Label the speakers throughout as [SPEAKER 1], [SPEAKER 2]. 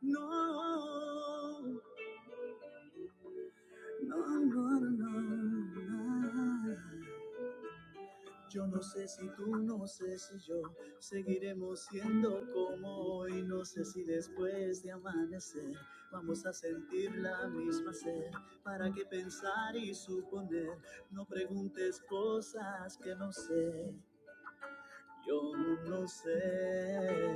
[SPEAKER 1] No, no, no, no, no. no. Yo no sé si tú, no sé si yo seguiremos siendo como hoy. No sé si después de amanecer vamos a sentir la misma sed. ¿Para qué pensar y suponer? No preguntes cosas que no sé. Yo no sé.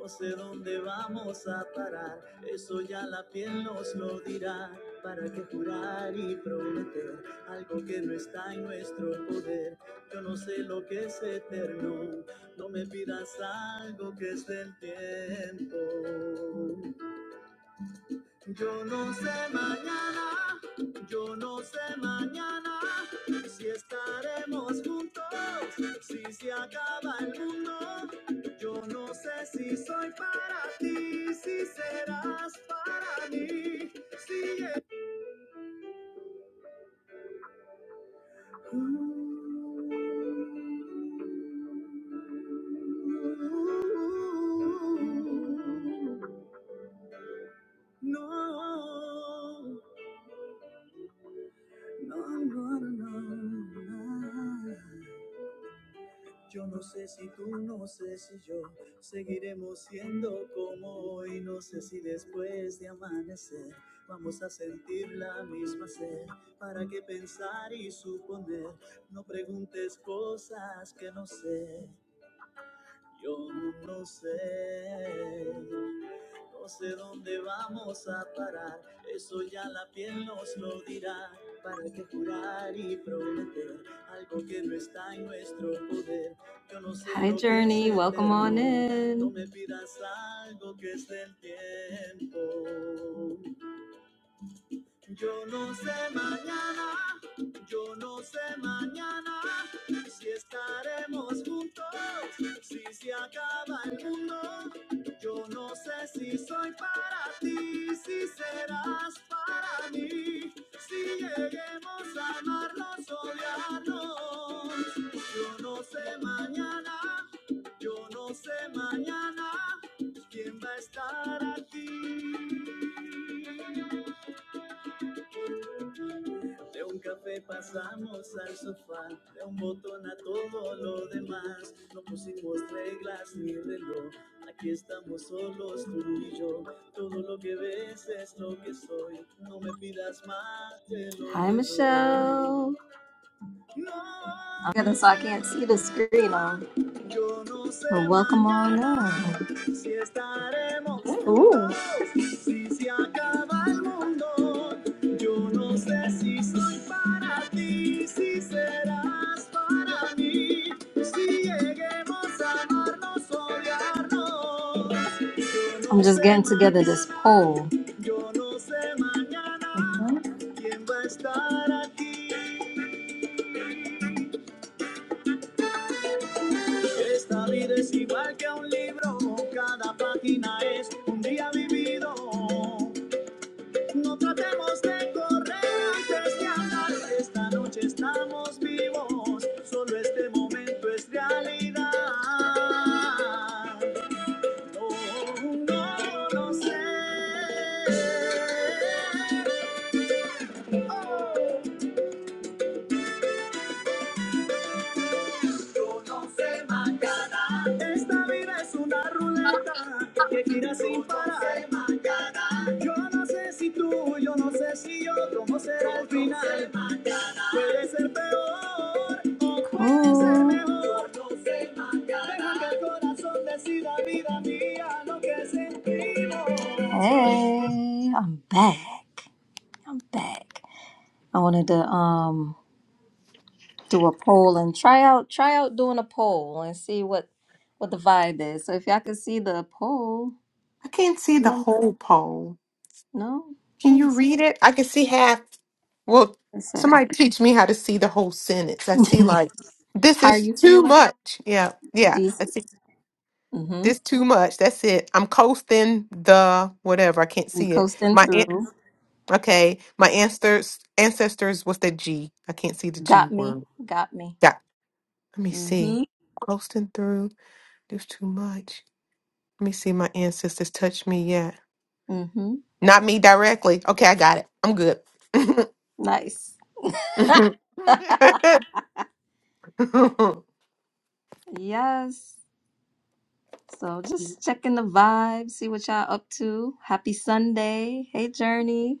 [SPEAKER 1] No sé dónde vamos a parar, eso ya la piel nos lo dirá. ¿Para qué jurar y prometer algo que no está en nuestro poder? Yo no sé lo que es eterno, no me pidas algo que es del tiempo. Yo no sé mañana, yo no sé mañana si estaremos juntos, si se acaba el mundo. Yo no sé si soy para ti, si serás para mí. Si es- no, no, no, no, no. Yo no sé si tú, no sé si yo seguiremos siendo como hoy. No sé si después de amanecer vamos a sentir la misma sed. ¿Para qué pensar y suponer? No preguntes cosas que no sé. Yo no sé, no sé dónde vamos a parar, eso ya la piel nos lo dirá. ¿Para qué jurar y prometer algo que no está en nuestro poder? Yo no sé Hi, Journey. Welcome on perdón, no in. me pidas algo que es del tiempo. Yo no sé mañana, yo no sé mañana si estaremos juntos, si se acaba el mundo. Yo no sé si soy para ti, si serás para mí, si lleguemos a amarnos, o odiarnos. Yo no sé mañana, yo no sé mañana quién va a estar aquí. De un café pasamos al sofá, de un botón a todo lo demás. No pusimos reglas ni reloj, aquí estamos solos tú y yo. Todo lo que ves es lo que soy, no me pidas más Hi, Michelle. Yeah, so I can't see the screen on. Well, welcome on in.
[SPEAKER 2] Ooh.
[SPEAKER 1] I'm just getting together this poll.
[SPEAKER 2] Mhm.
[SPEAKER 1] Esta vida es igual que un libro, cada página es un día vivido. No tratemos de correr antes de hablar, esta noche estamos vivos, solo este momento es realidad. Oh, no lo sé. Oh. Yo no sé mañana. Esta vida es una ruleta que gira sin parar. no sé mañana. Yo no sé si tú, yo no sé si yo, cómo será el Yo no sé Puede ser peor o puede ser Oh. mejor. Yo no sé mañana. Deja que el corazón decida, vida mía, lo que sentimos. Hey, I'm back. I'm back. I wanted to um do a poll and try out try out doing a poll and see what what the vibe is. So if y'all can see the poll,
[SPEAKER 2] I can't see the
[SPEAKER 1] let me
[SPEAKER 2] whole poem.
[SPEAKER 1] no,
[SPEAKER 2] Can
[SPEAKER 1] let me
[SPEAKER 2] you
[SPEAKER 1] see
[SPEAKER 2] read it? I can see half. Well,
[SPEAKER 1] what it say.
[SPEAKER 2] somebody teach me how to see the whole sentence. I see like this
[SPEAKER 1] How are
[SPEAKER 2] is
[SPEAKER 1] you
[SPEAKER 2] too
[SPEAKER 1] feeling?
[SPEAKER 2] much. Yeah, yeah. I
[SPEAKER 1] Decent.
[SPEAKER 2] see
[SPEAKER 1] Mm-hmm.
[SPEAKER 2] this too much. That's it. I'm coasting the whatever. I can't
[SPEAKER 1] You
[SPEAKER 2] see it.
[SPEAKER 1] coasting
[SPEAKER 2] My an-
[SPEAKER 1] through.
[SPEAKER 2] okay. My ancestors ancestors. What's that G? I can't see the G
[SPEAKER 1] Got me.
[SPEAKER 2] word.
[SPEAKER 1] Got me.
[SPEAKER 2] Yeah. Let me see.
[SPEAKER 1] Mm-hmm.
[SPEAKER 2] Coasting through. There's too much. Let me see. My ancestors touch me. Yeah.
[SPEAKER 1] Mm-hmm.
[SPEAKER 2] Not me directly. Okay, I got it. I'm good.
[SPEAKER 1] Nice. Yes. So just checking the vibe, see what y'all up to. Happy Sunday. Hey Journey.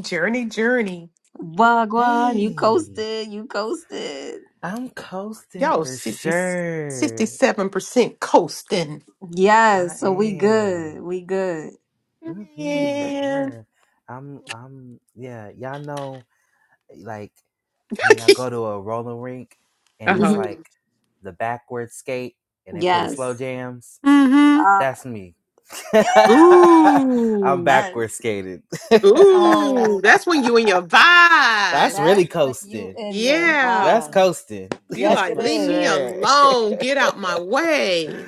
[SPEAKER 2] journey, journey.
[SPEAKER 1] Wagwan, you
[SPEAKER 3] Hey,
[SPEAKER 1] coasted. You coasted.
[SPEAKER 3] I'm coasting
[SPEAKER 2] Yo,
[SPEAKER 3] for
[SPEAKER 2] sixty,
[SPEAKER 3] sure.
[SPEAKER 2] sixty-seven percent coasting.
[SPEAKER 3] I
[SPEAKER 1] Yes, so we
[SPEAKER 3] am.
[SPEAKER 1] good. We good. We
[SPEAKER 3] hmm
[SPEAKER 1] good.
[SPEAKER 2] Man.
[SPEAKER 3] Yeah, I'm. I'm. Yeah, y'all know, like when y'all go to a roller rink
[SPEAKER 2] Uh
[SPEAKER 3] and it's
[SPEAKER 2] huh.
[SPEAKER 1] Mhm.
[SPEAKER 3] like the backward skate and they play the slow
[SPEAKER 1] Yes.
[SPEAKER 3] jams.
[SPEAKER 2] mm-hmm.
[SPEAKER 1] Uh,
[SPEAKER 3] That's me.
[SPEAKER 1] yeah.
[SPEAKER 3] I'm
[SPEAKER 2] Ooh.
[SPEAKER 3] backward
[SPEAKER 1] Yes.
[SPEAKER 3] skating.
[SPEAKER 2] Ooh.
[SPEAKER 1] Oh,
[SPEAKER 2] That's when you in your
[SPEAKER 3] That's
[SPEAKER 2] vibe.
[SPEAKER 3] really
[SPEAKER 1] that's when you
[SPEAKER 3] coasting.
[SPEAKER 1] in your
[SPEAKER 2] Yeah.
[SPEAKER 3] That's
[SPEAKER 1] vibe.
[SPEAKER 3] coasting
[SPEAKER 2] You
[SPEAKER 1] Yes, it
[SPEAKER 2] like,
[SPEAKER 3] for
[SPEAKER 2] leave me
[SPEAKER 1] is.
[SPEAKER 3] sure.
[SPEAKER 2] alone. Get out my way.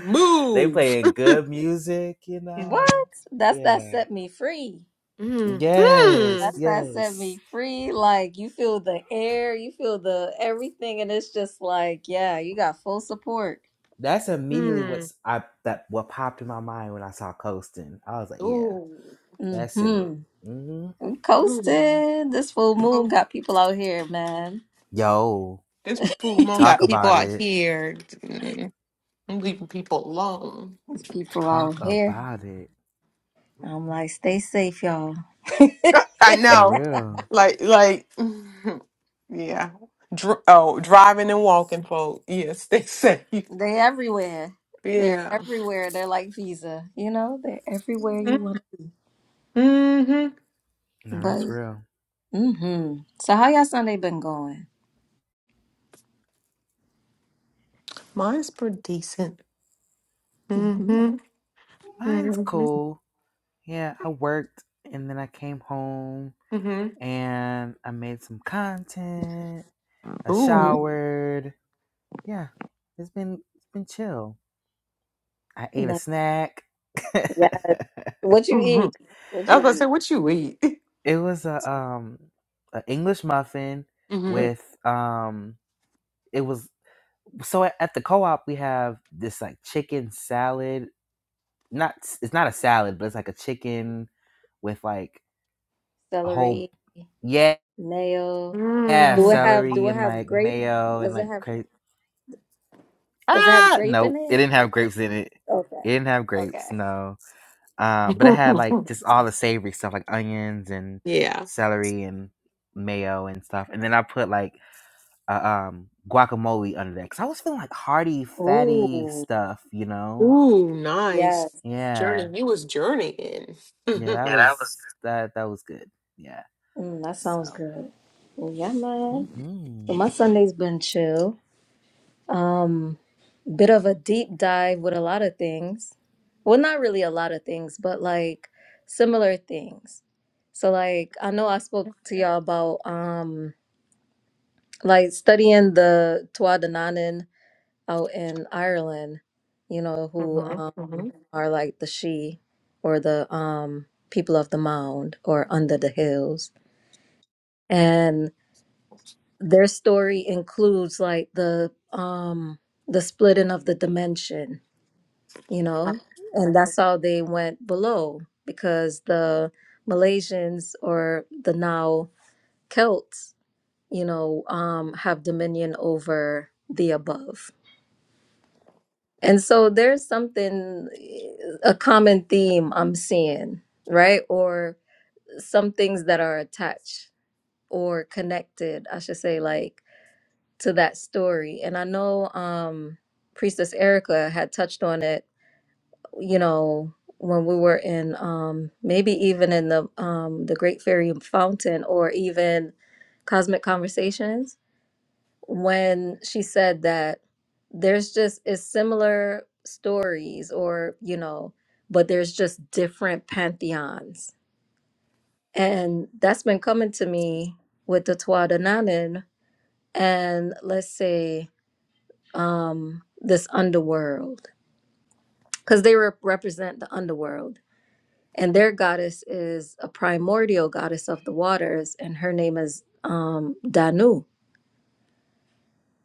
[SPEAKER 3] They
[SPEAKER 2] Move.
[SPEAKER 3] playing good music, you
[SPEAKER 1] What?
[SPEAKER 2] Mm.
[SPEAKER 3] know.
[SPEAKER 1] That's that
[SPEAKER 3] Yeah.
[SPEAKER 1] set me free.
[SPEAKER 2] Mm. Hmm.
[SPEAKER 3] Yes.
[SPEAKER 1] That's that set me
[SPEAKER 3] Yes.
[SPEAKER 1] free. Like you feel the air, you feel the everything, and it's just like, yeah, you got full support.
[SPEAKER 3] That's immediately
[SPEAKER 2] Hmm.
[SPEAKER 3] what's I that what popped in my mind when I saw Coastin. I was like, yeah,
[SPEAKER 2] Ooh.
[SPEAKER 3] that's it.
[SPEAKER 1] Mm-hmm.
[SPEAKER 3] hmm
[SPEAKER 2] Ooh.
[SPEAKER 1] Coasting. This full
[SPEAKER 2] Oh,
[SPEAKER 1] moon got people out here, man.
[SPEAKER 3] Yo,
[SPEAKER 2] This pool moon
[SPEAKER 3] talk
[SPEAKER 2] got people
[SPEAKER 3] about
[SPEAKER 2] out
[SPEAKER 3] it.
[SPEAKER 2] here mm, I'm leaving people alone.
[SPEAKER 1] These people
[SPEAKER 3] Talk
[SPEAKER 1] out here.
[SPEAKER 3] about it
[SPEAKER 1] I'm like, stay safe, y'all. they
[SPEAKER 2] I
[SPEAKER 3] for
[SPEAKER 2] know.
[SPEAKER 3] real.
[SPEAKER 2] Like, like, yeah. Dr- oh, driving and walking, folk. Yes, they say.
[SPEAKER 1] everywhere. They're
[SPEAKER 2] Yeah.
[SPEAKER 1] everywhere. They're like Visa. You know, they're everywhere
[SPEAKER 2] hmm
[SPEAKER 1] you want.
[SPEAKER 2] hmm
[SPEAKER 3] No, that's
[SPEAKER 1] But
[SPEAKER 3] real.
[SPEAKER 1] mm-hmm. So how y'all Sunday been going?
[SPEAKER 2] Mine's pretty decent. hmm
[SPEAKER 1] Mm-hmm.
[SPEAKER 3] Mine's
[SPEAKER 2] hmm
[SPEAKER 3] cool. Yeah, I worked and then I came home
[SPEAKER 2] hmm
[SPEAKER 3] and I made some content. I
[SPEAKER 2] Ooh.
[SPEAKER 3] showered. Yeah, it's been it's been chill. I ate a
[SPEAKER 1] No,
[SPEAKER 3] snack.
[SPEAKER 1] Yes. What you
[SPEAKER 2] hmm
[SPEAKER 1] eat? What
[SPEAKER 2] I was gonna
[SPEAKER 1] you
[SPEAKER 2] say,
[SPEAKER 1] eat?
[SPEAKER 2] what you eat?
[SPEAKER 3] it was a um an English muffin
[SPEAKER 2] Mm-hmm.
[SPEAKER 1] Mm.
[SPEAKER 3] with um it was so at, at the co-op we have this like chicken salad. Not it's not a salad, but it's like a chicken with like a whole
[SPEAKER 1] Celery,
[SPEAKER 3] yeah,
[SPEAKER 1] mayo.
[SPEAKER 3] yeah
[SPEAKER 1] Do it have
[SPEAKER 3] celery
[SPEAKER 1] do it
[SPEAKER 3] and
[SPEAKER 1] have
[SPEAKER 3] like
[SPEAKER 1] grape?
[SPEAKER 3] mayo and
[SPEAKER 1] Does it
[SPEAKER 3] like
[SPEAKER 1] have
[SPEAKER 3] cra-
[SPEAKER 1] does it have
[SPEAKER 3] ah
[SPEAKER 1] grape in
[SPEAKER 3] nope, it
[SPEAKER 1] it?
[SPEAKER 3] didn't have grapes in it.
[SPEAKER 1] Okay.
[SPEAKER 3] It didn't have grapes.
[SPEAKER 1] Okay.
[SPEAKER 3] No. Uh, but it had like
[SPEAKER 2] Mm.
[SPEAKER 3] just all the savory stuff, like onions and
[SPEAKER 2] yeah.
[SPEAKER 3] celery and mayo and stuff. And then I put like uh, um guacamole under there because I was feeling like hearty, fatty
[SPEAKER 1] Ooh.
[SPEAKER 3] stuff, you know?
[SPEAKER 2] Ooh, nice.
[SPEAKER 1] yes.
[SPEAKER 2] Journey.
[SPEAKER 3] Yeah,
[SPEAKER 2] You was journeying.
[SPEAKER 3] yeah,
[SPEAKER 2] Mm-hmm.
[SPEAKER 3] that
[SPEAKER 2] Yeah,
[SPEAKER 3] was
[SPEAKER 2] that was
[SPEAKER 3] that that was good. Yeah,
[SPEAKER 1] Mm, that
[SPEAKER 3] so
[SPEAKER 1] sounds good. Well, Yeah, man. So
[SPEAKER 3] hmm
[SPEAKER 1] my Sunday's been chill. Um, bit of a deep dive with a lot of things. Well, not really a lot of things, but like similar things. So like I know I spoke to y'all about um like studying the Tuatha out in Ireland, you know, who
[SPEAKER 2] Mm-hmm.
[SPEAKER 1] um
[SPEAKER 2] Mm-hmm.
[SPEAKER 1] are like the She or the um people of the mound or under the hills. their story includes like the um the splitting of the dimension you know and that's how they went below because the malaysians or the now celts you know um have dominion over the above and so there's something a common theme i'm seeing right or some things that are attached or connected i should say like to that story. And I know um, Priestess Erica had touched on it, you know, when we were in um, maybe even in the um, the Great Fairy Fountain or even Cosmic Conversations, when she said that there's just it's similar stories or you know, but there's just different pantheons, and that's been coming to me with the Tuatha De Danann and let's say um, this underworld because they rep- represent the underworld. And their goddess is a primordial goddess of the waters, and her name is um, Danu.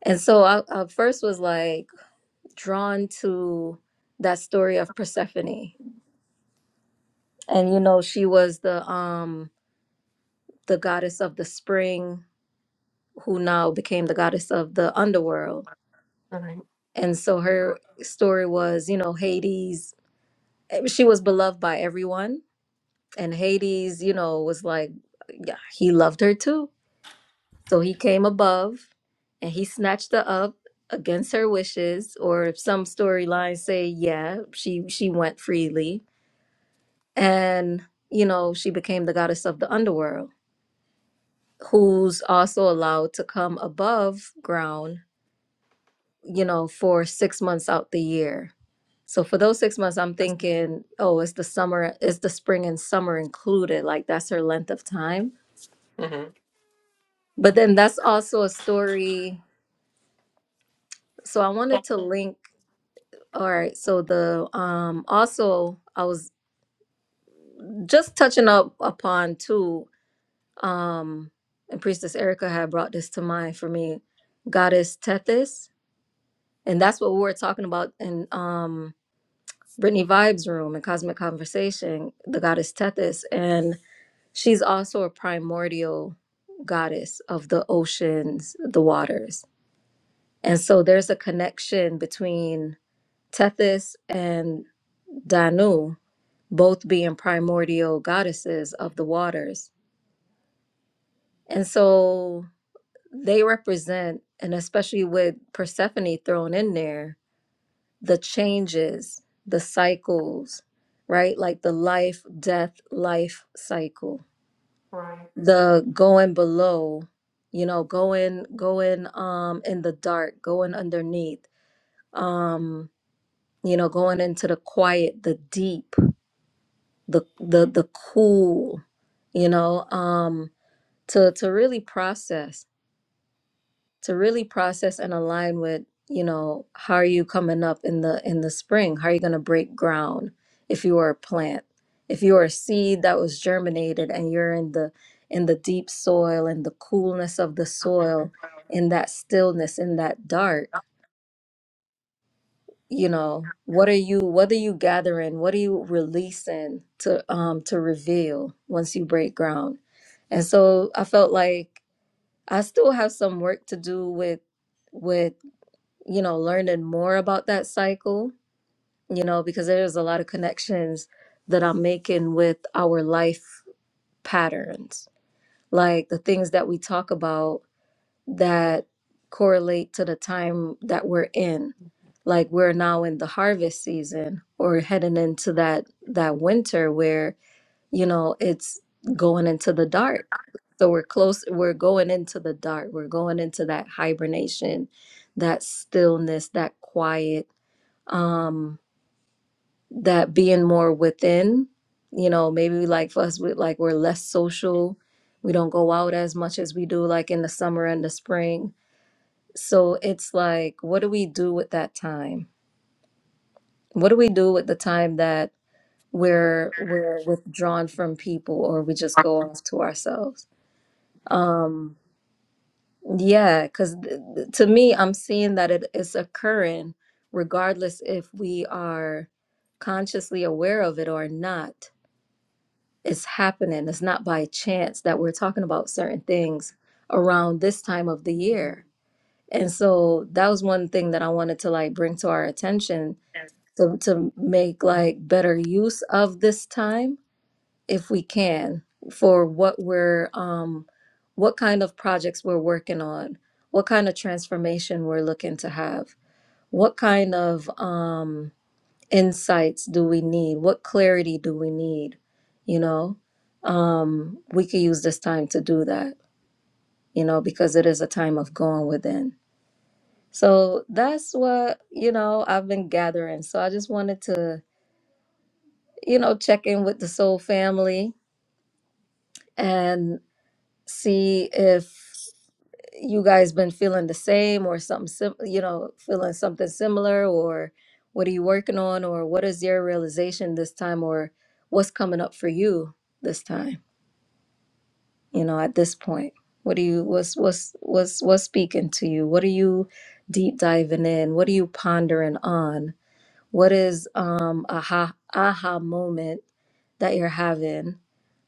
[SPEAKER 1] And so I, I first was like drawn to that story of Persephone. And you know, she was the um the goddess of the spring who now became the goddess of the underworld.
[SPEAKER 2] Right.
[SPEAKER 1] And so her story was, you know, Hades. eh, She was beloved by everyone And Hades, you know, was like, yeah, he loved her too. So he came above and he snatched her up against her wishes, or if some storylines say, yeah, she she went freely. And, you know, she became the goddess of the underworld, who's also allowed to come above ground, you know, for six months out the year. So for those six months, I'm thinking, oh, is the summer, is the spring and summer included? Like that's her length of time
[SPEAKER 2] Mm-hmm.
[SPEAKER 1] But then that's also a story. So I wanted to link. All right. So the um also I was just touching up upon too. Um, and Priestess Erica had brought this to mind for me. Goddess Tethys, and that's what we were talking about in um Brittany Vibes room and Cosmic Conversation. The goddess Tethys, and she's also a primordial goddess of the oceans, the waters, and so there's a connection between Tethys and Danu both being primordial goddesses of the waters. And so they represent, and especially with Persephone thrown in there, the changes, the cycles, right? Like the life, death, life cycle, the going below, you know, going, going um in the dark, going underneath, um, you know, going into the quiet, the deep the the the cool, you know, um, to to really process, to really process and align with, you know, how are you coming up in the in the spring? How are you going to break ground if you are a plant? If you are a seed that was germinated and you're in the in the deep soil and the coolness of the soil, in that stillness, in that dark
[SPEAKER 2] Right.
[SPEAKER 1] you know what are you what are you gathering what are you releasing to um to reveal once you break ground and so i felt like i still have some work to do with with you know learning more about that cycle you know because there's a lot of connections that i'm making with our life patterns like the things that we talk about that correlate to the time that we're in. Like we're now in the harvest season or heading into that that winter where, you know, it's going into the dark. So we're close, we're going into the dark. We're going into that hibernation, that stillness, that quiet, um, that being more within, you know, maybe like for us, we like we're less social. We don't go out as much as we do like in the summer and the spring so it's like, what do we do with that time? What do we do with the time that we're we're withdrawn from people or we just go off to ourselves? Um, yeah, because th th- to me, I'm seeing that it is occurring regardless if we are consciously aware of it or not. It's happening. It's not by chance that we're talking about certain things around this time of the year. And so that was one thing that I wanted to like bring to our attention to, to make like better use of this time if we can for what we're um what kind of projects we're working on what kind of transformation we're looking to have what kind of um insights do we need what clarity do we need you know um we could use this time to do that you know because it is a time of going within so that's what you know i've been gathering so i just wanted to you know, check in with the soul family and see if you guys been feeling the same or something sim- you know, feeling something similar or what are you working on or what is your realization this time or what's coming up for you this time, you know, at this point. What do you what's what's what's what's speaking to you? What are you deep diving in? What are you pondering on? What is um a aha aha moment that you're having?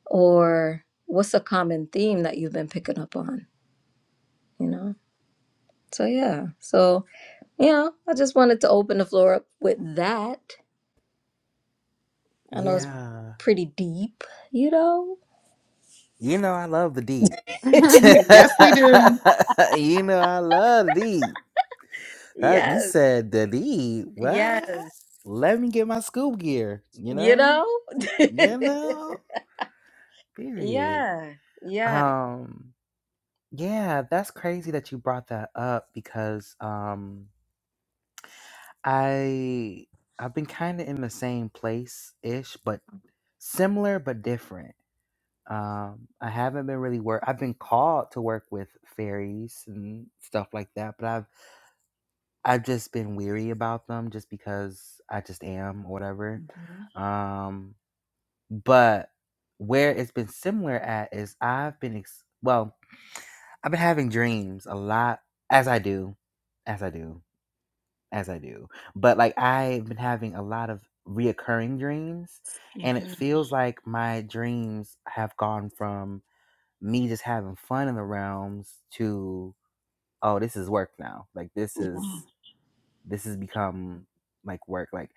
[SPEAKER 1] or what's a common theme that you've been picking up on you know so yeah so you know i just wanted to open the floor up with that i know it's
[SPEAKER 3] yeah,
[SPEAKER 1] pretty deep you know
[SPEAKER 3] you know I love the deep.
[SPEAKER 2] yes, we do.
[SPEAKER 3] you know I love the deep. That- you
[SPEAKER 1] yes
[SPEAKER 3] said the deep.
[SPEAKER 1] yes
[SPEAKER 3] What? Let me get my scoop gear. You
[SPEAKER 1] you
[SPEAKER 3] know?
[SPEAKER 1] know
[SPEAKER 3] You know, period.
[SPEAKER 1] yeah yeah
[SPEAKER 3] Um, yeah, that's crazy that you brought that up because um I I've been kind of in the same place ish, but similar but different. Um, I haven't been really work. I've been called to work with fairies and stuff like that, but I've I've just been weary about them just because I just am or whatever.
[SPEAKER 1] Mhm,
[SPEAKER 3] Um, but where it's been similar at is I've been ex- well. I've been having dreams a lot, as I do, as I do, as I do. But like I've been having a lot of reoccurring dreams, and it
[SPEAKER 1] mhm.
[SPEAKER 3] feels like my dreams have gone from me just having fun in the realms to oh, this is work now. Like this is this has become like work. Like,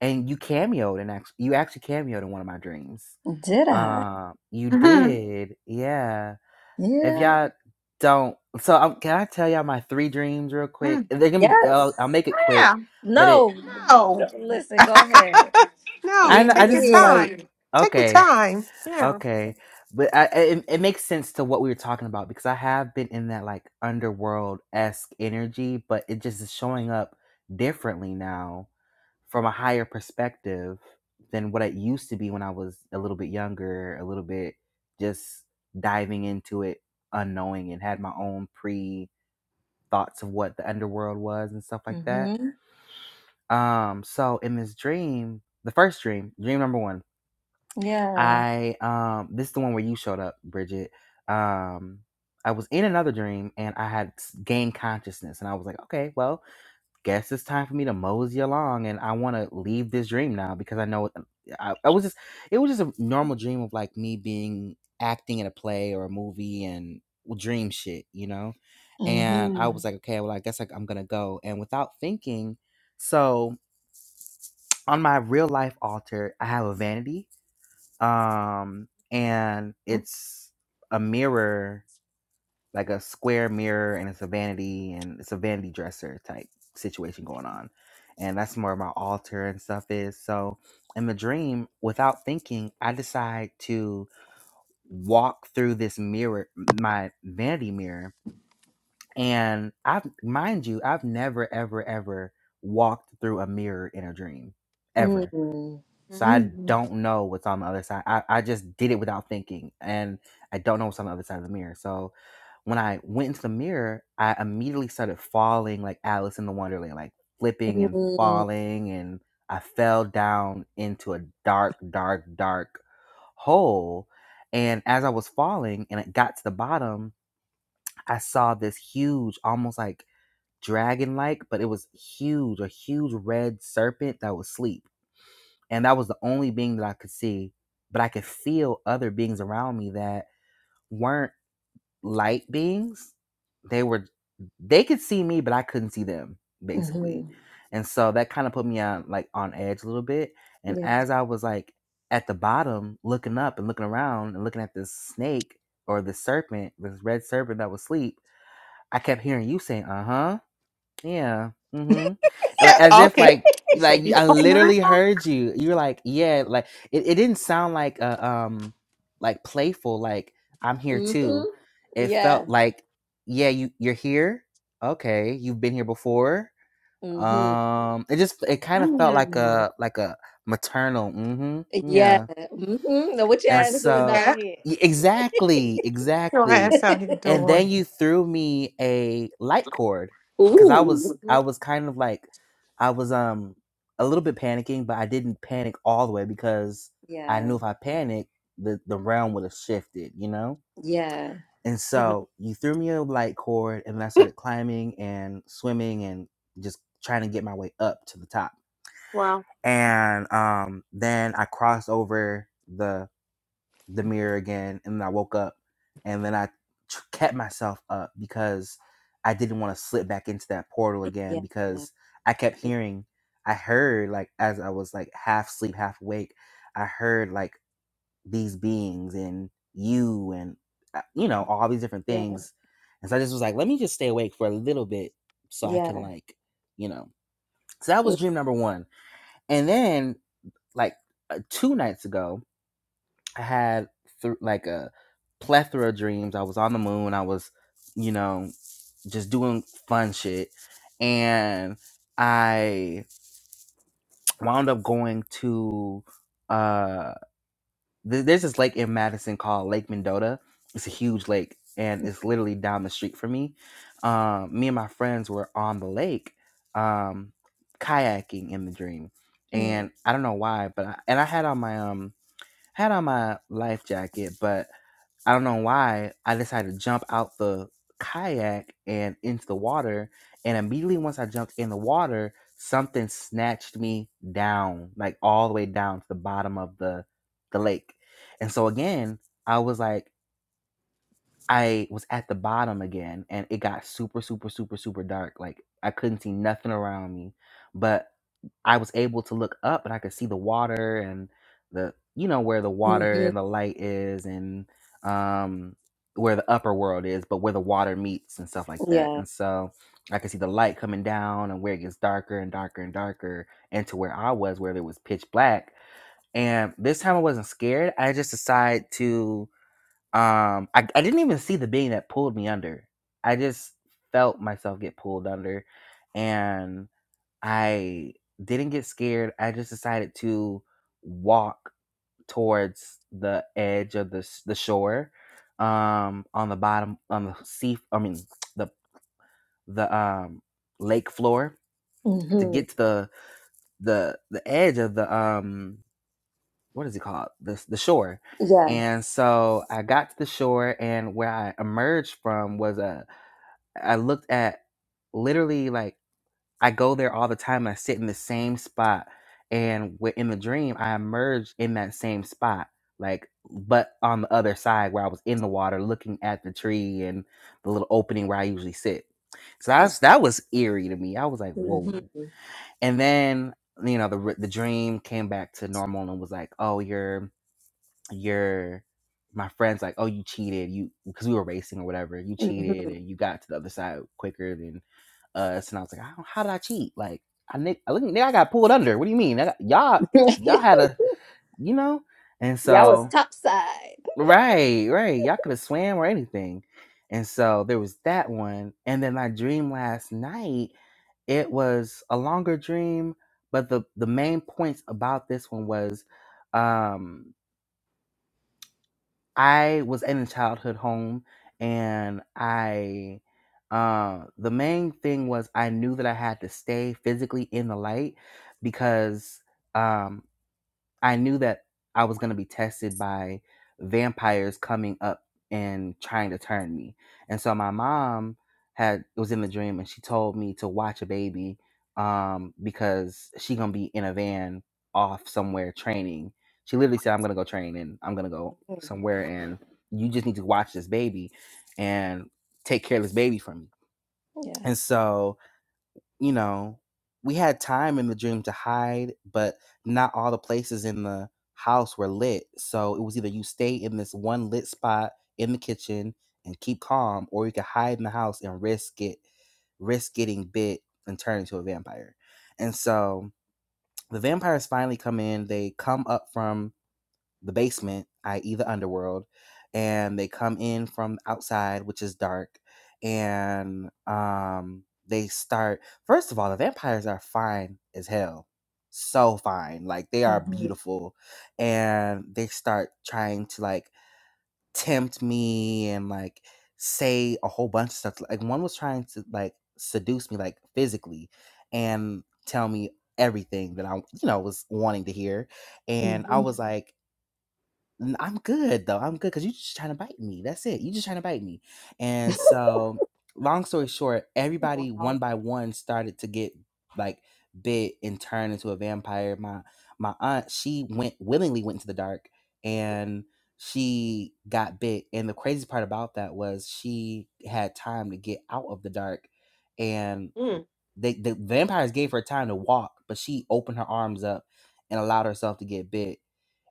[SPEAKER 3] and you cameoed and actually you actually cameoed in one of my dreams.
[SPEAKER 1] did i
[SPEAKER 3] Uh, you
[SPEAKER 2] Mhm.
[SPEAKER 3] did, yeah if
[SPEAKER 1] yeah
[SPEAKER 3] y'all don't, so um, can I tell y'all my three dreams real quick?
[SPEAKER 2] Mm.
[SPEAKER 3] They're gonna be.
[SPEAKER 1] yes
[SPEAKER 3] Uh, I'll make it quick,
[SPEAKER 2] yeah.
[SPEAKER 3] but it.
[SPEAKER 1] no
[SPEAKER 2] No.
[SPEAKER 1] listen go ahead
[SPEAKER 2] no.
[SPEAKER 3] I
[SPEAKER 1] we we
[SPEAKER 3] I
[SPEAKER 2] Take your
[SPEAKER 3] just feel
[SPEAKER 1] here
[SPEAKER 3] like
[SPEAKER 2] time. Take your
[SPEAKER 3] okay,
[SPEAKER 2] time. Yeah.
[SPEAKER 3] okay, but I, I- it, it makes sense to what we were talking about because I have been in that like underworld esque energy, but it just is showing up differently now from a higher perspective than what it used to be when I was a little bit younger, a little bit just diving into it unknowing and had my own pre. thoughts of what the underworld was and stuff like that.
[SPEAKER 1] hmm
[SPEAKER 3] Um, so in this dream, the first dream, dream number one,
[SPEAKER 1] yeah
[SPEAKER 3] I um, this is the one where you showed up, Bridget. Um, I was in another dream and I had gained consciousness, and I was like, okay, well, guess it's time for me to mosey along and I want to leave this dream now because I know I, I was just it was just a normal dream of like me being acting in a play or a movie and dream shit, you know? And I
[SPEAKER 1] Mhm.
[SPEAKER 3] was like, okay, well, I guess like I'm gonna go. And without thinking, so on my real life altar, I have a vanity, um, and it's a mirror like a square mirror and it's a vanity and it's a vanity dresser type situation going on. And that's where my altar and stuff is. So in the dream, without thinking, I decide to walk through this mirror, my vanity mirror. And I've mind you, I've never, ever, ever walked through a mirror in a dream. Ever
[SPEAKER 1] Mm.
[SPEAKER 3] so I
[SPEAKER 2] hmm
[SPEAKER 3] don't know what's on the other side. I, I just did it without thinking and I don't know what's on the other side of the mirror. So when I went into the mirror, I immediately started falling like Alice in the Wonderland, like flipping and
[SPEAKER 1] Mm.
[SPEAKER 3] falling and I fell down into a dark, dark, dark hole. And as I was falling and it got to the bottom, I saw this huge, almost like dragon like, but it was huge, a huge red serpent that was asleep and that was the only being that I could see. But I could feel other beings around me that weren't light beings. They were they could see me, but I couldn't see them, basically.
[SPEAKER 1] Mm-hmm.
[SPEAKER 3] And so that kind of put me on like on edge a little bit. And
[SPEAKER 1] Yeah.
[SPEAKER 3] as I was like at the bottom, looking up and looking around and looking at this snake or this serpent, this red serpent that was asleep, I kept hearing you saying, uh-huh yeah. Mm-hmm. And, Like
[SPEAKER 2] Yeah.
[SPEAKER 3] as if
[SPEAKER 2] Okay.
[SPEAKER 3] like
[SPEAKER 2] You say
[SPEAKER 3] like
[SPEAKER 2] you're
[SPEAKER 3] I
[SPEAKER 2] fucking around.
[SPEAKER 3] literally heard you. You're like, yeah, like it, it didn't sound like a um like playful, like I'm here
[SPEAKER 1] Mm-hmm.
[SPEAKER 3] too. It
[SPEAKER 1] Yeah.
[SPEAKER 3] felt like, yeah, you you're here. Okay, you've been here before.
[SPEAKER 1] Mm-hmm.
[SPEAKER 3] Um it just it kind of felt like
[SPEAKER 2] Mm-hmm.
[SPEAKER 3] a like a maternal. Mm-hmm.
[SPEAKER 1] Yeah.
[SPEAKER 3] Yeah.
[SPEAKER 1] Mm-hmm. Now what your
[SPEAKER 2] I
[SPEAKER 3] And
[SPEAKER 1] ass
[SPEAKER 2] just
[SPEAKER 1] doing
[SPEAKER 2] think
[SPEAKER 3] so,
[SPEAKER 1] down
[SPEAKER 2] that
[SPEAKER 1] here?
[SPEAKER 3] y- exactly,
[SPEAKER 2] your
[SPEAKER 3] exactly.
[SPEAKER 2] ass out here
[SPEAKER 3] And
[SPEAKER 2] doing.
[SPEAKER 3] then you threw me a light cord because I was
[SPEAKER 2] Ooh.
[SPEAKER 1] Mhm.
[SPEAKER 3] I was kind of like I was um a little bit panicking, but I didn't panic all the way because I
[SPEAKER 1] yeah.
[SPEAKER 3] knew if I panicked, the the realm would have shifted, you know.
[SPEAKER 1] Yeah.
[SPEAKER 3] And
[SPEAKER 2] hmm
[SPEAKER 3] so you threw me a light cord, and I started climbing and swimming and just trying to get my way up to the top.
[SPEAKER 2] Wow.
[SPEAKER 3] And um, then I crossed over the the mirror again and then I woke up and then I t- kept myself up because I didn't want to slip back into that portal
[SPEAKER 1] Yeah.
[SPEAKER 3] again because I kept hearing I heard like as I was like half sleep half awake I heard like these beings and you and uh, you know all these different
[SPEAKER 1] Yeah.
[SPEAKER 3] things and so I just was like let me just stay awake for a little bit so I can
[SPEAKER 1] Yeah.
[SPEAKER 3] like you know so that was dream number 1 and then like uh, two nights ago I had th- like a plethora of dreams. I was on the moon. I was, you know, just doing fun shit, and I wound up going to uh, th- there's this lake in Madison called Lake Mendota. It's a huge lake, and it's literally down the street from me. Um, me and my friends were on the lake, um, kayaking in the dream, and I don't know why, but I, and I had on my um had on my life jacket, but I don't know why I decided to jump out the kayak and into the water. And immediately once I jumped in the water, something snatched me down, like all the way down to the bottom of the the lake. And so again, I was like. I was at the bottom again and it got super, super, super, super dark. Like I couldn't see nothing around me. But I was able to look up and I could see the water and the you know where the water
[SPEAKER 1] Mm-hmm.
[SPEAKER 3] and the light is and um where the upper world is, but where the water meets and stuff like that.
[SPEAKER 1] Yeah.
[SPEAKER 3] And so I could see the light coming down and where it gets darker and darker and darker and to where I was where it was pitch black. And this time I wasn't scared. I just decided to um, I, I didn't even see the being that pulled me under. I just felt myself get pulled under, and I didn't get scared. I just decided to walk towards the edge of the s- the shore, um, on the bottom on the sea. I mean the the um lake floor to
[SPEAKER 1] Mm-hmm.
[SPEAKER 3] get to the the the edge of the um what is it called the the shore
[SPEAKER 1] Yeah.
[SPEAKER 3] and so i got to the shore and where i emerged from was a i looked at literally like i go there all the time and i sit in the same spot and in the dream i emerged in that same spot like but on the other side where i was in the water looking at the tree and the little opening where i usually sit so that's that was eerie to me i was like whoa
[SPEAKER 1] Mm-hmm.
[SPEAKER 3] and then you know the, the dream came back to normal and was like oh you're your my friends like, oh, you cheated, you because we were racing or whatever, you
[SPEAKER 1] Mm-hmm.
[SPEAKER 3] cheated and you got to the other side quicker than us. And I was like, how, how did I cheat? Like I nick, I look, nigga, I got pulled under. What do you mean? I got, y'all, y'all had a, you know, and
[SPEAKER 1] Y'all was
[SPEAKER 3] so
[SPEAKER 1] top side.
[SPEAKER 3] right, right, y'all could have swam or anything. And so there was that one, and then my dream last night it was a longer dream, but the the main points about this one was. Um, I was in a childhood home and I uh the main thing was I knew that I had to stay physically in the light because um I knew that I was going to be tested by vampires coming up and trying to turn me. And so my mom had was in the dream and she told me to watch a baby um because she going to be in a van off somewhere training. She literally said I'm going to go train and I'm going to go
[SPEAKER 1] Mhm.
[SPEAKER 3] somewhere and you just need to watch this baby and take care of this baby for me.
[SPEAKER 1] Yeah.
[SPEAKER 3] And so you know, we had time in the dream to hide, but not all the places in the house were lit. So it was either you stay in this one lit spot in the kitchen and keep calm, or you could hide in the house and risk it, risk getting bit and turn into a vampire. And so the vampires finally come in. They come up from the basement, i.e., the underworld, and they come in from outside, which is dark, and um, they start. First of all, the vampires are fine as hell, so fine, like they are
[SPEAKER 1] Mm-hmm.
[SPEAKER 3] beautiful, and they start trying to like tempt me and like say a whole bunch of stuff. Like one was trying to like seduce me, like physically, and tell me everything that I, you know, was wanting to hear, and I
[SPEAKER 1] Mm-hmm.
[SPEAKER 3] was like N- I'm good though. I'm good because you just trying to bite me. That's it. You just trying to bite me. And so, long story short, everybody one
[SPEAKER 2] Wow.
[SPEAKER 3] by one started to get like bit and turned into a vampire. My my aunt, she went willingly went into the dark and she got bit. And the crazy part about that was she had time to get out of the dark and
[SPEAKER 2] Mm.
[SPEAKER 3] they the vampires gave her time to walk, but she opened her arms up and allowed herself to get bit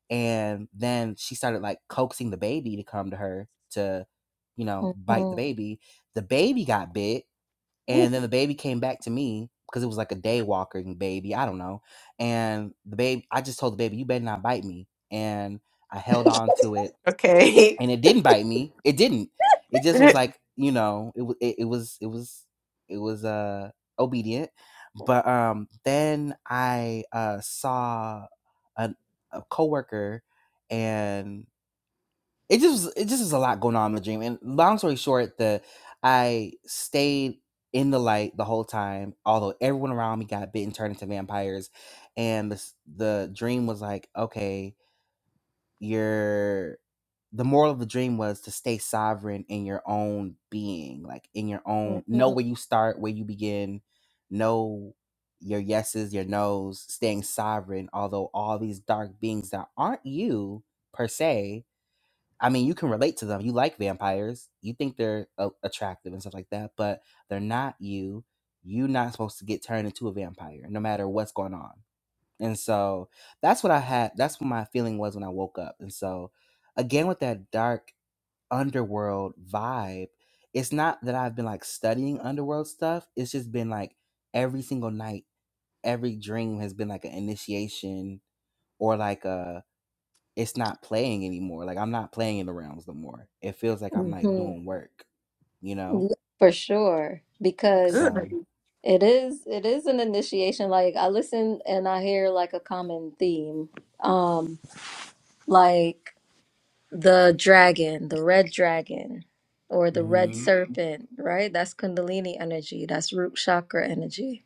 [SPEAKER 3] and then she started like coaxing the baby to come to her to you know bite the
[SPEAKER 1] Mm-hmm.
[SPEAKER 3] baby the baby got bit and then the baby came back to me because it was like a day walking baby i don't know and the baby i just told the baby you better not bite me and i held on to it
[SPEAKER 2] Okay.
[SPEAKER 3] and it didn't bite me. It didn't. It just was
[SPEAKER 2] good.
[SPEAKER 3] like you know, it was it, it was it was it was uh obedient. But um, then I uh saw a, a coworker, and it just was, it just was a lot going on in the dream. And long story short, the I stayed in the light the whole time, although everyone around me got bitten, turned into vampires, and the s- the dream was like, okay, your the moral of the dream was to stay sovereign in your own being, like in your own know
[SPEAKER 1] Mm-hmm.
[SPEAKER 3] where you start, where you begin, know your yeses, your nos, staying sovereign, although all these dark beings that aren't you per se, I mean, you can relate to them. You like vampires. You think they're a- attractive and stuff like that, but they're not you. You're not supposed to get turned into a vampire no matter what's going on. And so that's what I had. That's what my feeling was when I woke up. And so, again, with that dark underworld vibe, it's not that I've been like studying underworld stuff. It's just been like every single night, every dream has been like an initiation or like a, it's not playing anymore. Like I'm not playing in the realms no more. It feels like I'm like doing work, you know?
[SPEAKER 1] Mm-hmm. For sure. Because
[SPEAKER 3] So,
[SPEAKER 1] It is it is an initiation. Like I listen and I hear like a common theme. Um like the dragon, the red dragon or the red
[SPEAKER 3] mm-hmm,
[SPEAKER 1] serpent, right? That's kundalini energy. That's root chakra energy.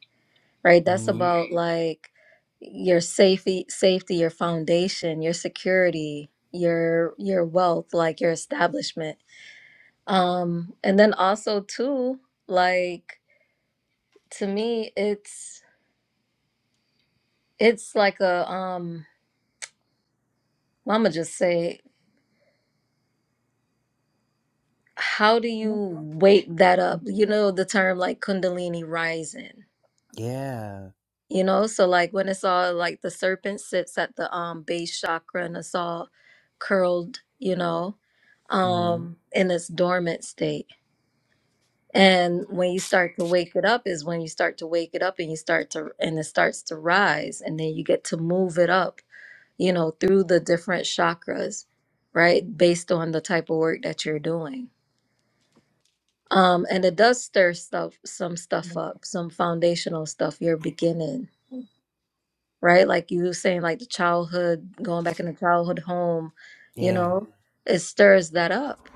[SPEAKER 1] Right? That's
[SPEAKER 3] mm-hmm,
[SPEAKER 1] about like your safety safety, your foundation, your security, your your wealth, like your establishment. Um and then also too like to me it's It's like a um mama just say, how do you wake that up? You know the term like kundalini rising.
[SPEAKER 3] yeah,
[SPEAKER 1] You know, so like when it's all like the serpent sits at the um base chakra and it's all curled, you know,
[SPEAKER 3] mm-hmm,
[SPEAKER 1] um in its dormant state. And when you start to wake it up is when you start to wake it up and you start to and it starts to rise and then you get to move it up you know, through the different chakras, right? Based on the type of work that you're doing. Um, and it does stir stuff, some stuff up, some foundational stuff you're beginning, right? Like you were saying, like the childhood, going back in the childhood home, you
[SPEAKER 3] yeah,
[SPEAKER 1] know, it stirs that up.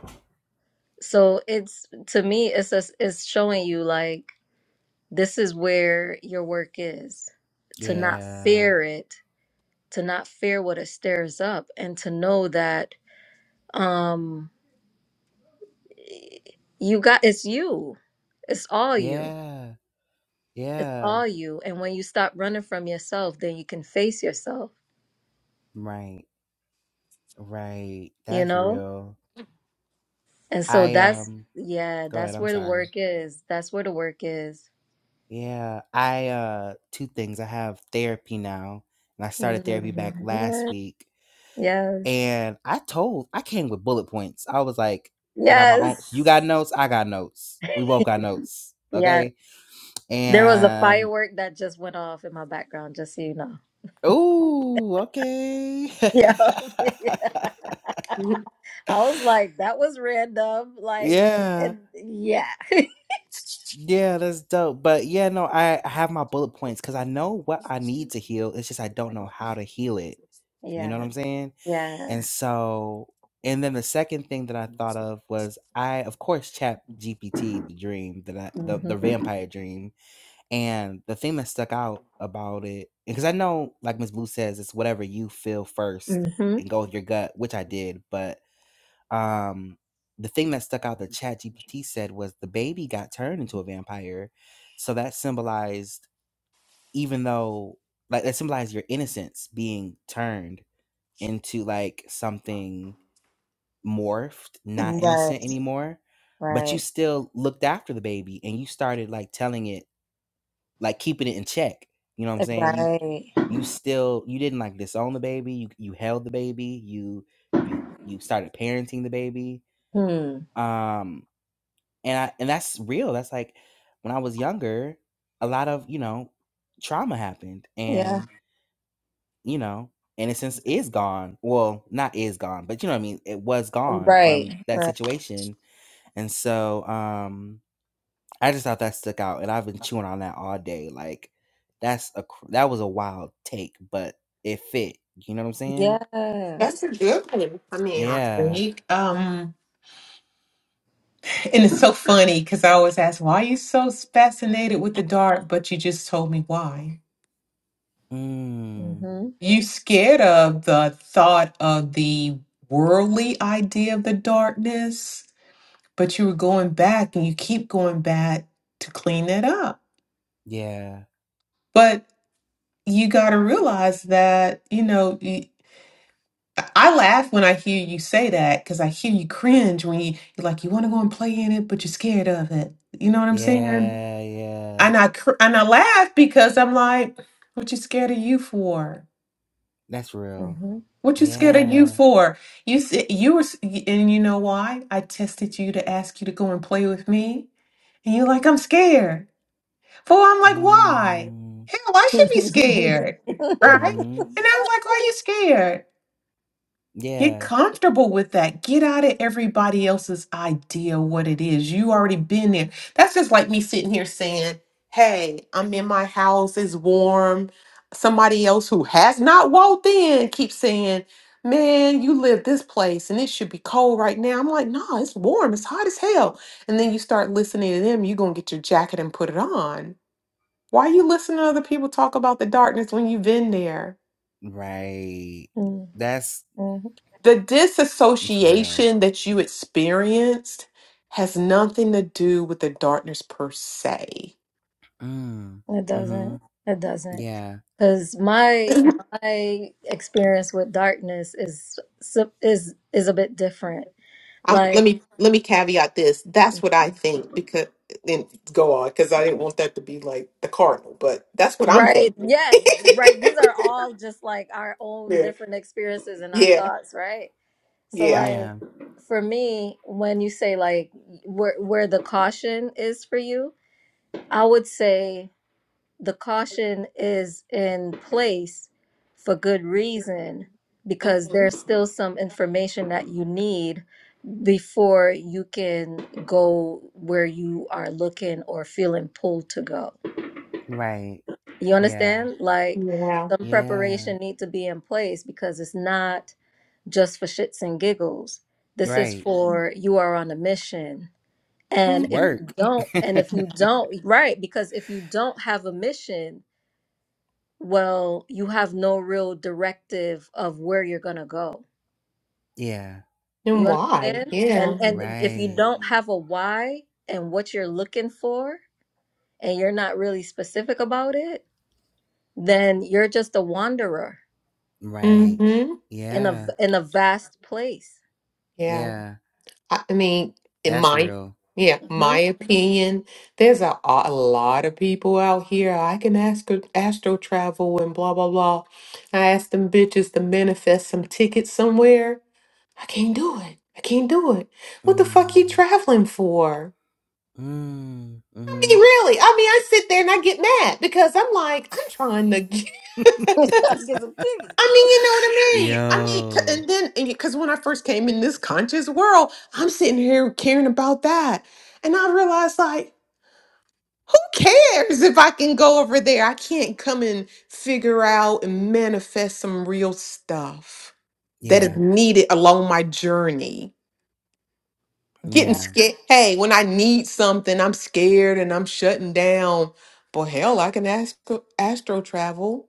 [SPEAKER 1] So it's to me, it's just, it's showing you like this is where your work is. To not
[SPEAKER 3] yeah,
[SPEAKER 1] fear it, to not fear what it stirs up, and to know that um you got it's you it's all you
[SPEAKER 3] yeah.
[SPEAKER 1] it's
[SPEAKER 3] Yeah.
[SPEAKER 1] all you and when you stop running from yourself then you can face yourself
[SPEAKER 3] Right. Right.
[SPEAKER 1] you
[SPEAKER 3] That's
[SPEAKER 1] know
[SPEAKER 3] real.
[SPEAKER 1] and so
[SPEAKER 3] I
[SPEAKER 1] that's
[SPEAKER 3] um
[SPEAKER 1] yeah
[SPEAKER 3] go ahead,
[SPEAKER 1] that's
[SPEAKER 3] I'm
[SPEAKER 1] where the
[SPEAKER 3] sorry.
[SPEAKER 1] work is that's where the work is
[SPEAKER 3] Yeah. I uh two things. I have therapy now and I started therapy back last
[SPEAKER 1] Mhm.
[SPEAKER 3] week.
[SPEAKER 1] yes
[SPEAKER 3] And I told I came with bullet points. I was like, I got my own you
[SPEAKER 1] yes
[SPEAKER 3] got notes, I got notes. We both
[SPEAKER 1] yes
[SPEAKER 3] got notes.
[SPEAKER 1] yeah
[SPEAKER 3] Okay.
[SPEAKER 1] there was a
[SPEAKER 3] And
[SPEAKER 1] firework that just went off in my background just so you know
[SPEAKER 3] ooh, okay.
[SPEAKER 1] yeah, yeah. i was like that was random like
[SPEAKER 3] yeah.
[SPEAKER 1] and yeah
[SPEAKER 3] Yeah, that's dope. But yeah, no, I I have my bullet points because I know what I need to heal. It's just I don't know how to heal it. You know
[SPEAKER 1] yeah
[SPEAKER 3] what I'm saying?
[SPEAKER 1] yeah
[SPEAKER 3] And so, and then the second thing that I thought of was I, of course, chat GPT the dream that I, the, the
[SPEAKER 1] Mm-hmm.
[SPEAKER 3] vampire dream. And the thing that stuck out about it, because I know, like Miss Blue says, it's whatever you feel first
[SPEAKER 1] Mm-hmm.
[SPEAKER 3] and go with your gut, which I did. But um the thing that stuck out that ChatGPT said was the baby got turned into a vampire so that symbolized even though like that symbolized your innocence being turned into like something morphed not
[SPEAKER 1] Right,
[SPEAKER 3] innocent anymore but you
[SPEAKER 1] right,
[SPEAKER 3] still looked after the baby and you started like telling it like keeping it in check you know what i'm saying you
[SPEAKER 1] right.
[SPEAKER 3] you still you didn't like disown the baby you you held the baby you you you started parenting the baby
[SPEAKER 1] Hmm.
[SPEAKER 3] um And I and that's real. That's like when I was younger, a lot of, you know, trauma happened
[SPEAKER 1] Yeah.
[SPEAKER 3] and, you know, innocence is gone. Well, not is gone, but you know what I mean? It was gone from
[SPEAKER 1] Right,
[SPEAKER 3] that
[SPEAKER 1] right.
[SPEAKER 3] situation. And so um I just thought that stuck out and I've been chewing on that all day. Like that's a cr- that was a wild take, but it fit. You know what I'm
[SPEAKER 1] Yeah.
[SPEAKER 3] saying?
[SPEAKER 2] That's a good one. I mean, I
[SPEAKER 3] Yeah.
[SPEAKER 2] think, um, and it's so funny because I always ask, why are you so fascinated with the dark? But you just told me why.
[SPEAKER 3] Mm.
[SPEAKER 1] Mm-hmm.
[SPEAKER 2] You scared of the thought of the worldly idea of the darkness, but you were going back and you keep going back to clean it up.
[SPEAKER 3] Yeah.
[SPEAKER 2] But you got to realize that, you know, I laugh when I hear you say that because I hear you cringe when you, you're like, you want to go and play in it, but you're scared of it. You know what I'm saying?
[SPEAKER 3] Yeah, yeah.
[SPEAKER 2] And I cr- and I laugh because I'm like, what you scared of you for?
[SPEAKER 3] That's real.
[SPEAKER 1] Mm-hmm.
[SPEAKER 2] What you scared of you
[SPEAKER 3] Yeah.
[SPEAKER 2] for? You s- you were, s- y- and you know why? I tested you to ask you to go and play with me, and you're like, I'm scared. But I'm like, why?
[SPEAKER 3] Mm,
[SPEAKER 2] Hell, I should be scared, right?
[SPEAKER 3] mm,
[SPEAKER 2] And I was like, why are you scared? Get
[SPEAKER 3] yeah,
[SPEAKER 2] comfortable with that. Get out of everybody else's idea what it is. You already been there. That's just like me sitting here saying, "Hey, I'm in my house. It's warm." Somebody else who has not walked in keeps saying, "Man, you live this place and it should be cold right now." I'm like, "Nah, it's warm. It's hot as hell." And then you start listening to them. You are gonna get your jacket and put it on. Why are you listening to other people talk about the darkness when you've been there?
[SPEAKER 3] right. That's
[SPEAKER 1] mm-hmm.
[SPEAKER 2] the
[SPEAKER 3] it's real.
[SPEAKER 2] disassociation that you experienced has nothing to do with the darkness per se.
[SPEAKER 3] Mm,
[SPEAKER 1] It
[SPEAKER 3] mm-hmm.
[SPEAKER 1] doesn't. It doesn't.
[SPEAKER 3] Yeah,
[SPEAKER 1] Because my my experience with darkness is s- is is a bit different.
[SPEAKER 2] Um,
[SPEAKER 1] Like
[SPEAKER 2] let me let me caveat this. That's what I think because then go on because I didn't want that to be like the cardinal, but that's what I'm
[SPEAKER 1] Right.
[SPEAKER 2] thinking.
[SPEAKER 1] Yeah. Right. These are all just like our own
[SPEAKER 2] yeah,
[SPEAKER 1] different experiences and our
[SPEAKER 2] yeah,
[SPEAKER 1] thoughts, right? So
[SPEAKER 2] yeah,
[SPEAKER 1] like
[SPEAKER 3] yeah,
[SPEAKER 1] for me, when you say like where where the caution is for you, I would say the caution is in place for good reason because
[SPEAKER 2] hmm
[SPEAKER 1] there's still some information that you need before you can go where you are looking or feeling pulled to go.
[SPEAKER 3] right.
[SPEAKER 1] You
[SPEAKER 3] Yeah,
[SPEAKER 1] understand? Like
[SPEAKER 2] yeah.
[SPEAKER 1] some
[SPEAKER 3] yeah,
[SPEAKER 1] preparation need to be in place because it's not just for shits and giggles. This is
[SPEAKER 3] right.
[SPEAKER 1] for you are on a mission. And
[SPEAKER 3] It's
[SPEAKER 2] hmm
[SPEAKER 1] if you
[SPEAKER 3] work.
[SPEAKER 1] don't, and if you don't, right, because if you don't have a mission, well, you have no real directive of where you're gonna go.
[SPEAKER 3] yeah,
[SPEAKER 2] And
[SPEAKER 1] You
[SPEAKER 2] why?
[SPEAKER 1] understand? And
[SPEAKER 2] Yeah.
[SPEAKER 1] and if you
[SPEAKER 3] right,
[SPEAKER 1] don't have a why and what you're looking for, and you're not really specific about it, then you're just a wanderer
[SPEAKER 3] right.
[SPEAKER 2] hmm
[SPEAKER 1] in a
[SPEAKER 3] Yeah,
[SPEAKER 1] in a vast place.
[SPEAKER 2] Yeah.
[SPEAKER 3] yeah,
[SPEAKER 2] I I mean, in
[SPEAKER 3] that's
[SPEAKER 2] my
[SPEAKER 3] real.
[SPEAKER 2] yeah,
[SPEAKER 1] hmm
[SPEAKER 2] my opinion, there's a, a lot of people out here. I can ask astro travel and blah blah blah. I asked them bitches to manifest some tickets somewhere. I can't do it. I can't do it. What the fuck you
[SPEAKER 3] Mm,
[SPEAKER 2] traveling for?
[SPEAKER 3] mm,
[SPEAKER 2] I
[SPEAKER 3] mm-hmm.
[SPEAKER 2] mean, really? I mean, I sit there and I get mad because I'm like, I'm trying to. I mean, you know what I mean? I mean, c-
[SPEAKER 3] Yo,
[SPEAKER 2] and then and because when I first came in this conscious world, I'm sitting here caring about that. And I realized, like, who cares if I can go over there? I can't come and figure out and manifest some real stuff that is
[SPEAKER 3] yeah,
[SPEAKER 2] needed along my journey. Getting
[SPEAKER 1] Yeah.
[SPEAKER 3] yeah,
[SPEAKER 2] scared. Hey, when I need something, I'm scared and I'm shutting down. But hell, I can astro, astro travel.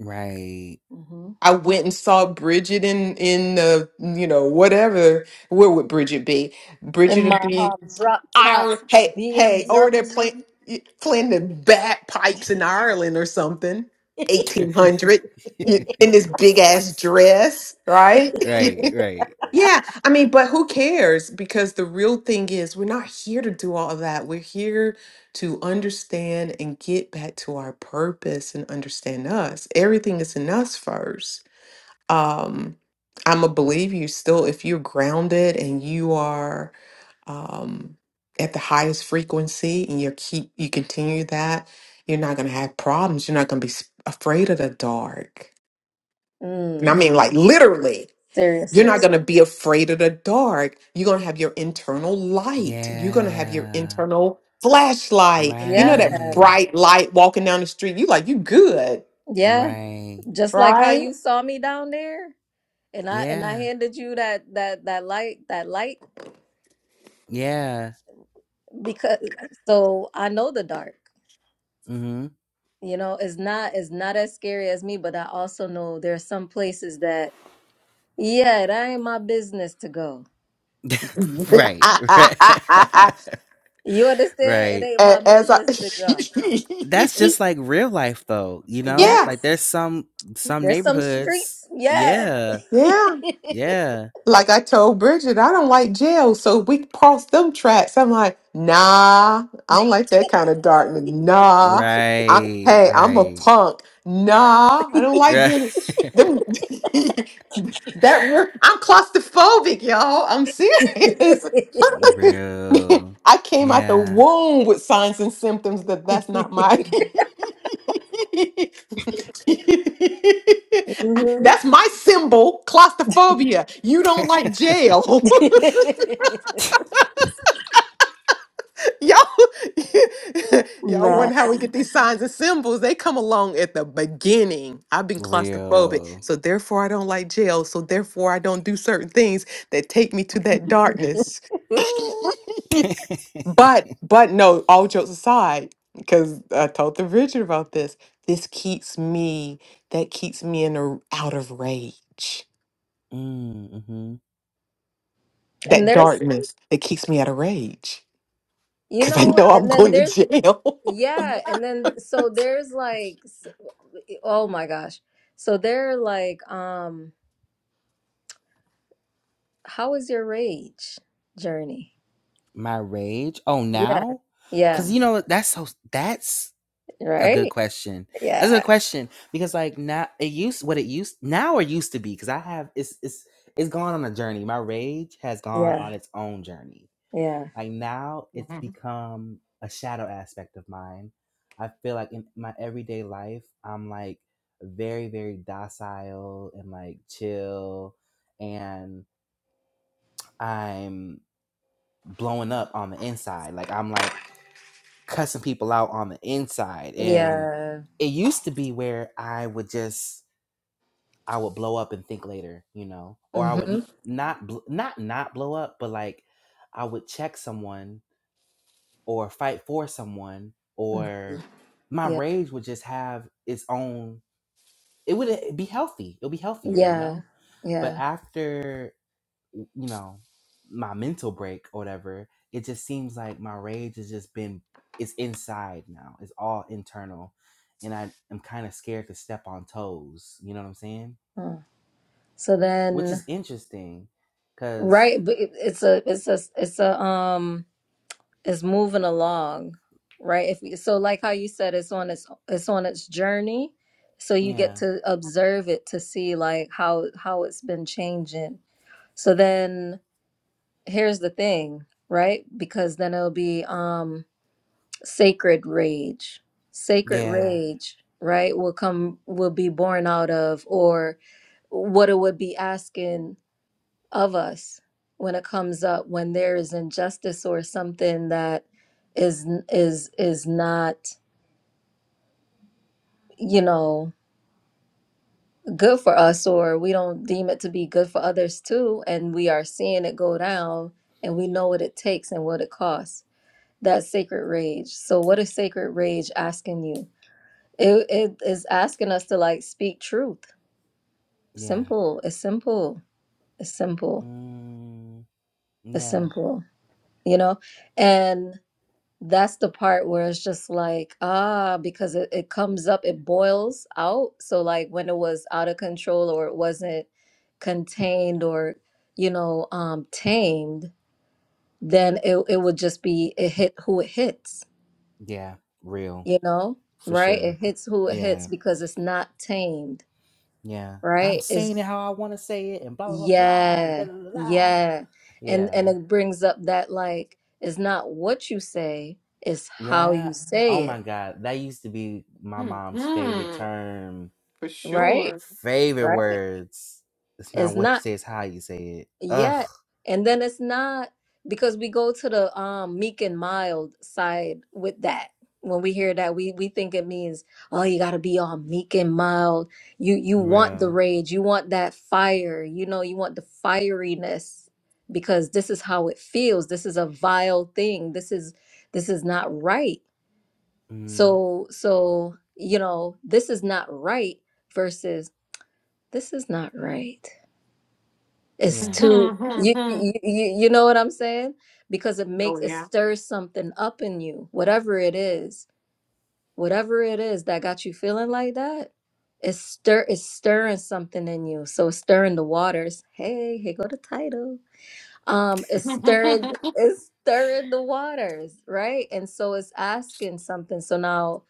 [SPEAKER 3] right.
[SPEAKER 1] hmm
[SPEAKER 2] I went and saw Bridget in in the you know whatever. Where would Bridget be?
[SPEAKER 1] In
[SPEAKER 2] Bridget would
[SPEAKER 1] my
[SPEAKER 2] be
[SPEAKER 1] um, drop top
[SPEAKER 2] Ireland. Hey, hey, over there playing
[SPEAKER 1] BMW.
[SPEAKER 2] playing the bagpipes in Ireland or something. Eighteen hundred in this big ass dress, right?
[SPEAKER 3] Right, right.
[SPEAKER 2] yeah, I mean, but who cares? Because the real thing is, we're not here to do all of that. We're here to understand and get back to our purpose and understand us. Everything is in us first um i'm a believe you still if you're grounded and you are um at the highest frequency and you keep you continue that you're not going to have problems you're not going to be s- afraid of the dark and i
[SPEAKER 1] Mm,
[SPEAKER 2] mean like literally you're not
[SPEAKER 1] seriously,
[SPEAKER 2] going to be afraid of the dark you're going to have your internal light you're going to have your
[SPEAKER 3] Yeah.
[SPEAKER 2] internal flashlight you
[SPEAKER 1] yeah,
[SPEAKER 2] know that
[SPEAKER 1] man,
[SPEAKER 3] Right.
[SPEAKER 2] bright light walking down the street you like you good
[SPEAKER 1] yeah.
[SPEAKER 3] Right.
[SPEAKER 1] Just like how
[SPEAKER 2] right
[SPEAKER 1] you saw me down there, and I and I
[SPEAKER 3] Yeah.
[SPEAKER 1] handed you that that that light that light
[SPEAKER 3] Yeah.
[SPEAKER 1] because so I know the dark.
[SPEAKER 3] Mhm.
[SPEAKER 1] You know, it's not it's not as scary as me, but I also know there are some places that yeah, it ain't my business to go.
[SPEAKER 3] right. Right.
[SPEAKER 1] You understand? It
[SPEAKER 3] right.
[SPEAKER 1] ain't my
[SPEAKER 2] A- As I,
[SPEAKER 1] business to go.
[SPEAKER 3] That's just like real life though, you know?
[SPEAKER 2] yeah,
[SPEAKER 1] Yes.
[SPEAKER 3] Like there's some some
[SPEAKER 1] There's some
[SPEAKER 3] neighborhoods.
[SPEAKER 1] streets. Yeah.
[SPEAKER 3] Yeah.
[SPEAKER 2] yeah.
[SPEAKER 3] Yeah.
[SPEAKER 2] Like I told Bridget, I don't like jail, so we cross them tracks. I'm like, nah, I don't like that kind of darkness. Nah, I,
[SPEAKER 3] Right.
[SPEAKER 2] hey, I'm a
[SPEAKER 3] Right.
[SPEAKER 2] punk. Nah, I don't like
[SPEAKER 3] Right.
[SPEAKER 2] being them. that word- I'm claustrophobic, y'all. I'm serious.
[SPEAKER 3] real.
[SPEAKER 2] I came out the
[SPEAKER 3] Yeah.
[SPEAKER 2] womb with signs and symptoms that that's not my.
[SPEAKER 1] Mhm.
[SPEAKER 2] that's my symbol, claustrophobia. You don't like jail. y'all, y'all
[SPEAKER 1] Nah.
[SPEAKER 2] wonder how we get these signs and symbols. They come along at the beginning. I've been claustrophobic,
[SPEAKER 3] Real.
[SPEAKER 2] so therefore I don't like jail. So therefore I don't do certain things that take me to that darkness. But but no, all jokes aside, because I told the Richard about this. This keeps me that keeps me in a out of rage.
[SPEAKER 3] mm-hmm.
[SPEAKER 1] And
[SPEAKER 2] That
[SPEAKER 1] there's,
[SPEAKER 2] darkness that keeps me out of rage.
[SPEAKER 1] you
[SPEAKER 2] Cause I
[SPEAKER 1] know,
[SPEAKER 2] know I'm
[SPEAKER 1] and then
[SPEAKER 2] going to
[SPEAKER 1] there's,
[SPEAKER 2] jail.
[SPEAKER 1] yeah. And then, so there's like, s- oh my gosh. So they're like, um, how is your rage journey?
[SPEAKER 3] My rage? Oh,
[SPEAKER 1] Yeah.
[SPEAKER 3] now? Cause
[SPEAKER 1] Yeah.
[SPEAKER 3] you know that's so that's a good
[SPEAKER 1] Right.
[SPEAKER 3] question. That's a good
[SPEAKER 1] Yeah.
[SPEAKER 3] question because like now it used what it used now or used to be because I have it's it's it's gone on a journey. My rage has gone
[SPEAKER 1] Yeah.
[SPEAKER 3] on its own journey.
[SPEAKER 1] Yeah.
[SPEAKER 3] Like now it's become a shadow aspect of mine. I feel like in my everyday life I'm like very very docile and like chill and I'm blowing up on the inside. Like I'm like cussing people out on the inside. And
[SPEAKER 1] Yeah.
[SPEAKER 3] it used to be where I would just I would blow up and think later, you know, or I would
[SPEAKER 1] Mm-hmm.
[SPEAKER 3] n- not bl- not not blow up, but like I would check someone or fight for someone
[SPEAKER 1] mm-hmm.
[SPEAKER 3] or my
[SPEAKER 1] Yeah.
[SPEAKER 3] rage would just have its own it would be healthy. It'll be healthier, you
[SPEAKER 1] Yeah.
[SPEAKER 3] know? But
[SPEAKER 1] Yeah.
[SPEAKER 3] after you know my mental break or whatever it just seems like my rage has just been it's inside now it's all internal and i am kind of scared to step on toes you know what i'm saying
[SPEAKER 1] Huh. So
[SPEAKER 3] which
[SPEAKER 1] then.
[SPEAKER 3] is interesting because
[SPEAKER 1] Right, but it- it's a it's a it's a um it's moving along, right? If you, so, like how you said, it's on its it's on its journey, so you get
[SPEAKER 3] yeah
[SPEAKER 1] to observe it to see like how how it's been changing. So then here's the thing, right? Because then it'll be um sacred rage. Sacred
[SPEAKER 3] yeah
[SPEAKER 1] rage, right, will come will be born out of or what it would be asking of us when it comes up when there is injustice or something that is is is not you know good for us or we don't deem it to be good for others too and we are seeing it go down and we know what it takes and what it costs that sacred rage so what is sacred rage asking you it, it is asking us to like speak truth
[SPEAKER 3] yeah
[SPEAKER 1] simple it's simple it's simple
[SPEAKER 3] mm,
[SPEAKER 1] it's
[SPEAKER 3] yeah
[SPEAKER 1] simple you know and. That's the part where it's just like, ah, because it, it comes up, it boils out. So, like when it was out of control or it wasn't contained or, you know, um, tamed, then it, it would just be, it hit who it hits,
[SPEAKER 3] yeah real
[SPEAKER 1] you know,
[SPEAKER 3] for
[SPEAKER 1] right? It
[SPEAKER 3] sure
[SPEAKER 1] hits who it hits
[SPEAKER 3] yeah
[SPEAKER 1] because it's not tamed,
[SPEAKER 3] yeah and i'm
[SPEAKER 1] right?
[SPEAKER 3] saying
[SPEAKER 1] Is
[SPEAKER 3] it how i want to say it and blah blah blah blah and da
[SPEAKER 1] yeah,
[SPEAKER 3] da da da
[SPEAKER 1] yeah. And
[SPEAKER 3] yeah
[SPEAKER 1] and it brings up that like, it's not what you say, it's how
[SPEAKER 3] Yeah.
[SPEAKER 1] you
[SPEAKER 3] Oh
[SPEAKER 1] say it,
[SPEAKER 3] my God. That used to be my
[SPEAKER 2] Mhm.
[SPEAKER 3] mom's favorite
[SPEAKER 2] Mhm.
[SPEAKER 3] term,
[SPEAKER 2] For
[SPEAKER 1] right?
[SPEAKER 2] sure.
[SPEAKER 3] favorite
[SPEAKER 1] Right?
[SPEAKER 3] words. It's
[SPEAKER 1] It's
[SPEAKER 3] not what you
[SPEAKER 1] not
[SPEAKER 3] say, it's how you say it. Ugh.
[SPEAKER 1] yet. And then it's not because we go to the um meek and mild side with that. When we hear that, we we think it means, oh, you gotta be all meek and mild. You you want the
[SPEAKER 3] Real.
[SPEAKER 1] rage, you want that fire, you know, you want the fieriness because this is how it feels. This is a vile thing. This is this is not right.
[SPEAKER 3] Mm.
[SPEAKER 1] So so, you know, this is not right versus this is not right. It's
[SPEAKER 3] Yeah.
[SPEAKER 1] too you
[SPEAKER 2] Mhm.
[SPEAKER 1] you you you know what I'm saying? Because it
[SPEAKER 2] no,
[SPEAKER 1] makes it
[SPEAKER 2] yeah.
[SPEAKER 1] stirs something up in you, whatever it is, whatever it is that got you feeling like that. It's stir it's stirring something in you. So it's stirring the waters. Hey, here go the title. Um, it's stirring it's stirring the waters, right? And so it's asking something. So now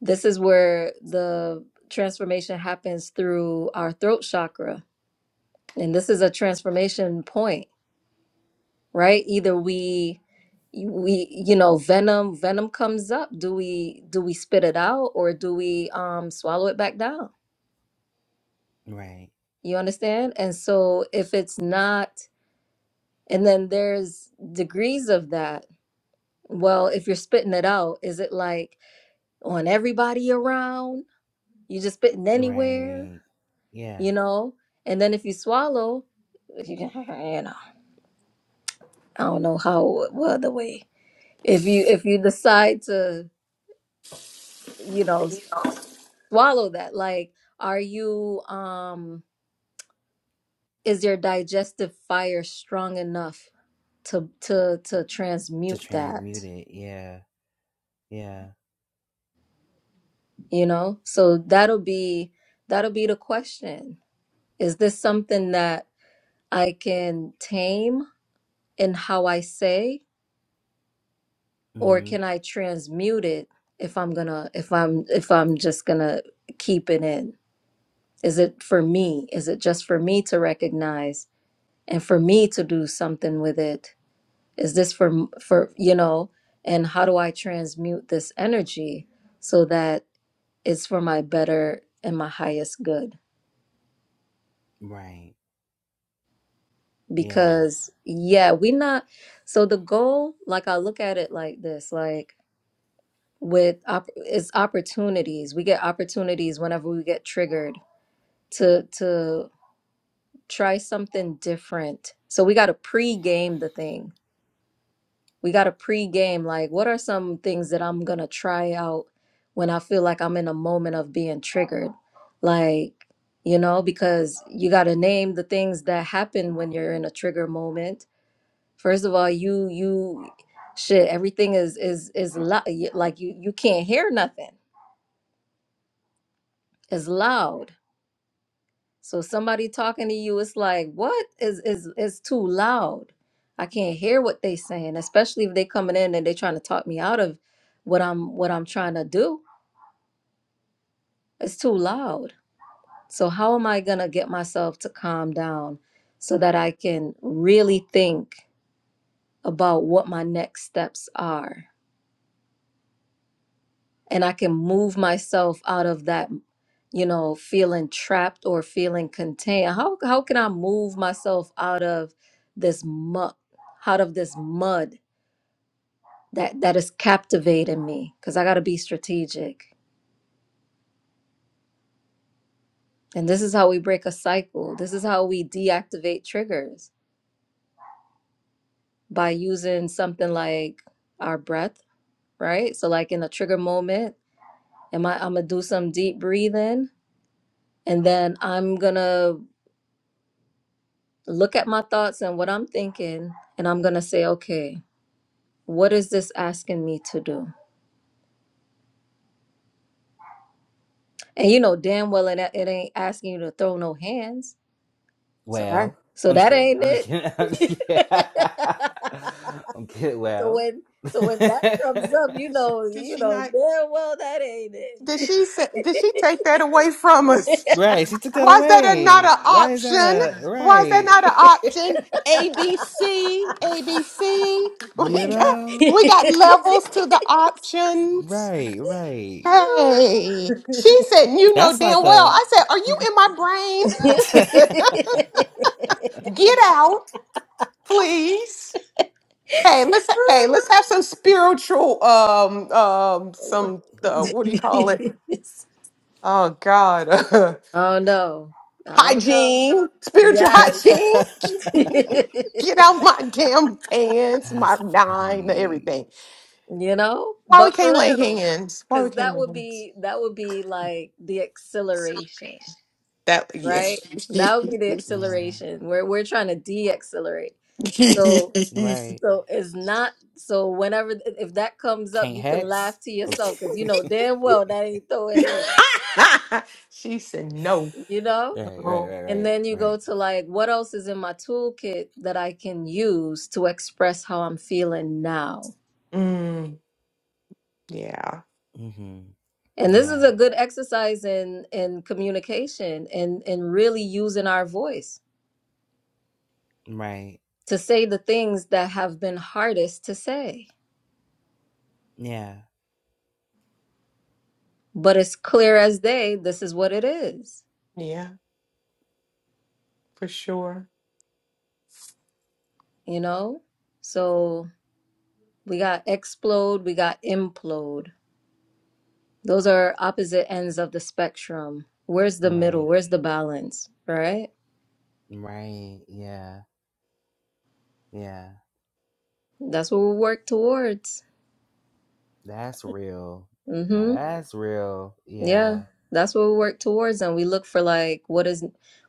[SPEAKER 1] this is where the transformation happens through our throat chakra. And this is a transformation point right? Either we we you know venom venom comes up. Do we do we spit it out or do we um swallow it back down?
[SPEAKER 3] Right.
[SPEAKER 1] You understand? And so if it's not and then there's degrees of that. Well, if you're spitting it out, is it like on everybody around? You just spitting anywhere,
[SPEAKER 3] Right. Yeah.
[SPEAKER 1] you know? And then if you swallow, if you can, you know, I don't know how what other way. If you if you decide to you know swallow that? Like, are you um is your digestive fire strong enough to to to
[SPEAKER 3] To
[SPEAKER 1] transmute
[SPEAKER 3] transmute
[SPEAKER 1] that?
[SPEAKER 3] it. Yeah. Yeah.
[SPEAKER 1] You know? So that'll be that'll be the question. Is this something that I can tame in how I say
[SPEAKER 3] Mm
[SPEAKER 1] or can I transmute it if I'm gonna if I'm if I'm just gonna keep it in? Is it for me? Is it just for me to recognize and for me to do something with it? is this for for you know and how do i transmute this energy so that it's for my better and my highest good
[SPEAKER 3] hmm. Right. Yeah.
[SPEAKER 1] because yeah we not so the goal like i look at it like this like with op- it's opportunities we get opportunities whenever we get triggered to to try something different so we got to pre-game the thing we got a pre-game like what are some things that i'm gonna try out when i feel like i'm in a moment of being triggered like you know because you gotta name the things that happen when you're in a trigger moment first of all you you shit everything is is is loud like you you can't hear nothing it's loud So somebody talking to you, it's like, what is is is too loud? I can't hear what they saying, especially if they coming in and they trying to talk me out of what I'm what I'm trying to do. It's too loud. So how am I gonna get myself to calm down so that I can really think about what my next steps are? and I can move myself out of that, you know, feeling trapped or feeling contained. How how can I move myself out of this muck, out of this mud that that is captivating me? Because I got to be strategic, and this is how we break a cycle. This is how we deactivate triggers by using something like our breath, right? So, like in a trigger moment, am I? I'm gonna do some deep breathing, and then I'm gonna look at my thoughts and what I'm thinking, and I'm gonna say, okay, what is this asking me to do? And you know damn well it, it ain't asking you to throw no hands, so that,
[SPEAKER 3] Well,
[SPEAKER 1] so
[SPEAKER 3] I'm just
[SPEAKER 1] that
[SPEAKER 3] kidding.
[SPEAKER 1] ain't
[SPEAKER 3] I'm just
[SPEAKER 1] it.
[SPEAKER 3] kidding. I'm just kidding. I'm kidding.
[SPEAKER 1] so
[SPEAKER 3] Well.
[SPEAKER 1] when so when that comes up, you
[SPEAKER 2] Did, sh-
[SPEAKER 1] know
[SPEAKER 2] did
[SPEAKER 1] you
[SPEAKER 2] she
[SPEAKER 1] know
[SPEAKER 2] not?
[SPEAKER 1] damn well that ain't
[SPEAKER 2] Did
[SPEAKER 1] it.
[SPEAKER 2] she say, Did she take that away from us?
[SPEAKER 3] Right. She took that
[SPEAKER 2] Was that
[SPEAKER 3] away.
[SPEAKER 2] another
[SPEAKER 3] Why is that a
[SPEAKER 2] option? Was that
[SPEAKER 3] right?
[SPEAKER 2] not an option? A B C A B C.
[SPEAKER 3] you
[SPEAKER 2] We got
[SPEAKER 3] know?
[SPEAKER 2] we got
[SPEAKER 1] I
[SPEAKER 2] levels to the options.
[SPEAKER 3] Right, right.
[SPEAKER 2] Hey, she said, you know
[SPEAKER 3] That's like
[SPEAKER 2] damn well.
[SPEAKER 3] a
[SPEAKER 2] I said, are you in my
[SPEAKER 3] That's
[SPEAKER 2] brain? Get out, please. Hey, let's hey, let's have some spiritual um um some uh, what do you call it? Oh God.
[SPEAKER 1] don't know. I don't know.
[SPEAKER 2] hygiene, spiritual
[SPEAKER 1] Yes.
[SPEAKER 2] hygiene. Get out my damn pants, my nine,
[SPEAKER 3] funny.
[SPEAKER 2] everything.
[SPEAKER 1] you know
[SPEAKER 2] Why we
[SPEAKER 1] but
[SPEAKER 2] can't
[SPEAKER 1] for
[SPEAKER 2] lay
[SPEAKER 1] real
[SPEAKER 2] hands? Why we
[SPEAKER 1] because
[SPEAKER 2] can't
[SPEAKER 1] that
[SPEAKER 2] lay
[SPEAKER 1] would
[SPEAKER 2] hands?
[SPEAKER 1] be that would be like the acceleration
[SPEAKER 2] That yeah.
[SPEAKER 1] right that would be the
[SPEAKER 3] Yeah.
[SPEAKER 1] acceleration where we're trying to de-accelerate so
[SPEAKER 3] Right.
[SPEAKER 1] so it's not so whenever if that comes up
[SPEAKER 3] Can't
[SPEAKER 1] you can
[SPEAKER 3] hex.
[SPEAKER 1] laugh to
[SPEAKER 3] I'm just
[SPEAKER 1] yourself because you
[SPEAKER 3] kidding.
[SPEAKER 1] know damn well that ain't throwing hands
[SPEAKER 2] she said no.
[SPEAKER 1] you know
[SPEAKER 3] right, right,
[SPEAKER 2] Oh,
[SPEAKER 3] right,
[SPEAKER 1] and
[SPEAKER 3] right,
[SPEAKER 1] then you go
[SPEAKER 3] right.
[SPEAKER 1] to like what else is in my toolkit that i can use to express how i'm feeling now
[SPEAKER 2] Mm, yeah,
[SPEAKER 3] Mm-hmm.
[SPEAKER 1] And this is
[SPEAKER 3] Yeah.
[SPEAKER 1] a good exercise in in communication and and really using our voice
[SPEAKER 3] Right.
[SPEAKER 1] to say the things that have been hardest to say.
[SPEAKER 3] Yeah.
[SPEAKER 1] But it's clear as day, this is what it is,
[SPEAKER 2] yeah, for sure.
[SPEAKER 1] you know? So we got explode, we got implode. Those are opposite ends of the spectrum. Where's the middle?
[SPEAKER 3] Right.
[SPEAKER 1] Where's the balance? Right?
[SPEAKER 3] Right. Yeah. Yeah.
[SPEAKER 1] That's what we work towards.
[SPEAKER 3] That's real. Now
[SPEAKER 1] Mm-hmm.
[SPEAKER 3] that's real.
[SPEAKER 1] Yeah,
[SPEAKER 3] Yeah.
[SPEAKER 1] that's what we work towards, and we look for like what is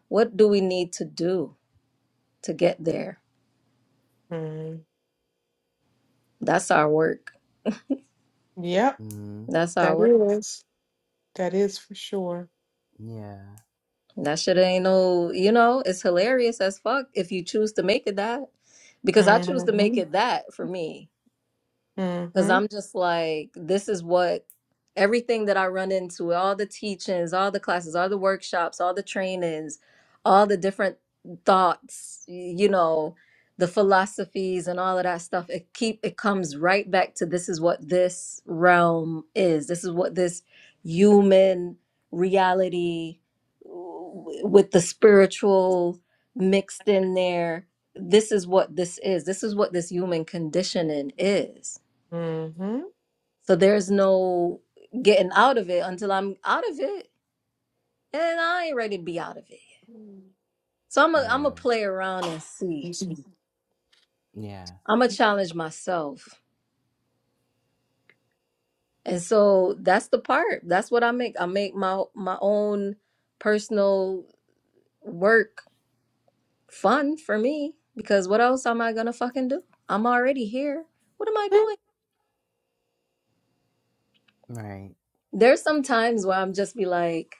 [SPEAKER 1] what do we need to do to get there?
[SPEAKER 2] Mm,
[SPEAKER 1] That's our work.
[SPEAKER 2] yep,
[SPEAKER 3] Mm-hmm.
[SPEAKER 1] That's our
[SPEAKER 2] that
[SPEAKER 1] work.
[SPEAKER 2] is. That is for sure.
[SPEAKER 3] Yeah.
[SPEAKER 1] That shit ain't no, you know, it's hilarious as fuck if you choose to make it that. Because I choose to make
[SPEAKER 2] Mm-hmm.
[SPEAKER 1] it that for me. Because
[SPEAKER 2] Mm-hmm.
[SPEAKER 1] I'm just like, this is what everything that I run into, all the teachings, all the classes, all the workshops, all the trainings, all the different thoughts, y- you know, the philosophies and all of that stuff. It keep it comes right back to this is what this realm is. This is what this human reality w- with the spiritual mixed in there. This is what this is. This is what this human conditioning is
[SPEAKER 2] Mm-hmm.
[SPEAKER 1] so there's no getting out of it until I'm out of it, and I ain't ready to be out of it. So I'm a I'm a
[SPEAKER 3] Real.
[SPEAKER 1] play around and see.
[SPEAKER 2] Mm-hmm.
[SPEAKER 3] Yeah.
[SPEAKER 1] I'm gonna challenge myself, and so that's the part. That's what I make. I make my my own personal work fun for me because what else am I gonna fucking do? I'm already here. What am I doing?
[SPEAKER 3] Right.
[SPEAKER 1] There's some times where I'm just be like.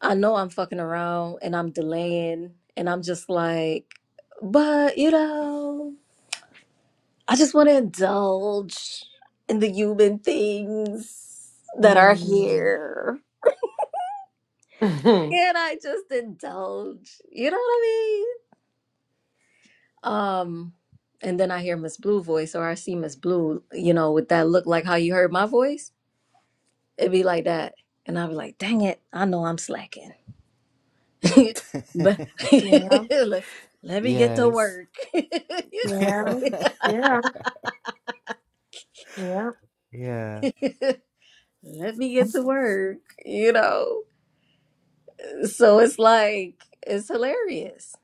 [SPEAKER 1] I know I'm fucking around and I'm delaying and I'm just like, but you know, I just want to indulge in the human things that are
[SPEAKER 2] Mm-hmm.
[SPEAKER 1] here.
[SPEAKER 2] yeah,
[SPEAKER 1] Can I just indulge? You know what I mean? Um, and then I hear Miss Blue voice or I see Miss Blue, you know, with that look like how you heard my voice. It'd be like that. And I'd be like, dang it, I know I'm slacking. but let, let me get to
[SPEAKER 3] yes.
[SPEAKER 1] work. you
[SPEAKER 2] yeah,
[SPEAKER 1] know.
[SPEAKER 2] yeah, yeah.
[SPEAKER 3] yeah.
[SPEAKER 1] let me get to work, you know. So it's like it's hilarious.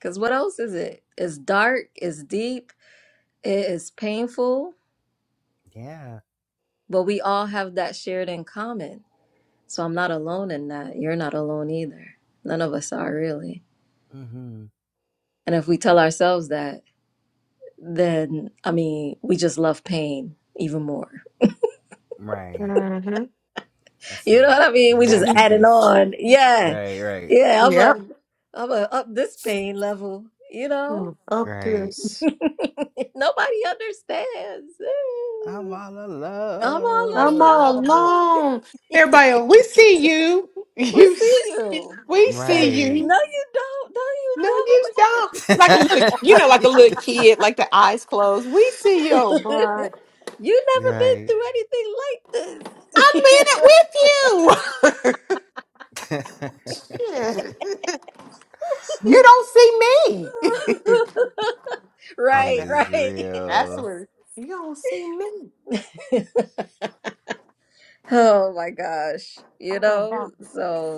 [SPEAKER 1] Cause what else is it? It's dark, it's deep, it is painful,
[SPEAKER 3] Yeah.
[SPEAKER 1] but we all have that shared in common. So I'm not alone in that. You're not alone either. None of us are really.
[SPEAKER 3] Mm-hmm.
[SPEAKER 1] And if we tell ourselves that, then I mean, we just love pain even more
[SPEAKER 3] Right.
[SPEAKER 2] Mm-hmm.
[SPEAKER 3] That's
[SPEAKER 1] You know
[SPEAKER 3] some
[SPEAKER 1] what I mean? We just adding
[SPEAKER 3] masochist.
[SPEAKER 1] on. Yeah.
[SPEAKER 3] Right, right.
[SPEAKER 1] Yeah, I'm a
[SPEAKER 2] yep.
[SPEAKER 1] I'm a up this pain level, you know?
[SPEAKER 2] Mm, Up
[SPEAKER 3] Right.
[SPEAKER 2] this.
[SPEAKER 1] Nobody understands.
[SPEAKER 3] I'm
[SPEAKER 1] Ooh,
[SPEAKER 3] all
[SPEAKER 1] I'm all
[SPEAKER 2] I'm all
[SPEAKER 3] alone.
[SPEAKER 1] alone.
[SPEAKER 2] alone. Everybody, else, we see you.
[SPEAKER 1] we
[SPEAKER 2] You,
[SPEAKER 1] see
[SPEAKER 2] see-
[SPEAKER 1] you.
[SPEAKER 2] we
[SPEAKER 1] Eh,
[SPEAKER 2] see
[SPEAKER 3] Right.
[SPEAKER 2] you.
[SPEAKER 1] No, you don't. No, you
[SPEAKER 2] No, you don't. Like a little, you
[SPEAKER 3] No,
[SPEAKER 2] know, like
[SPEAKER 3] you
[SPEAKER 2] a little
[SPEAKER 3] don't.
[SPEAKER 2] kid, like the eyes closed. We see you, but
[SPEAKER 1] don't. you never been
[SPEAKER 3] right.
[SPEAKER 1] through anything like
[SPEAKER 2] I'm in
[SPEAKER 1] this.
[SPEAKER 2] it with you. Shit. you don't see me. I'm
[SPEAKER 3] that
[SPEAKER 1] right,
[SPEAKER 2] mad.
[SPEAKER 3] is
[SPEAKER 1] right.
[SPEAKER 2] That's
[SPEAKER 3] real.
[SPEAKER 2] where you don't see me.
[SPEAKER 1] oh my gosh. You
[SPEAKER 2] Talking about.
[SPEAKER 1] know, so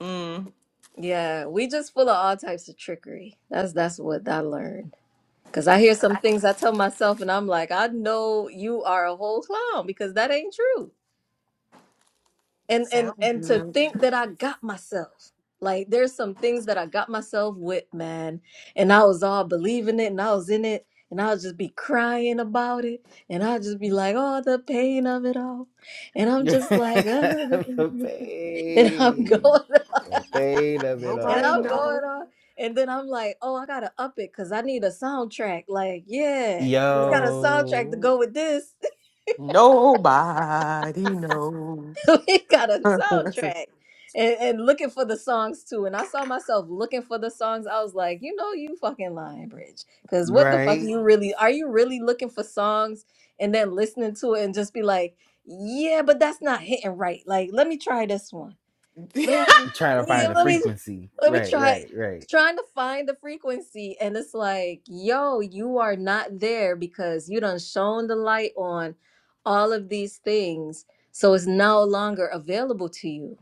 [SPEAKER 2] Mm,
[SPEAKER 1] Yeah, we just full of all types of trickery. That's that's what I learned. Cause I hear some things I tell myself, and I'm like, I know you are a whole clown because that ain't true. And and
[SPEAKER 2] sounds
[SPEAKER 1] and to
[SPEAKER 2] good.
[SPEAKER 1] think that I got myself. Like there's some things that I got myself with, man. And I was all believing it and I was in it and I'll just be crying about it. And I'll just be like, oh, the pain of it all. And I'm just like, uh,
[SPEAKER 3] the
[SPEAKER 1] and I'm
[SPEAKER 3] pain.
[SPEAKER 1] going
[SPEAKER 3] The pain of it
[SPEAKER 1] and
[SPEAKER 2] Nobody
[SPEAKER 1] I'm
[SPEAKER 3] all.
[SPEAKER 2] knows.
[SPEAKER 1] going on. And then I'm like, oh, I gotta up it because I need a soundtrack. Like, yeah, we got
[SPEAKER 2] Mm.
[SPEAKER 1] a soundtrack to
[SPEAKER 3] Yo,
[SPEAKER 1] go with this.
[SPEAKER 2] Nobody knows.
[SPEAKER 1] we got a soundtrack. And, and looking for the songs too. And I saw myself looking for the songs. I was like, you know, you fucking lying, Bridge. Because what the fuck
[SPEAKER 3] right?
[SPEAKER 1] you really are you really looking for songs and then listening to it and just be like, yeah, but that's not hitting right. Like, let me try this one Let me
[SPEAKER 3] Trying to
[SPEAKER 1] yeah,
[SPEAKER 3] find the
[SPEAKER 1] let me
[SPEAKER 3] frequency.
[SPEAKER 1] let me
[SPEAKER 3] Right,
[SPEAKER 1] try
[SPEAKER 3] right, right.
[SPEAKER 1] trying to find the frequency and it's like, yo, you are not there because you done shown the light on all of these things. So it's no longer available to you.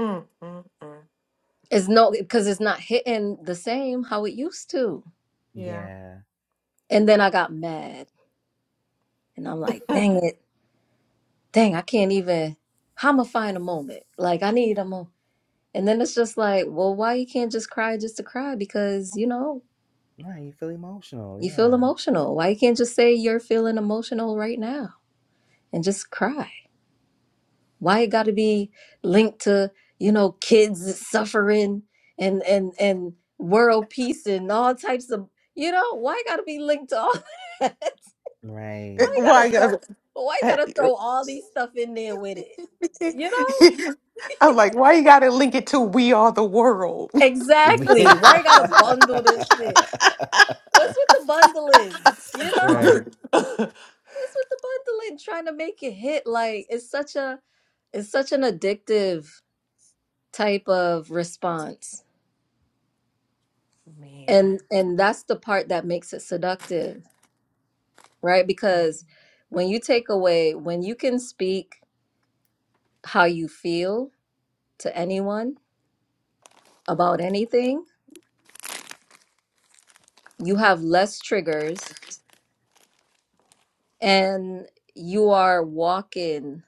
[SPEAKER 2] Mm, mm, mm.
[SPEAKER 1] It's no because it's not hitting the same how it used to.
[SPEAKER 2] Yeah.
[SPEAKER 3] Yeah.
[SPEAKER 1] And then I got mad and I'm like,
[SPEAKER 2] Mm.
[SPEAKER 1] dang it, dang, I can't even how am I find a moment? Like I need a moment. And then it's just like, well, why you can't just cry just to cry? Because, you know,
[SPEAKER 3] Right, you feel emotional.
[SPEAKER 1] You feel
[SPEAKER 3] Yeah.
[SPEAKER 1] emotional. Why you can't just say you're feeling emotional right now and just cry? Why it got to be linked to, you know, kids suffering and and and world peace and all types of, you know, why it got to be linked to all that?
[SPEAKER 2] Eh,
[SPEAKER 1] Why
[SPEAKER 3] Right.
[SPEAKER 1] you got
[SPEAKER 2] Why?
[SPEAKER 1] to
[SPEAKER 2] you
[SPEAKER 1] throw
[SPEAKER 2] gotta-
[SPEAKER 1] why you
[SPEAKER 2] eh,
[SPEAKER 1] got to throw all these stuff in there with it? You know?
[SPEAKER 2] I'm like, why you gotta link it to "We Are the World"?
[SPEAKER 1] Exactly.
[SPEAKER 3] Yeah.
[SPEAKER 1] Why you got to
[SPEAKER 2] Man,
[SPEAKER 1] bundle this shit? What's with the bundling? You know?
[SPEAKER 3] right.
[SPEAKER 1] What's with the bundling trying to make it hit like it's such a it's such an addictive type of response and and that's the part that makes it seductive right because when you take away when you can speak how you feel to anyone about anything you have less triggers and you are walking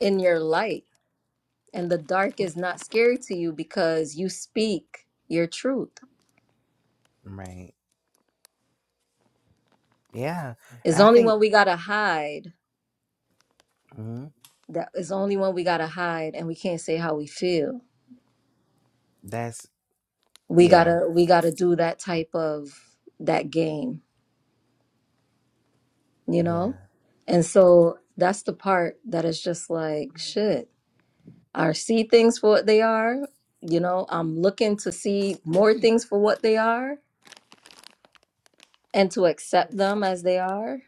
[SPEAKER 1] in your light and the dark is not scary to you because you speak your truth
[SPEAKER 3] Right. Yeah.
[SPEAKER 1] it's
[SPEAKER 3] And I
[SPEAKER 1] only
[SPEAKER 3] think
[SPEAKER 1] when we gotta hide
[SPEAKER 3] mhm,
[SPEAKER 1] that it's only when we gotta hide and we can't say how we feel
[SPEAKER 3] that's
[SPEAKER 1] we
[SPEAKER 3] yeah.
[SPEAKER 1] gotta we gotta do that type of that game you
[SPEAKER 3] Yeah.
[SPEAKER 1] know and so that's the part that is just like shit i see things for what they are you know i'm looking to see more things for what they are and to accept them as they are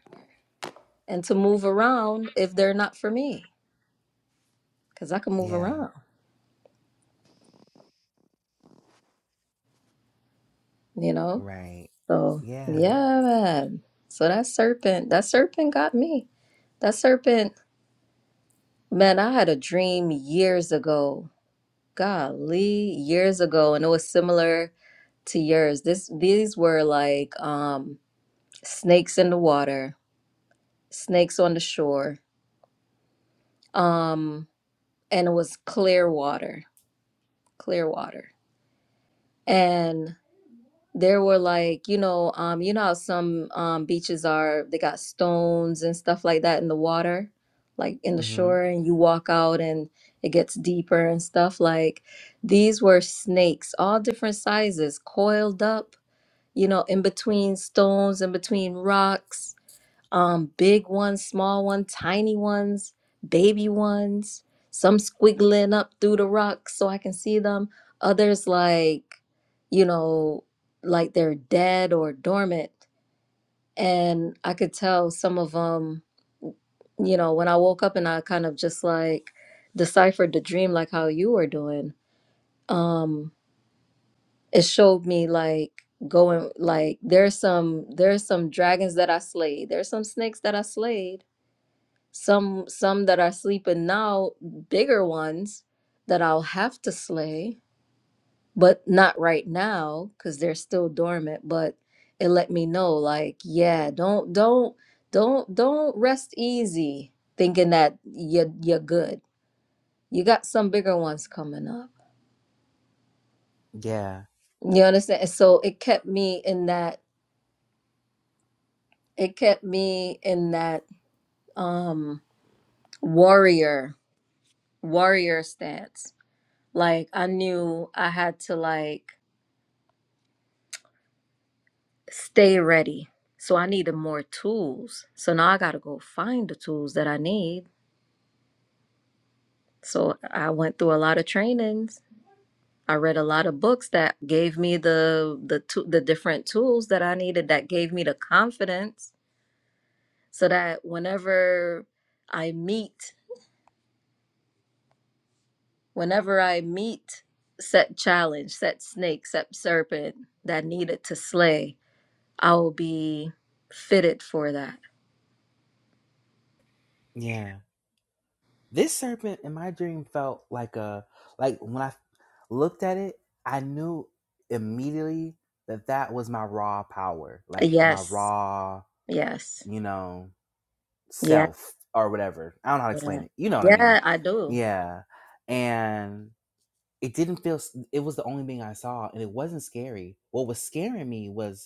[SPEAKER 1] and to move around if they're not for me because i can move
[SPEAKER 3] Yeah.
[SPEAKER 1] around you know
[SPEAKER 3] Right.
[SPEAKER 1] so
[SPEAKER 3] Yeah.
[SPEAKER 1] yeah man so that serpent that serpent got me that serpent man i had a dream years ago golly, years ago, and it was similar to yours. This these were like um snakes in the water, snakes on the shore. Um and it was clear water, clear water. And there were like, you know, um you know how some um beaches are, they got stones and stuff like that in the water, like in the
[SPEAKER 3] Mhm.
[SPEAKER 1] shore and you walk out and it gets deeper and stuff like these were snakes, all different sizes, coiled up you know, in between stones, in between rocks, um, big ones, small ones, tiny ones, baby ones, some squiggling up through the rocks so I can see them. Others like, you know, like they're dead or dormant. And I could tell some of them, you know, when I woke up and I kind of just like deciphered the dream like how you were doing. Um, it showed me like going like there's some there's some dragons that I slayed. There's some snakes that I slayed. Some some that are sleeping now, bigger ones that I'll have to slay, but not right now cuz they're still dormant, but it let me know like, yeah, don't don't don't don't rest easy thinking that you you're good. You got some bigger ones coming up.
[SPEAKER 3] Yeah.
[SPEAKER 1] You understand? And so it kept me in that it kept me in that um warrior warrior stance like i knew i had to like stay ready so i needed more tools so now i gotta go find the tools that i need so i went through a lot of trainings i read a lot of books that gave me the the to- the different tools that i needed that gave me the confidence so that whenever i meet Whenever I meet set challenge, set snake, set serpent that needed to slay, I will be fitted for that.
[SPEAKER 3] Yeah. This serpent in my dream felt like a like when I looked at it, I knew immediately that that was my raw power, like my
[SPEAKER 1] Yes.
[SPEAKER 3] raw,
[SPEAKER 1] Yes.
[SPEAKER 3] you know,
[SPEAKER 1] Yeah.
[SPEAKER 3] self or whatever. I don't know how to
[SPEAKER 1] Yeah,
[SPEAKER 3] explain it. You know what I mean?
[SPEAKER 1] yeah I do.
[SPEAKER 3] Yeah. And it didn't feel. It was the only thing I saw, and it wasn't scary. What was scaring me was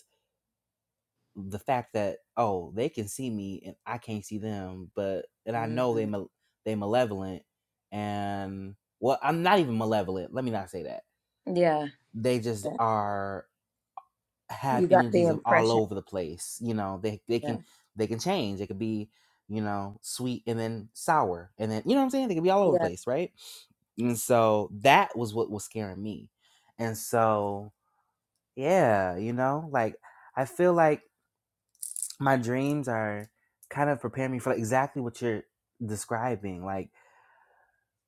[SPEAKER 3] the fact that oh they can see me and I can't see them, but and I know they
[SPEAKER 1] Mhm.
[SPEAKER 3] mal- they malevolent and well I'm not even malevolent. Let me not say that.
[SPEAKER 1] Yeah.
[SPEAKER 3] They just
[SPEAKER 1] yeah.
[SPEAKER 3] are have
[SPEAKER 1] You got the
[SPEAKER 3] energies of all
[SPEAKER 1] impression.
[SPEAKER 3] over the place. You know they they
[SPEAKER 1] Yeah.
[SPEAKER 3] can they can change. It could be you know sweet and then sour and then you know what I'm saying. They could be all over the
[SPEAKER 1] Yeah.
[SPEAKER 3] place, right? And so that was what was scaring me. And so yeah, you know like I feel like. my dreams are kind of preparing me for like exactly what you're describing like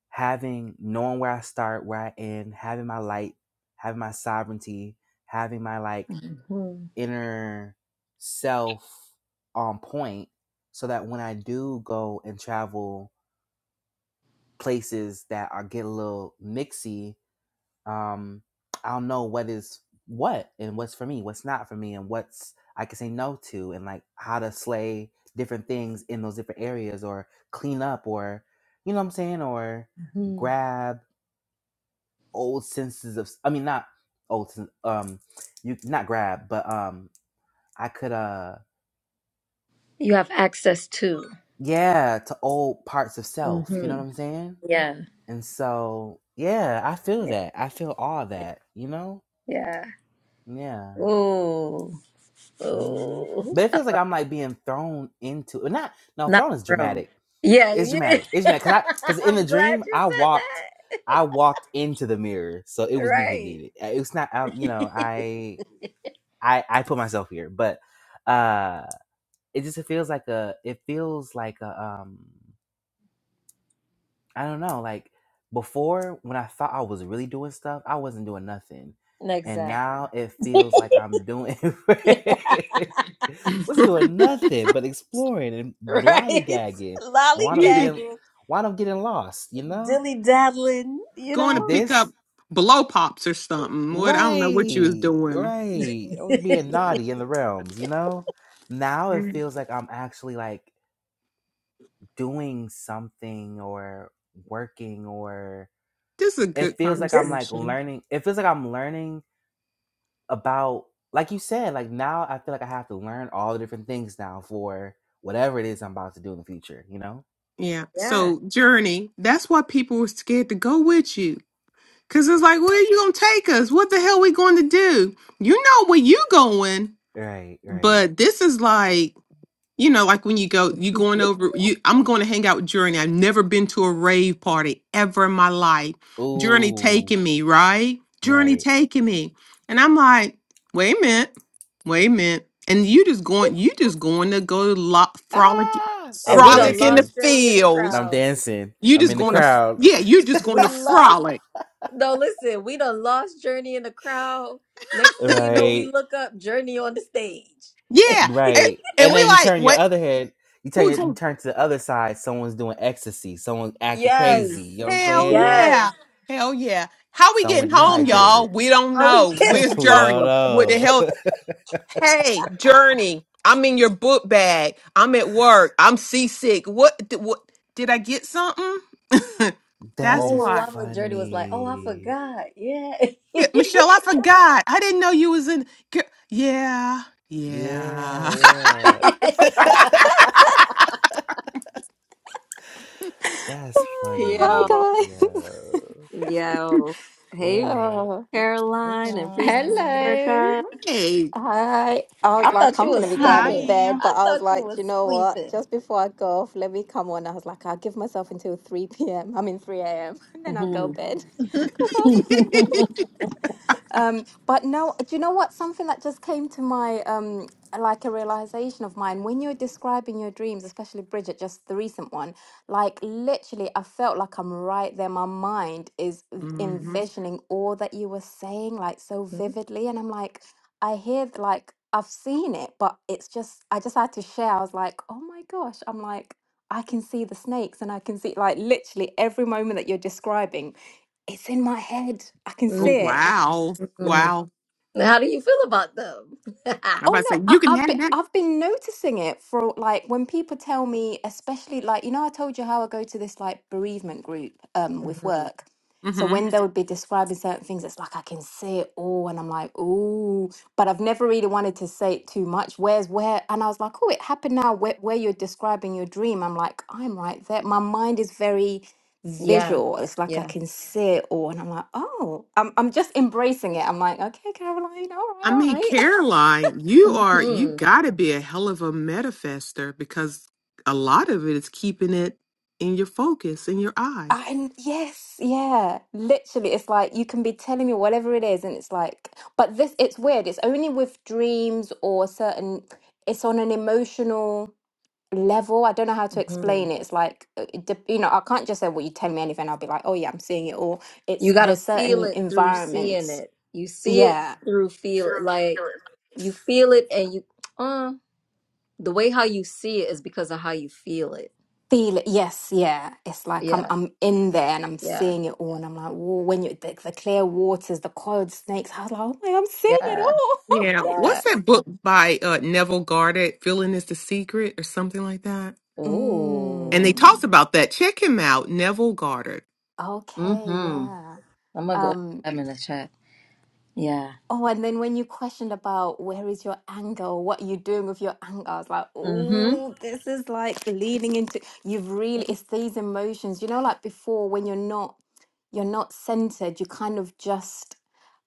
[SPEAKER 3] having knowing where i start where i end having my light having my sovereignty having my like
[SPEAKER 1] Mhm.
[SPEAKER 3] inner self on point so that when i do go and travel places that are get a little mixy um, I'll know what is what and what's for me, what's not for me, and what's I can say no to, and like how to slay different things in those different areas, or clean up, or you know what I'm saying, or
[SPEAKER 1] Mhm.
[SPEAKER 3] grab old senses of. I mean, not old. sen- Um, you not grab, but um, I could uh,
[SPEAKER 1] You have access to.
[SPEAKER 3] yeah, to old parts of self. You know
[SPEAKER 1] hmm
[SPEAKER 3] what I'm saying?
[SPEAKER 1] Yeah.
[SPEAKER 3] And so yeah, I feel
[SPEAKER 1] Yeah.
[SPEAKER 3] that. I feel all that. You know?
[SPEAKER 1] Yeah.
[SPEAKER 3] Yeah.
[SPEAKER 1] Oh.
[SPEAKER 3] Mm.
[SPEAKER 1] Oh.
[SPEAKER 3] But it feels like I'm like being thrown into it. Not no,
[SPEAKER 1] Not
[SPEAKER 3] thrown is
[SPEAKER 1] room.
[SPEAKER 3] dramatic.
[SPEAKER 1] Yeah,
[SPEAKER 3] It's
[SPEAKER 1] yeah.
[SPEAKER 3] dramatic. It's dramatic because I because in
[SPEAKER 1] I'm
[SPEAKER 3] the dream
[SPEAKER 1] glad you
[SPEAKER 3] I
[SPEAKER 1] said
[SPEAKER 3] walked,
[SPEAKER 1] that.
[SPEAKER 3] I walked into the mirror, so it was me who did
[SPEAKER 1] Right.
[SPEAKER 3] it. Uh, It's not out. You know, I I I put myself here, but uh, it just it feels like a it feels like a um. I don't know. Like before, when I thought I was really doing stuff, I wasn't doing nothing, and
[SPEAKER 1] Exactly.
[SPEAKER 3] now it feels like I'm doing.
[SPEAKER 1] Yeah.
[SPEAKER 3] was doing nothing but exploring and
[SPEAKER 1] right.
[SPEAKER 3] lollygagging, and wound up
[SPEAKER 2] You did
[SPEAKER 3] getting
[SPEAKER 1] Lollygagging,
[SPEAKER 3] wound up getting lost. You know
[SPEAKER 1] dilly daddling, you
[SPEAKER 2] going to
[SPEAKER 1] know?
[SPEAKER 2] pick
[SPEAKER 3] this
[SPEAKER 2] up blow pops or something. What I don't know what you was
[SPEAKER 3] right,
[SPEAKER 2] doing.
[SPEAKER 3] right. I was being
[SPEAKER 1] this
[SPEAKER 3] naughty in the realms. You know now it
[SPEAKER 2] Mm.
[SPEAKER 3] feels like I'm actually like doing something or working or.
[SPEAKER 2] This is a
[SPEAKER 3] it
[SPEAKER 2] good
[SPEAKER 3] feels like I'm like
[SPEAKER 2] conversation.
[SPEAKER 3] learning. It feels like I'm learning about, like you said, like now I feel like I have to learn all the different things now for whatever it is I'm about to do in the future, you know?
[SPEAKER 2] Yeah.
[SPEAKER 1] yeah.
[SPEAKER 2] So journey. That's why people were scared to go with you. Cause it's like, where are you gonna take us? What the hell we going to do? You know where you going,
[SPEAKER 3] Right, right.
[SPEAKER 2] but this is like, you know, like when you go, you going over. You, I'm going to hang out with Journey. I've never been to a rave party ever in my life. Journey
[SPEAKER 3] Ooh,
[SPEAKER 2] taking me, right? Journey
[SPEAKER 3] right.
[SPEAKER 2] taking me, and I'm like, wait a minute, wait a minute, and you just going, you just going to go lo- frolic,
[SPEAKER 3] Ah,
[SPEAKER 1] And
[SPEAKER 3] I'm
[SPEAKER 1] we done
[SPEAKER 2] frolic in the
[SPEAKER 3] dancing.
[SPEAKER 1] lost Journey in the
[SPEAKER 2] fields
[SPEAKER 3] I'm
[SPEAKER 1] crowd.
[SPEAKER 3] dancing.
[SPEAKER 2] you
[SPEAKER 3] I'm
[SPEAKER 2] just
[SPEAKER 3] in the
[SPEAKER 2] going
[SPEAKER 1] We
[SPEAKER 2] to,
[SPEAKER 3] crowd.
[SPEAKER 2] yeah, you're just going to
[SPEAKER 1] we lost
[SPEAKER 2] frolic.
[SPEAKER 1] no listen, we done lost Journey in the crowd. Next thing you know, we
[SPEAKER 3] Right,
[SPEAKER 1] look up Journey on the stage.
[SPEAKER 2] Yeah. And,
[SPEAKER 3] right.
[SPEAKER 2] and
[SPEAKER 3] And
[SPEAKER 2] we
[SPEAKER 3] then you
[SPEAKER 2] like,
[SPEAKER 3] turn your
[SPEAKER 2] what?
[SPEAKER 3] other head. You turn,
[SPEAKER 2] Who's
[SPEAKER 3] your, you
[SPEAKER 2] going,
[SPEAKER 3] turn to the other side. Someone's doing ecstasy. Someone's acting crazy.
[SPEAKER 1] Yes,
[SPEAKER 3] You know what I'm
[SPEAKER 2] hell
[SPEAKER 3] saying?
[SPEAKER 1] yes.
[SPEAKER 2] yeah. Hell yeah. How we
[SPEAKER 3] Someone
[SPEAKER 2] getting home, y'all?
[SPEAKER 3] dehydrated.
[SPEAKER 2] We don't
[SPEAKER 1] How we
[SPEAKER 2] know.
[SPEAKER 1] get
[SPEAKER 2] Where's
[SPEAKER 3] we don't
[SPEAKER 2] Journey? What the
[SPEAKER 3] know.
[SPEAKER 2] hell? Hey, Journey, I'm in your book bag. I'm at work. I'm seasick. What, th- what, did I get something?
[SPEAKER 3] That
[SPEAKER 2] That's
[SPEAKER 3] is
[SPEAKER 1] Oh,
[SPEAKER 2] why.
[SPEAKER 1] Wama Dirty was like, oh, I
[SPEAKER 3] funny.
[SPEAKER 1] forgot. Yeah.
[SPEAKER 2] Yeah, Michelle, I forgot. I didn't know you was in. Gir- Yeah,
[SPEAKER 3] Yeah,
[SPEAKER 2] yeah.
[SPEAKER 3] yeah. That's
[SPEAKER 4] Oh,
[SPEAKER 3] funny.
[SPEAKER 1] Yo,
[SPEAKER 4] hi guys.
[SPEAKER 3] Yeah.
[SPEAKER 1] yo. Hey,
[SPEAKER 3] Yeah.
[SPEAKER 4] Oh,
[SPEAKER 3] Hey
[SPEAKER 1] Caroline and Priestess
[SPEAKER 3] y'all.
[SPEAKER 4] hello.
[SPEAKER 1] Erica.
[SPEAKER 2] hey.
[SPEAKER 4] Hi. I was
[SPEAKER 1] I
[SPEAKER 4] like,
[SPEAKER 1] thought you
[SPEAKER 4] I'm
[SPEAKER 1] were
[SPEAKER 4] gonna be going to
[SPEAKER 1] sleeping.
[SPEAKER 4] bed,
[SPEAKER 5] Hi,
[SPEAKER 1] I
[SPEAKER 4] but I was
[SPEAKER 1] thought you
[SPEAKER 4] like, "Do
[SPEAKER 1] were
[SPEAKER 4] you know what?
[SPEAKER 1] sleeping.
[SPEAKER 4] Just before I go off, let me come on. I was like, I'll give myself until 3 p.m. I mean 3 a.m. and then I'll go
[SPEAKER 1] hmm
[SPEAKER 4] bed. 'Cause I was Um, but no, do you know what? Something that just came to my um, like a realization of mine when you're describing your dreams, especially Bridget, just the recent one. Like literally, I felt like I'm right there. My mind is v-
[SPEAKER 2] hmm
[SPEAKER 4] envisioning all that you were saying, like so vividly, and I'm like, I hear th- like I've seen it, but it's just I just had to share. I was like, oh my gosh, I'm like. I can see the snakes and I can see like literally every moment that you're describing, it's in my head. I can
[SPEAKER 2] Oh
[SPEAKER 4] see it.
[SPEAKER 1] Mm,
[SPEAKER 2] wow,
[SPEAKER 1] mm,
[SPEAKER 2] wow!
[SPEAKER 1] How do you feel about them?
[SPEAKER 2] I'm about
[SPEAKER 4] Oh
[SPEAKER 2] to
[SPEAKER 4] no,
[SPEAKER 2] say
[SPEAKER 4] I,
[SPEAKER 2] you can
[SPEAKER 4] I've been
[SPEAKER 2] have that.
[SPEAKER 4] I've been noticing it for like when people tell me, especially like you know, I told you how I go to this like bereavement group um with
[SPEAKER 1] hmm
[SPEAKER 4] work. So
[SPEAKER 2] hmm
[SPEAKER 4] when they would be describing certain things, it's like I can see it all, and I'm like, ooh, but I've never really wanted to say it too much. Where's where? And I was like, oh, it happened now. Where, where you're describing your dream, I'm like, I'm right there. My mind is very
[SPEAKER 1] Yeah,
[SPEAKER 4] visual. It's like I
[SPEAKER 1] yeah.
[SPEAKER 4] can see it all, and I'm like, oh, I'm I'm just embracing it. I'm like, okay, Caroline, all right,
[SPEAKER 2] I
[SPEAKER 4] all
[SPEAKER 2] mean,
[SPEAKER 4] right.
[SPEAKER 2] Caroline, you are you
[SPEAKER 1] hmm
[SPEAKER 2] got to be a hell of a manifester because a lot of it is keeping it in your focus, in your eye.
[SPEAKER 4] And yes, yeah, literally, it's like you can be telling me whatever it is, and it's like, but this, it's weird. It's only with dreams or certain, it's on an emotional level. I don't know how to
[SPEAKER 1] hmm
[SPEAKER 4] explain it. It's like, uh, it dep- you know, I can't just say, well, you tell me anything. I'll be like, oh, yeah, I'm seeing it. Or it's,
[SPEAKER 1] You got to
[SPEAKER 4] there's
[SPEAKER 1] feel
[SPEAKER 4] certain
[SPEAKER 1] it through seeing
[SPEAKER 4] environments.
[SPEAKER 1] it. You see it
[SPEAKER 4] Yeah.
[SPEAKER 1] through feel it. Like you feel it, and you uh the way how you see it is because of how you feel it.
[SPEAKER 4] Feel it. Yes. Yeah. It's like I'm,
[SPEAKER 1] Yeah,
[SPEAKER 4] I'm in there and I'm
[SPEAKER 1] yeah,
[SPEAKER 4] seeing it all. And I'm like, whoa, when you, the, the clear waters, the coiled snakes, I was like, oh my, I'm seeing it
[SPEAKER 1] yeah,
[SPEAKER 4] all.
[SPEAKER 2] Yeah.
[SPEAKER 1] yeah.
[SPEAKER 2] What's that book by uh, Neville Goddard? Feeling is the secret, or something like that.
[SPEAKER 1] Ooh.
[SPEAKER 2] And they
[SPEAKER 4] Mm,
[SPEAKER 2] talked about that. Check him out, Neville Goddard.
[SPEAKER 4] okay,
[SPEAKER 1] Mm-hmm.
[SPEAKER 4] yeah.
[SPEAKER 1] I'm gonna go put
[SPEAKER 4] Um,
[SPEAKER 1] them in the chat. Yeah.
[SPEAKER 4] oh, and then when you questioned about where is your anger or what you're doing with your anger, I was like,
[SPEAKER 1] Mm-hmm.
[SPEAKER 4] oh, this is like leaning into you've really it's these emotions, you know, like before when you're not you're not centered, you kind of just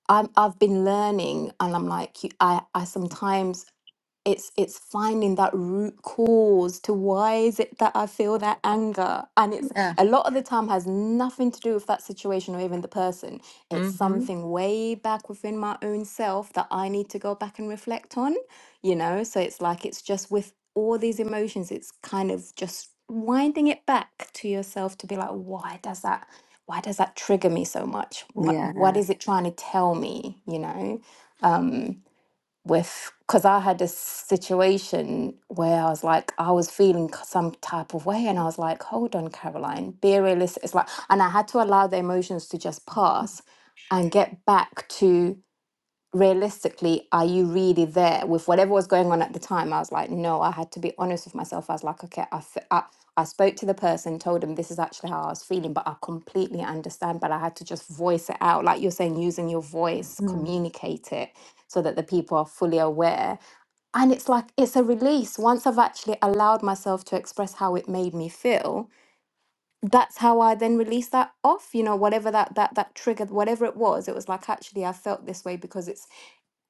[SPEAKER 4] I'm I've been learning and I'm like you I I sometimes it's it's finding that root cause to why is it that i feel that anger and it's
[SPEAKER 1] Yeah.
[SPEAKER 4] a lot of the time has nothing to do with that situation or even the person it's
[SPEAKER 2] hmm
[SPEAKER 4] something way back within my own self that i need to go back and reflect on you know so it's like it's just with all these emotions it's kind of just winding it back to yourself to be like why does that why does that trigger me so much what what
[SPEAKER 1] Yeah.
[SPEAKER 4] is it trying to tell me you know Um, with because I had this situation where I was like, I was feeling k- some type of way, and I was like, hold on, Caroline, be realistic. It's like, and I had to allow the emotions to just pass and get back to realistically, are you really there with whatever was going on at the time? I was like, no, I had to be honest with myself. I was like, okay, I, f- I, I spoke to the person, told them this is actually how I was feeling, but I completely understand. But I had to just voice it out, like you're saying, using your voice,
[SPEAKER 1] Mhm.
[SPEAKER 4] communicate it so that the people are fully aware. And it's like, it's a release. Once I've actually allowed myself to express how it made me feel, that's how I then released that off, you know, whatever that that that triggered, whatever it was, it was like actually I felt this way because it's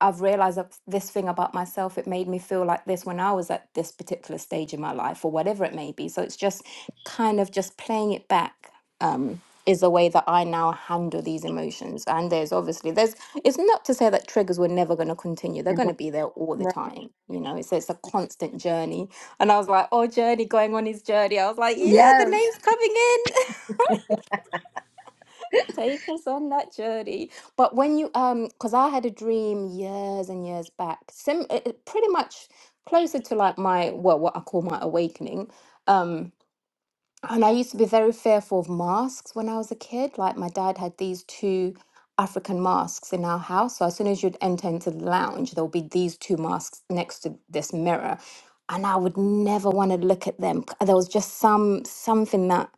[SPEAKER 4] I've realized that this thing about myself, it made me feel like this when I was at this particular stage in my life or whatever it may be. So it's just kind of just playing it back um, is the way that I now handle these emotions. And there's obviously there's it's not to say that triggers were never going to continue. They're going to be there all the
[SPEAKER 1] Right.
[SPEAKER 4] time. You know, so it's a constant journey. And I was like, oh, journey going on his journey. I was like, yeah, the
[SPEAKER 1] Yes.
[SPEAKER 4] name's coming in. Take us on that journey. But when you um, because I had a dream years and years back, sim it, it pretty much closer to like my well, what I call my awakening. um. And I used to be very fearful of masks when I was a kid. Like my dad had these two African masks in our house. So as soon as you'd enter into the lounge, there would be these two masks next to this mirror. And I would never want to look at them. C- There was just some something that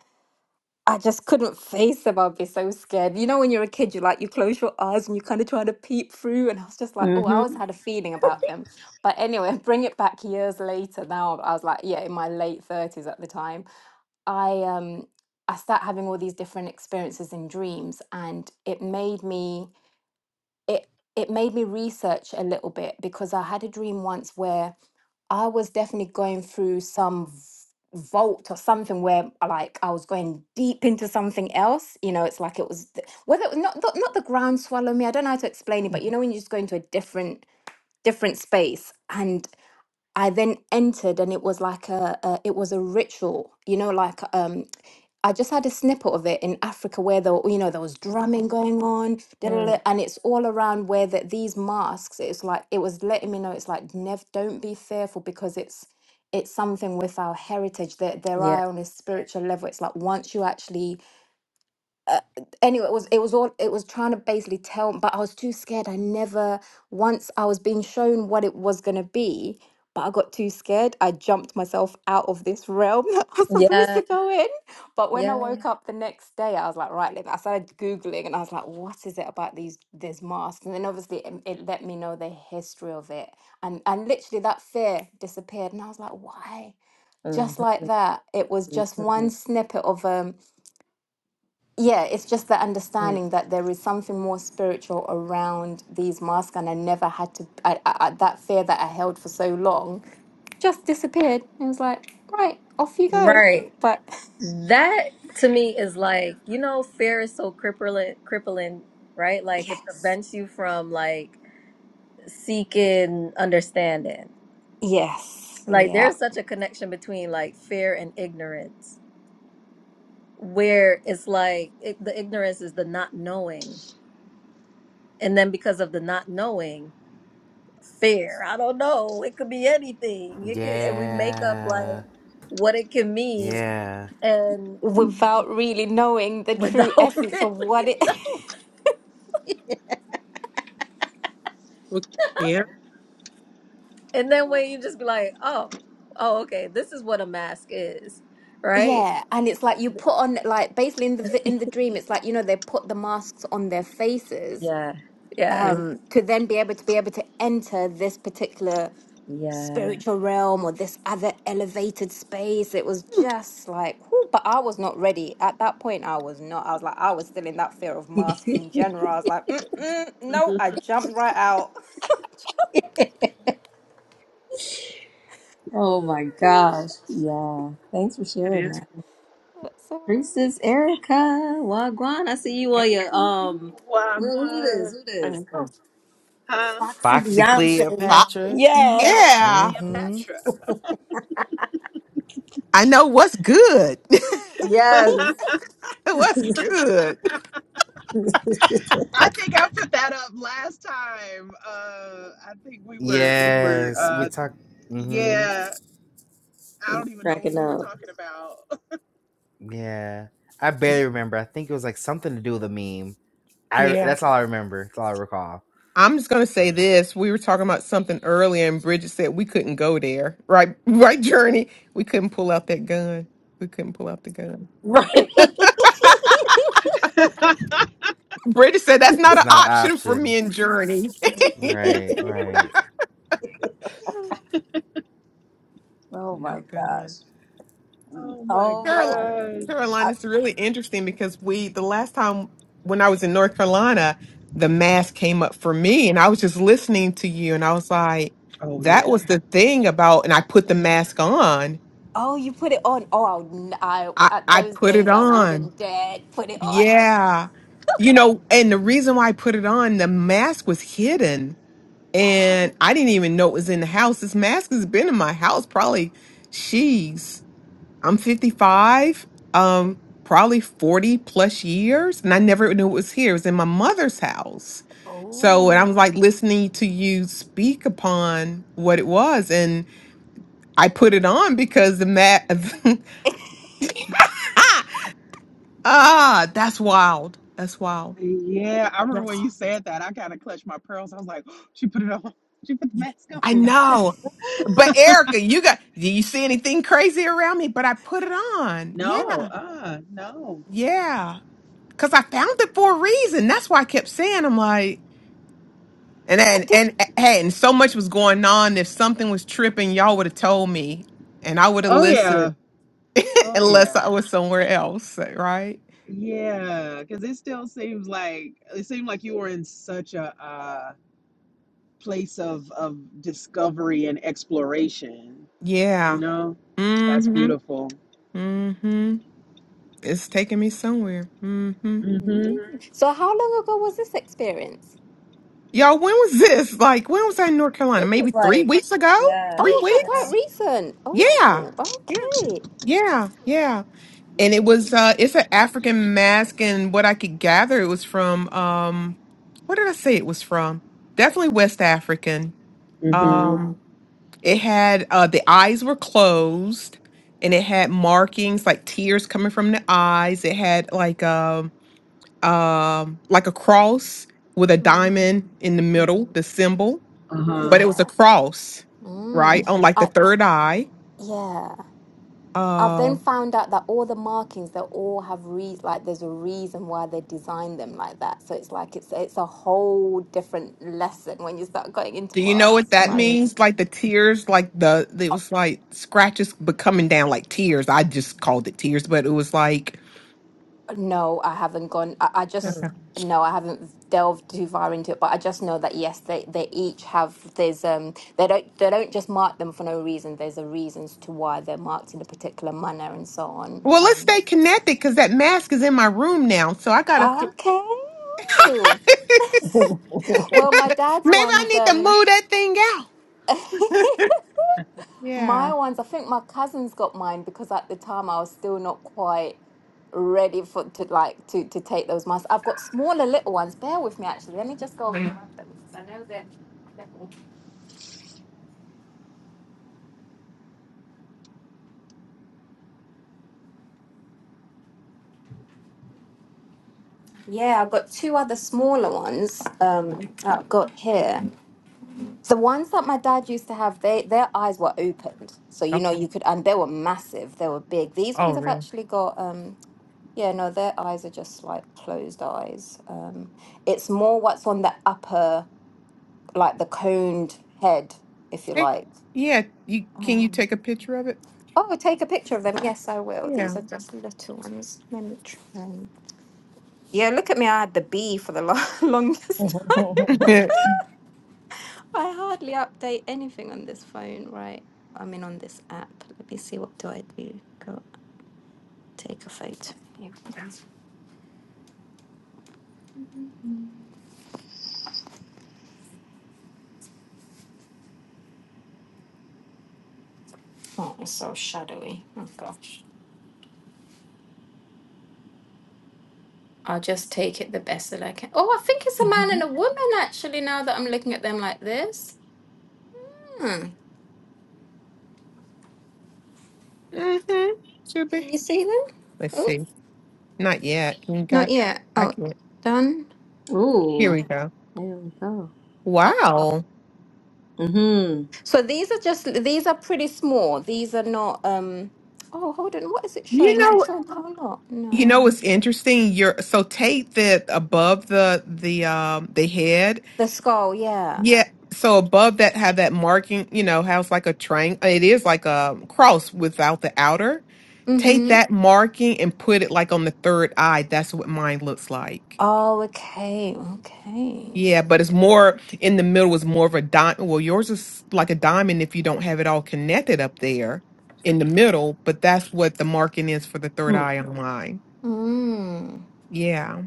[SPEAKER 4] I just couldn't face them. I'd be so scared. You know, when you're a kid, you like you close your eyes and you kind of try to peep through. And I was just like, oh, I always
[SPEAKER 1] Mm-hmm.
[SPEAKER 4] had a feeling about them. But anyway, bring it back years later. Now I was like, yeah, in my late 30s at the time I um I start having all these different experiences and dreams and it made me it it made me research a little bit because I had a dream once where I was definitely going through some v- vault or something where like I was going deep into something else you know it's like it was th- whether it was not not, not the ground swallow me I don't know how to explain it but you know when you just go into a different different space and. I then entered, and it was like a, a it was a ritual, you know, like um, I just had a snippet of it in Africa where there, were- you know, there was drumming going on, da, da, da, and it's all around where that these masks. It's like it was letting me know it's like never don't be fearful because it's it's something with our heritage that there are on a spiritual level. It's like once you actually uh, anyway, it was it was all it was trying to basically tell, but I was too scared. I never once I was being shown what it was gonna be, but I got too scared. I jumped myself out of this realm that I was supposed
[SPEAKER 1] Yeah,
[SPEAKER 4] to go in. But when I
[SPEAKER 1] yeah.
[SPEAKER 4] woke up the next day, I was like, right, let me- I started googling, and I was like, what is it about these these masks? And then obviously it, it let me know the history of it, and and literally that fear disappeared, and I was like, why?
[SPEAKER 1] hmm
[SPEAKER 4] Just like that, it was just one
[SPEAKER 1] hmm
[SPEAKER 4] snippet of um yeah, it's just the understanding that there is something more spiritual around these masks, and I never had to. I, I, I- that fear that I held for so long just disappeared. It was like, right, off you go.
[SPEAKER 1] Right.
[SPEAKER 4] But
[SPEAKER 1] That to me is like, you know, fear is so crippling, crippling, right? Like it
[SPEAKER 4] yes,
[SPEAKER 1] prevents you from like seeking understanding.
[SPEAKER 4] yes,
[SPEAKER 1] Like
[SPEAKER 4] yeah,
[SPEAKER 1] there's such a connection between like fear and ignorance, where it's like it, the ignorance is the not knowing. And then because of the not knowing, fear, I don't know, it could be anything. It could, and we make up like
[SPEAKER 3] Yeah.
[SPEAKER 1] what it can mean
[SPEAKER 3] Yeah.
[SPEAKER 1] and
[SPEAKER 4] without really knowing the
[SPEAKER 1] without
[SPEAKER 4] true essence
[SPEAKER 1] really
[SPEAKER 4] of what it.
[SPEAKER 1] know.
[SPEAKER 2] Look, Yeah,
[SPEAKER 1] And then when you just be like, oh, oh, okay, this is what a mask is, right?
[SPEAKER 4] Yeah, and it's like you put on like basically in the vi- in the dream, it's like you know they put the masks on their faces
[SPEAKER 1] Yeah, yeah,
[SPEAKER 4] um to then be able to be able to enter this particular
[SPEAKER 1] yeah.
[SPEAKER 4] spiritual realm or this other elevated space. It was just like, whew, but I was not ready. At that point, I was not. I was like, I was still in that fear of masks in general. I was like, Mm-mm, no, I jumped right out.
[SPEAKER 1] oh my
[SPEAKER 4] oh,
[SPEAKER 1] gosh,
[SPEAKER 4] gosh.
[SPEAKER 1] yeah. Thanks for
[SPEAKER 2] it
[SPEAKER 1] sharing
[SPEAKER 2] is.
[SPEAKER 1] that,
[SPEAKER 4] That's all right.
[SPEAKER 1] Princess Erica Wagwan. I see you on your um. Who who this?
[SPEAKER 5] Wagwan.
[SPEAKER 1] Who
[SPEAKER 2] I
[SPEAKER 1] this?
[SPEAKER 2] know.
[SPEAKER 5] Huh?
[SPEAKER 1] Foxy
[SPEAKER 3] Foxy
[SPEAKER 1] Beyonce.
[SPEAKER 2] Stop.
[SPEAKER 3] Cleopatra.
[SPEAKER 1] Yeah.
[SPEAKER 5] Foxy
[SPEAKER 2] Yeah,
[SPEAKER 3] Mm-hmm.
[SPEAKER 5] Cleopatra.
[SPEAKER 2] I know what's good.
[SPEAKER 1] Yes.
[SPEAKER 2] what's good?
[SPEAKER 5] I think I put that up last time. Uh, I think we were we were
[SPEAKER 3] Yes. We
[SPEAKER 5] uh,
[SPEAKER 3] talk mm-hmm.
[SPEAKER 5] yeah. I don't even know what
[SPEAKER 1] Cracking
[SPEAKER 5] we were
[SPEAKER 1] up.
[SPEAKER 5] talking about.
[SPEAKER 3] Yeah. I barely remember. I think it was like something to do with a meme. I that's all I remember. That's all I recall.
[SPEAKER 2] I'm just gonna say
[SPEAKER 3] So
[SPEAKER 2] this. We were talking about something earlier, and Bridget said we couldn't go there. Right, right, Journey. We couldn't pull out that gun. We couldn't pull out the gun.
[SPEAKER 1] Right.
[SPEAKER 2] Bridget said that's not
[SPEAKER 3] it's
[SPEAKER 2] an
[SPEAKER 3] not an
[SPEAKER 2] option for
[SPEAKER 3] option.
[SPEAKER 2] me and Journey.
[SPEAKER 3] Right, right.
[SPEAKER 1] Oh my
[SPEAKER 2] no gun.
[SPEAKER 1] gosh.
[SPEAKER 5] Oh my
[SPEAKER 1] Oh my
[SPEAKER 2] Carol-
[SPEAKER 1] gosh.
[SPEAKER 5] gosh.
[SPEAKER 1] I,
[SPEAKER 2] Carolina is really interesting because we the last time when I was in North Carolina, the mask came up for me, and I was just listening to you, and I was like,
[SPEAKER 5] Oh
[SPEAKER 2] that
[SPEAKER 5] yeah,
[SPEAKER 2] was the thing about, and I put the mask on.
[SPEAKER 4] Oh, you put it on. Oh, I'll, n- I
[SPEAKER 2] I,
[SPEAKER 4] at
[SPEAKER 2] I
[SPEAKER 4] those
[SPEAKER 2] put it
[SPEAKER 4] days I
[SPEAKER 2] on
[SPEAKER 4] wouldn't dare put it on.
[SPEAKER 2] Yeah. You know, and the reason why I put it on, the mask was hidden
[SPEAKER 4] Oh,
[SPEAKER 2] and I didn't even know it was in the house. This mask has been in my house probably she's I'm 55, um probably 40 plus years and I never knew it was here. It was in my mother's house. So, and I was like
[SPEAKER 4] oh,
[SPEAKER 2] listening to you speak upon what it was and I put it on because the mask Ah, that's wild. That's wild.
[SPEAKER 5] yeah. I remember when
[SPEAKER 2] Yes.
[SPEAKER 4] oh.
[SPEAKER 5] you said that. I kind of clutched my pearls. I was like, she put it on. She put the mask on.
[SPEAKER 2] I know. But Erica, you got do you see anything crazy around me? But I put it on.
[SPEAKER 5] No,
[SPEAKER 2] Yeah.
[SPEAKER 5] uh, no.
[SPEAKER 2] Yeah. Cause I found it for a reason. That's why I kept saying I'm like and
[SPEAKER 4] What
[SPEAKER 2] and
[SPEAKER 4] did?
[SPEAKER 2] and hey, and so much was going on. If something was tripping, y'all would have told me and I would have
[SPEAKER 5] Oh yeah,
[SPEAKER 2] listened
[SPEAKER 5] oh
[SPEAKER 2] unless
[SPEAKER 5] yeah.
[SPEAKER 2] I was somewhere else. eh, Right?
[SPEAKER 5] Yeah, because it still seems like it seemed like you were in such a uh, place of of discovery and exploration. You
[SPEAKER 2] Yeah.
[SPEAKER 5] know, that's
[SPEAKER 2] Mm-hmm.
[SPEAKER 5] beautiful.
[SPEAKER 2] Mm-hmm. It's taking me somewhere. Mm-hmm.
[SPEAKER 5] Mhm.
[SPEAKER 4] Mm. So, how long ago was this experience?
[SPEAKER 2] Yo, when was this? Like, when was I in North Carolina?
[SPEAKER 1] this
[SPEAKER 2] Maybe
[SPEAKER 1] is
[SPEAKER 2] three
[SPEAKER 1] like,
[SPEAKER 2] weeks ago?
[SPEAKER 1] yeah.
[SPEAKER 2] Three
[SPEAKER 4] Oh, so quite
[SPEAKER 2] weeks?
[SPEAKER 4] recent.
[SPEAKER 2] Yeah.
[SPEAKER 4] Oh,
[SPEAKER 2] Yeah.
[SPEAKER 4] okay.
[SPEAKER 2] Yeah. Yeah. And it was
[SPEAKER 4] Mm.
[SPEAKER 2] uh it's an African mask and what I could gather it was from um what did I say it was from? Definitely West African.
[SPEAKER 5] Mhm.
[SPEAKER 4] Yeah.
[SPEAKER 2] Um it had uh the eyes were closed and it had markings like tears coming from the eyes. It had like um um like a cross with a diamond
[SPEAKER 4] Mm.
[SPEAKER 2] in the middle,
[SPEAKER 4] hmm
[SPEAKER 2] the symbol
[SPEAKER 5] Uh huh.
[SPEAKER 2] but it was a
[SPEAKER 4] Yeah.
[SPEAKER 2] cross,
[SPEAKER 4] Mm.
[SPEAKER 2] right? On like the
[SPEAKER 4] I
[SPEAKER 2] third eye.
[SPEAKER 4] yeah. I've then
[SPEAKER 2] Uh
[SPEAKER 4] found out that all the markings they all have re like there's a reason why they designed them like that. So it's like it's it's a whole different lesson when you start going into
[SPEAKER 2] do you know
[SPEAKER 4] masks.
[SPEAKER 2] what
[SPEAKER 4] You're
[SPEAKER 2] that
[SPEAKER 1] Mm.
[SPEAKER 4] like,
[SPEAKER 2] means? Like the tears, like the it was like scratches but coming down like tears. I just called it tears, but it was like
[SPEAKER 4] No, I haven't gone. I, I just
[SPEAKER 2] Okay.
[SPEAKER 1] Hmm.
[SPEAKER 4] no, I haven't delved too far into it, but I just know that yes, they they each have there's um they don't they don't just mark them for no reason. There's a reasons to why they're marked in a particular manner and so on.
[SPEAKER 2] Well, let's
[SPEAKER 4] Um,
[SPEAKER 2] stay connected because that mask is in my room now. So I gotta
[SPEAKER 4] okay.
[SPEAKER 2] maybe
[SPEAKER 4] Well, my dad's
[SPEAKER 2] I
[SPEAKER 4] one's
[SPEAKER 2] need to
[SPEAKER 4] um
[SPEAKER 2] move that thing out. Yeah.
[SPEAKER 4] My ones, I think my cousins got mine because at the time I was still not quite ready for to like to to take those masks. I've got smaller little ones. Bear with me actually. Let me just go over and grab them because I know they're little. Yeah, I've got two other smaller ones um that I've got here. The ones that my dad used to have, they their eyes were opened. So you know
[SPEAKER 2] Okay.
[SPEAKER 4] you could and they were massive, they were big. These
[SPEAKER 2] Oh
[SPEAKER 4] ones I've
[SPEAKER 2] really?
[SPEAKER 4] actually got um yeah, no, their eyes are just like closed eyes. Um it's more what's on the upper like the coned head, if you
[SPEAKER 2] Take
[SPEAKER 4] like.
[SPEAKER 2] yeah, you can you
[SPEAKER 4] Um,
[SPEAKER 2] take a picture of it?
[SPEAKER 4] oh, take a picture of them. Yes, I will. These
[SPEAKER 2] Yeah.
[SPEAKER 4] are just little ones. Let me try. Yeah, look at me. I had the B for the lo- longest time. I hardly update anything on this phone, right? I mean, on this app. Let me see. What do I do? Go take a photo. Here we go. Oh, it's so shadowy. Oh, gosh. I'll just take it the best that I can. Oh, I think it's a man and a woman, actually, now that I'm looking at them like this. Hmm.
[SPEAKER 2] mm-hmm. Should be.
[SPEAKER 4] Can you see them?
[SPEAKER 2] Let's
[SPEAKER 4] Oh,
[SPEAKER 2] see. Not yet. Can you
[SPEAKER 4] not
[SPEAKER 2] got?
[SPEAKER 4] yet.
[SPEAKER 2] I
[SPEAKER 4] Oh,
[SPEAKER 2] can.
[SPEAKER 4] done.
[SPEAKER 2] Here
[SPEAKER 1] Ooh,
[SPEAKER 2] we go.
[SPEAKER 1] there we go. Oh.
[SPEAKER 2] Wow.
[SPEAKER 1] Mm-hmm.
[SPEAKER 4] So these are just these are pretty small. These are not. um Oh, hold on. What is it
[SPEAKER 2] You
[SPEAKER 4] showing? Is it
[SPEAKER 2] know.
[SPEAKER 4] showing the whole lot?
[SPEAKER 2] You
[SPEAKER 4] No.
[SPEAKER 2] know what's interesting? You're so take the above the the um the head.
[SPEAKER 4] The skull. Yeah.
[SPEAKER 2] Yeah. So above that have that marking. You know how it's like a triangle. It is like a cross without the outer. Take Mhm.
[SPEAKER 4] Mm-hmm.
[SPEAKER 2] that marking and put it like on the third eye. That's what mine looks like.
[SPEAKER 4] Oh, okay. Okay.
[SPEAKER 2] Yeah, but it's more in the middle is more of a dime. Well, yours is like a diamond if you don't have it all connected up there in the middle, but that's what the marking is for the third
[SPEAKER 1] Mm-hmm.
[SPEAKER 2] eye online.
[SPEAKER 4] Mm.
[SPEAKER 2] Yeah.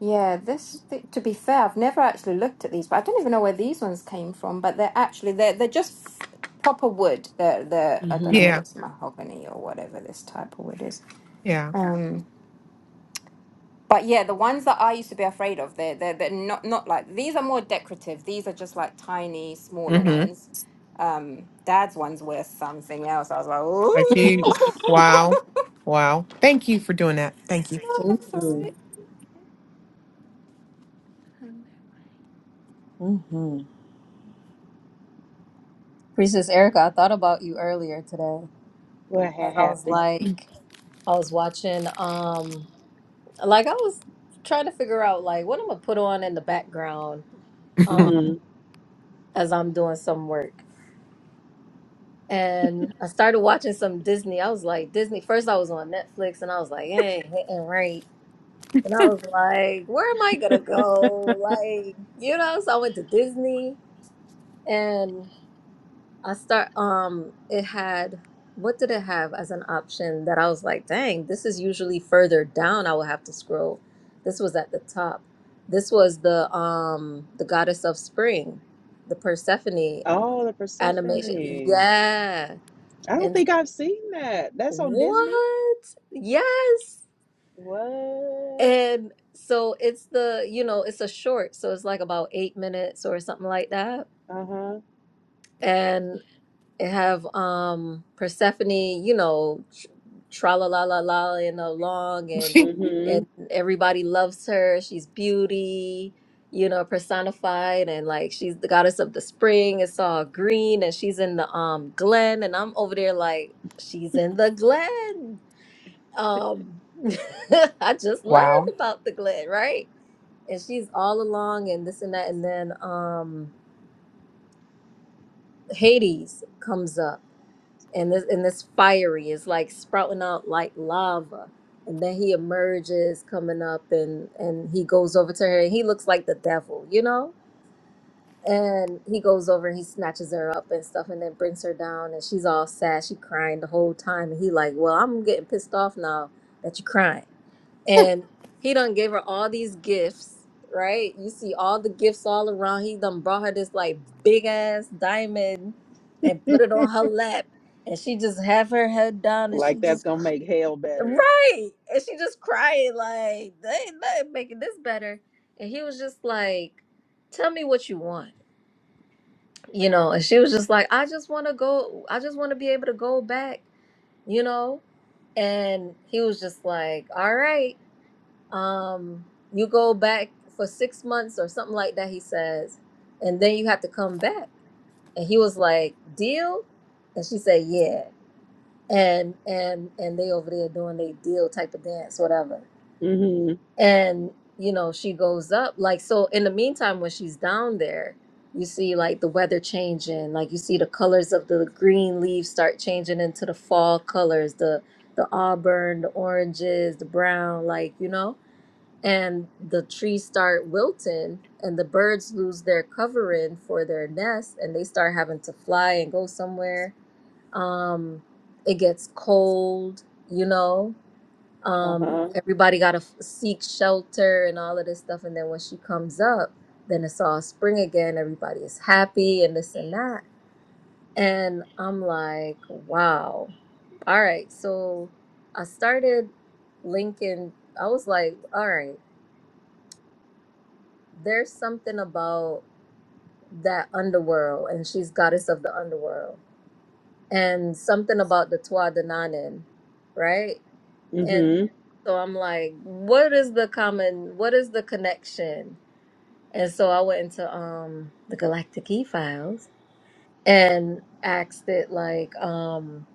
[SPEAKER 4] Yeah. This. Th- to be fair, I've never actually looked at these, but I don't even know where these ones came from. But they're actually they're they're just proper wood. They're they're I don't know whether
[SPEAKER 2] Yeah.
[SPEAKER 4] it's mahogany or whatever this type of wood is.
[SPEAKER 2] Yeah.
[SPEAKER 4] Um. But yeah, the ones that I used to be afraid of, they're they're, they're not not like these are more decorative. These are just like tiny, smaller
[SPEAKER 2] Mm-hmm.
[SPEAKER 4] ones. Um, Dad's ones were something else. I was like,
[SPEAKER 2] Like you
[SPEAKER 4] ooh,
[SPEAKER 2] wow. Wow. Thank you for doing that. Thank
[SPEAKER 4] oh, that's all right.
[SPEAKER 1] Mm-hmm.
[SPEAKER 4] Oh
[SPEAKER 1] Mm-hmm. Princess Erica, I thought about you earlier today.
[SPEAKER 5] What
[SPEAKER 1] as
[SPEAKER 5] had
[SPEAKER 1] I was
[SPEAKER 5] happened?
[SPEAKER 2] you.
[SPEAKER 1] like, I was watching, um, like I was trying to figure out like what I'm gonna put on in the background, um,
[SPEAKER 5] Mhm.
[SPEAKER 1] as I'm doing some work. And I started watching some Disney. I was like, Disney. First, I was on Netflix, and I was like, hey, hitting right. And I was like, where am I gonna go? Like, you know. So I went to Disney, and. I start um it had what did it have as an option that I was like, dang, this is usually further down I will have to scroll. This was at the top. This was the um the goddess of spring, the Persephone
[SPEAKER 5] Oh, the
[SPEAKER 1] animation.
[SPEAKER 5] Persephone.
[SPEAKER 1] Yeah.
[SPEAKER 5] I don't
[SPEAKER 1] And
[SPEAKER 5] think I've seen that. That's on Disney.
[SPEAKER 1] what? Yes.
[SPEAKER 5] What?
[SPEAKER 1] And so it's the, you know, it's a short, so it's like about 8 minutes or something like that.
[SPEAKER 5] Uh huh.
[SPEAKER 1] and. It have um Persephone, you know, tra la la la la and along and
[SPEAKER 5] Mhm.
[SPEAKER 1] and everybody loves her. She's beauty, you know, personified and like she's the goddess of the spring. It's all green and she's in the um glen and I'm over there like she's in the glen. Um I just learned
[SPEAKER 2] wow.
[SPEAKER 1] about the glen, right? And she's all along and this and that and then um Hades comes up and this and this fiery is like sprouting out like lava and then he emerges coming up and and he goes over to her and he looks like the devil you know and he goes over and he snatches her up and stuff and then brings her down and she's all sad she crying the whole time and he like well i'm getting pissed off now that you're crying and he done gave her all these gifts, right? You see all the gifts all around. He done brought her this like big ass diamond and put it on her lap, and she just have her head down and she
[SPEAKER 5] Like that's
[SPEAKER 1] just
[SPEAKER 5] gonna
[SPEAKER 1] cr-
[SPEAKER 5] make hell better.
[SPEAKER 1] right, and she just crying like they ain't nothing making this better. And he was just like, "Tell me what you want," you know. And she was just like, "I just want to go. I just want to be able to go back," you know. And he was just like, "All right." um you go back for six months or something like that he says and then you have to come back and he was like deal and she said yeah and and and they over there doing they deal type of dance whatever
[SPEAKER 5] Mhm.
[SPEAKER 1] and you know she goes up like so in the meantime when she's down there you see like the weather changing like you see the colors of the green leaves start changing into the fall colors the the auburn the oranges the brown like you know and the trees start wilting and the birds lose their covering for their nest and they start having to fly and go somewhere um it gets cold you know
[SPEAKER 5] Uh
[SPEAKER 1] um
[SPEAKER 5] huh.
[SPEAKER 1] everybody got to seek shelter and all of this stuff and then when she comes up then it's all spring again everybody is happy and this and that and i'm like wow all right so i started linking i was like all right there's something about that underworld and she's goddess of the underworld and something about the Twa Dananin, right? And
[SPEAKER 5] Mhm.
[SPEAKER 1] so I'm like, what is the common what is the connection? And so I went into um the Galactic E files and asked it like, um,